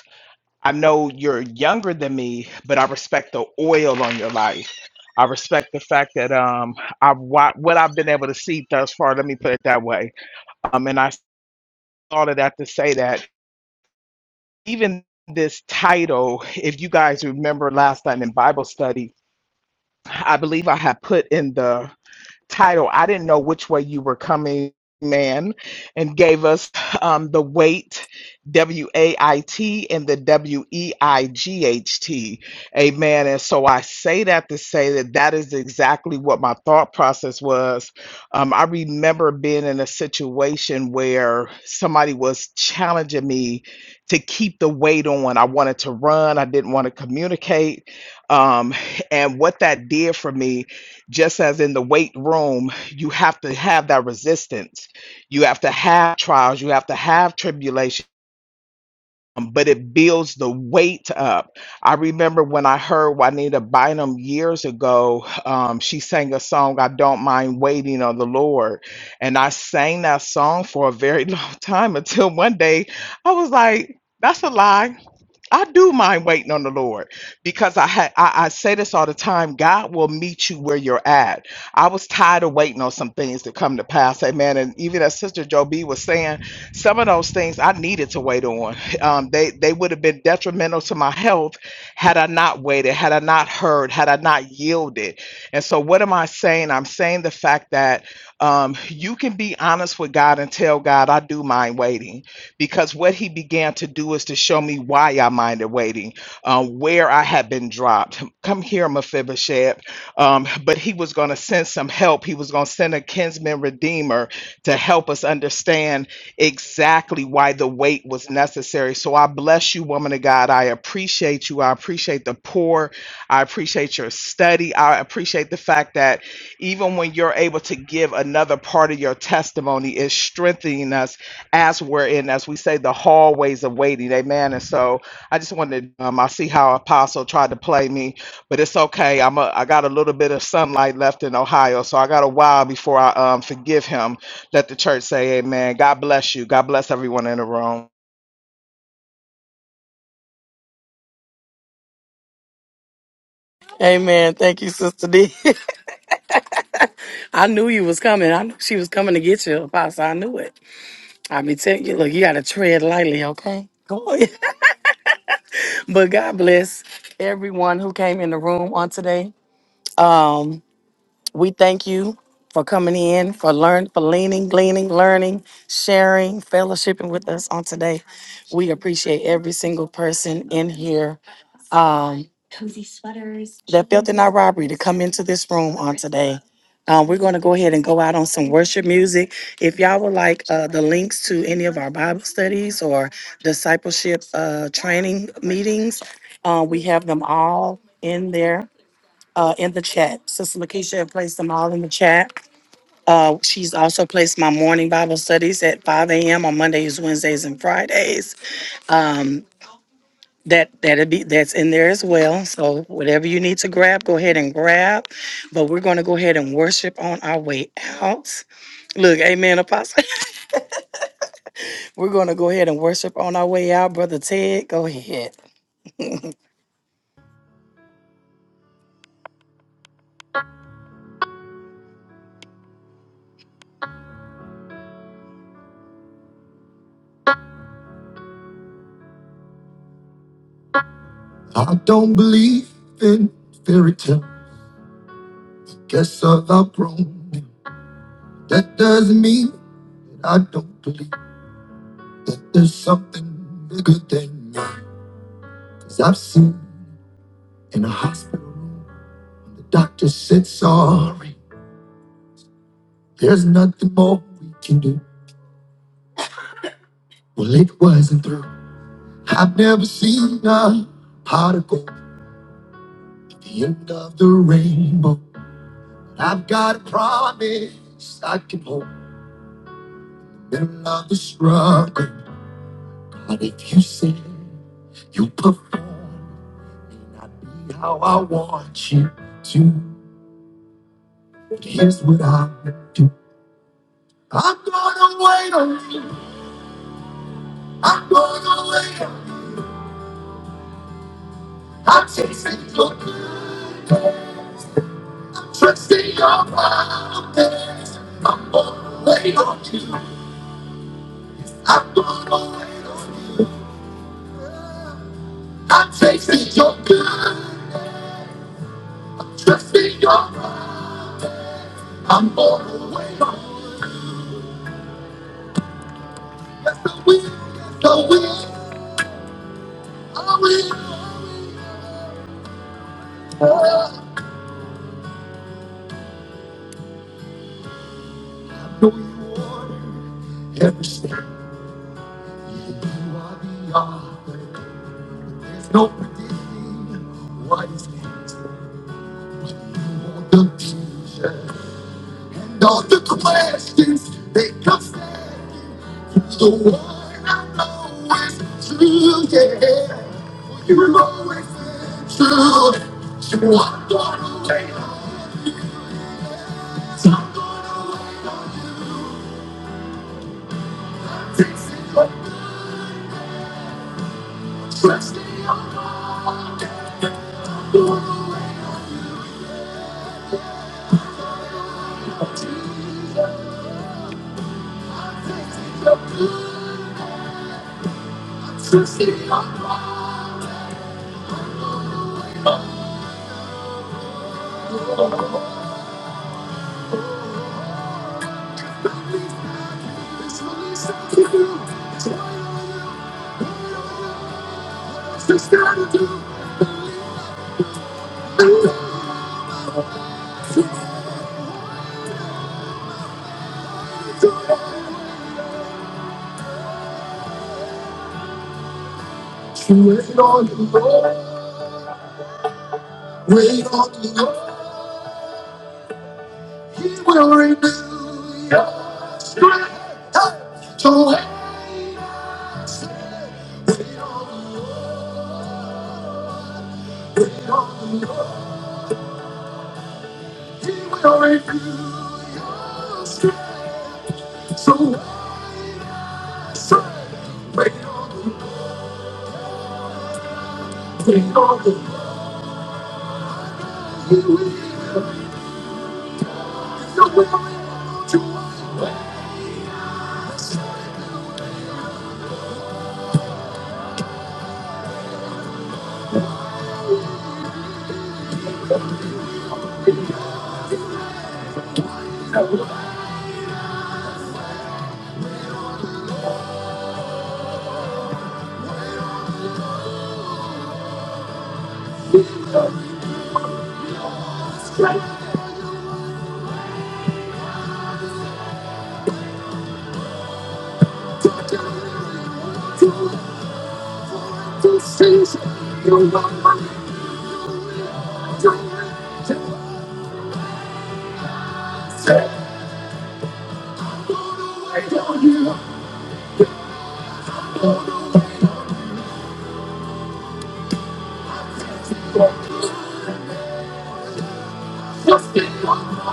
H: I know you're younger than me, but I respect the oil on your life. I respect the fact that um i what what I've been able to see thus far. Let me put it that way. Um, and I thought of that to say that even this title, if you guys remember last night in Bible study, I believe I had put in the title. I didn't know which way you were coming, man, and gave us um, the weight, W A I T, and the W E I G H T. Amen. And so I say that to say that that is exactly what my thought process was. Um, I remember being in a situation where somebody was challenging me to keep the weight on. I wanted to run, I didn't want to communicate. Um, and what that did for me just as in the weight room, you have to have that resistance. You have to have trials. You have to have tribulation, but it builds the weight up. I remember when I heard Juanita Bynum years ago, um, she sang a song, I Don't Mind Waiting on the Lord. And I sang that song for a very long time until one day I was like, that's a lie. I do mind waiting on the Lord because I, ha- I I say this all the time. God will meet you where you're at. I was tired of waiting on some things to come to pass. Amen. And even as Sister Joe B was saying, some of those things I needed to wait on. Um, they they would have been detrimental to my health had I not waited, had I not heard, had I not yielded. And so, what am I saying? I'm saying the fact that um, you can be honest with God and tell God, I do mind waiting because what he began to do is to show me why I minded waiting, uh, where I had been dropped. Come here, Mephibosheth. Um, but he was going to send some help. He was going to send a kinsman redeemer to help us understand exactly why the wait was necessary. So I bless you, woman of God. I appreciate you. I appreciate the poor. I appreciate your study. I appreciate the fact that even when you're able to give another part of your testimony, it's strengthening us as we're in, as we say, the hallways of waiting. Amen. And so I just wanted, um, I see how Apostle tried to play me, but it's okay. I'm a, I got a little bit of sunlight left in Ohio, so I got a while before I um, forgive him. Let the church say amen. God bless you. God bless everyone in the room.
B: Amen. Thank you, Sister D. I knew you was coming. I knew she was coming to get you, Apostle. I knew it. I be telling you, look, you gotta tread lightly, okay? Go ahead. But God bless everyone who came in the room on today. Um, We thank you for coming in, for learn, for leaning, gleaning, learning, sharing, fellowshipping with us on today. We appreciate every single person in here. Um, that felt in our robbery to come into this room on today. Um, we're going to go ahead and go out on some worship music. If y'all would like uh, the links to any of our Bible studies or discipleship uh, training meetings, uh, we have them all in there uh, in the chat. Sister Lakeisha had placed them all in the chat. Uh, she's also placed my morning Bible studies at 5 a.m. on Mondays, Wednesdays, and Fridays. Um, that that'll be that's in there as well. So whatever you need to grab, go ahead and grab. But we're going to go ahead and worship on our way out. Look, Amen, Apostle. We're going to go ahead and worship on our way out, Brother Ted. Go ahead.
A: I don't believe in fairy tale. Guess I've outgrown it. That doesn't mean that I don't believe that there's something bigger than me. Cause I've seen in a hospital room when the doctor said sorry. There's nothing more we can do. Well, it wasn't through. I've never seen a particle at the end of the rainbow. I've got a promise I can hold in the middle of the struggle. But if you say you perform, may not be how I want you to. But here's what I will do. I'm gonna wait on you. I'm gonna wait on you. I'm chasing your good, trusting your promise. I'm gonna wait on you. I'm gonna wait on you. I'm chasing your good, trusting your love. I'm born away. Yes, I will, yes, I will, I will. I know you are every step. You are the author. There's no predicting what is next. No confusion. All the questions they come second. The one I know is true, yeah. You're always true. So I'm gonna wait. So I'm gonna wait. Fix it up. Trust me, I'm not gonna teach up. Trust me, I'm not It's really something to do. It's what it's just gotta do. And I'm going True, wait on the Lord. Wait on the Lord. He will renew your strength. So hang on. Lord. He will renew your strength. So strength. Wait on him. Wait on him. He will. You will renew your strength. To do, to, to seize your wonder, to reach to say, wait on you. Just be on.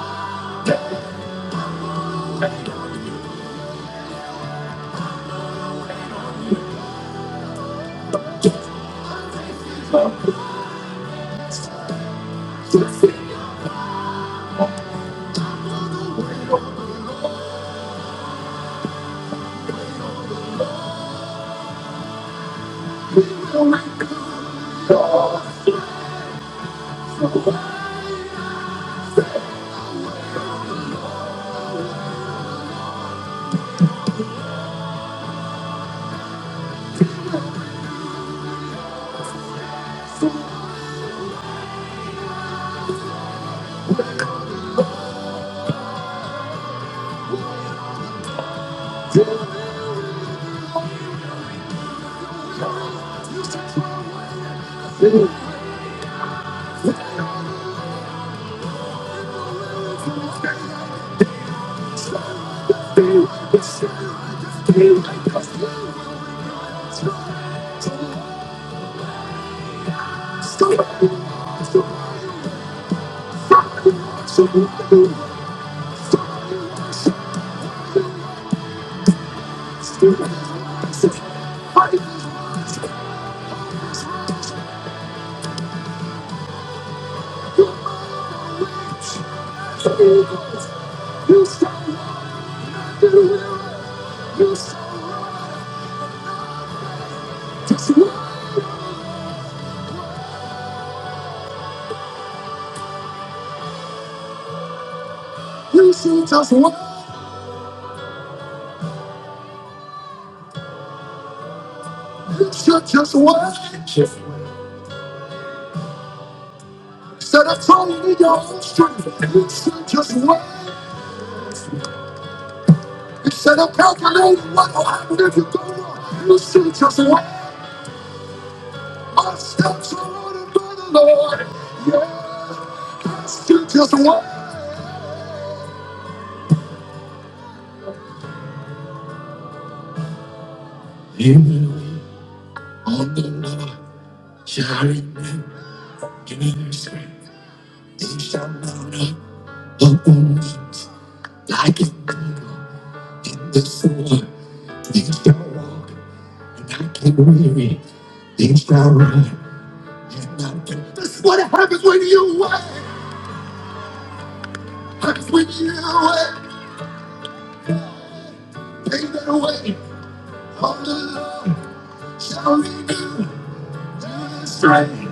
A: Just, just be on. Be, be, be, be. Just one, you should just one. Instead of trying to your own strength, you should just one. Instead of calculating what will happen if you go wrong, you should just one. My steps are ordered by the Lord. Yeah. Still just one. You on the Lord, sharing me, giving me strength. They shall mount up upon wings like an eagle in the soar. They shall walk and not get weary. They shall run and not get. That's what happens when you wait. Happens when you wait. Pay that way. On the Lord shall renew. Strength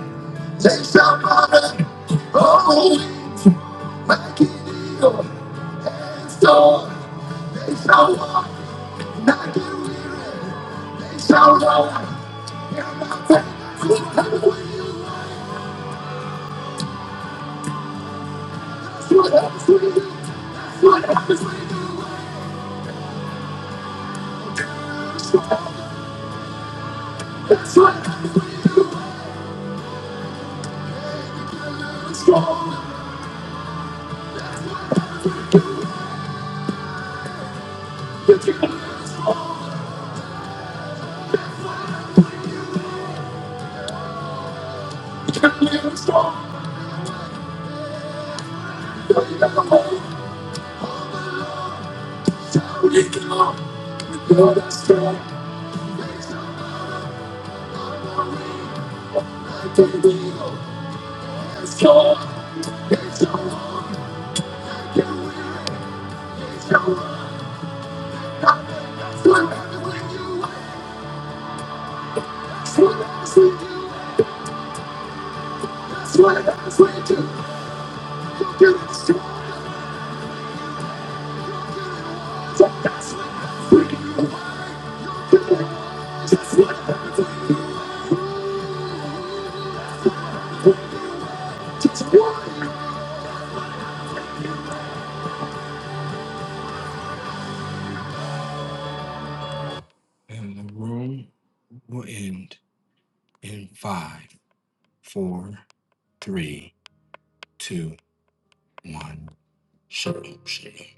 A: take somebody. Oh, make it real. And so they shall walk, not get weary. They shall run. That's what happens when you do. That's what happens when you That's what happens when you're strong. You can't, you can't live strong. No, you never hold. Shall we go? We know that's strong. I can be as strong. They shall walk and we shall run. That's what happens when you And the room will end in five, four, three, two, one. Shalom, shalom.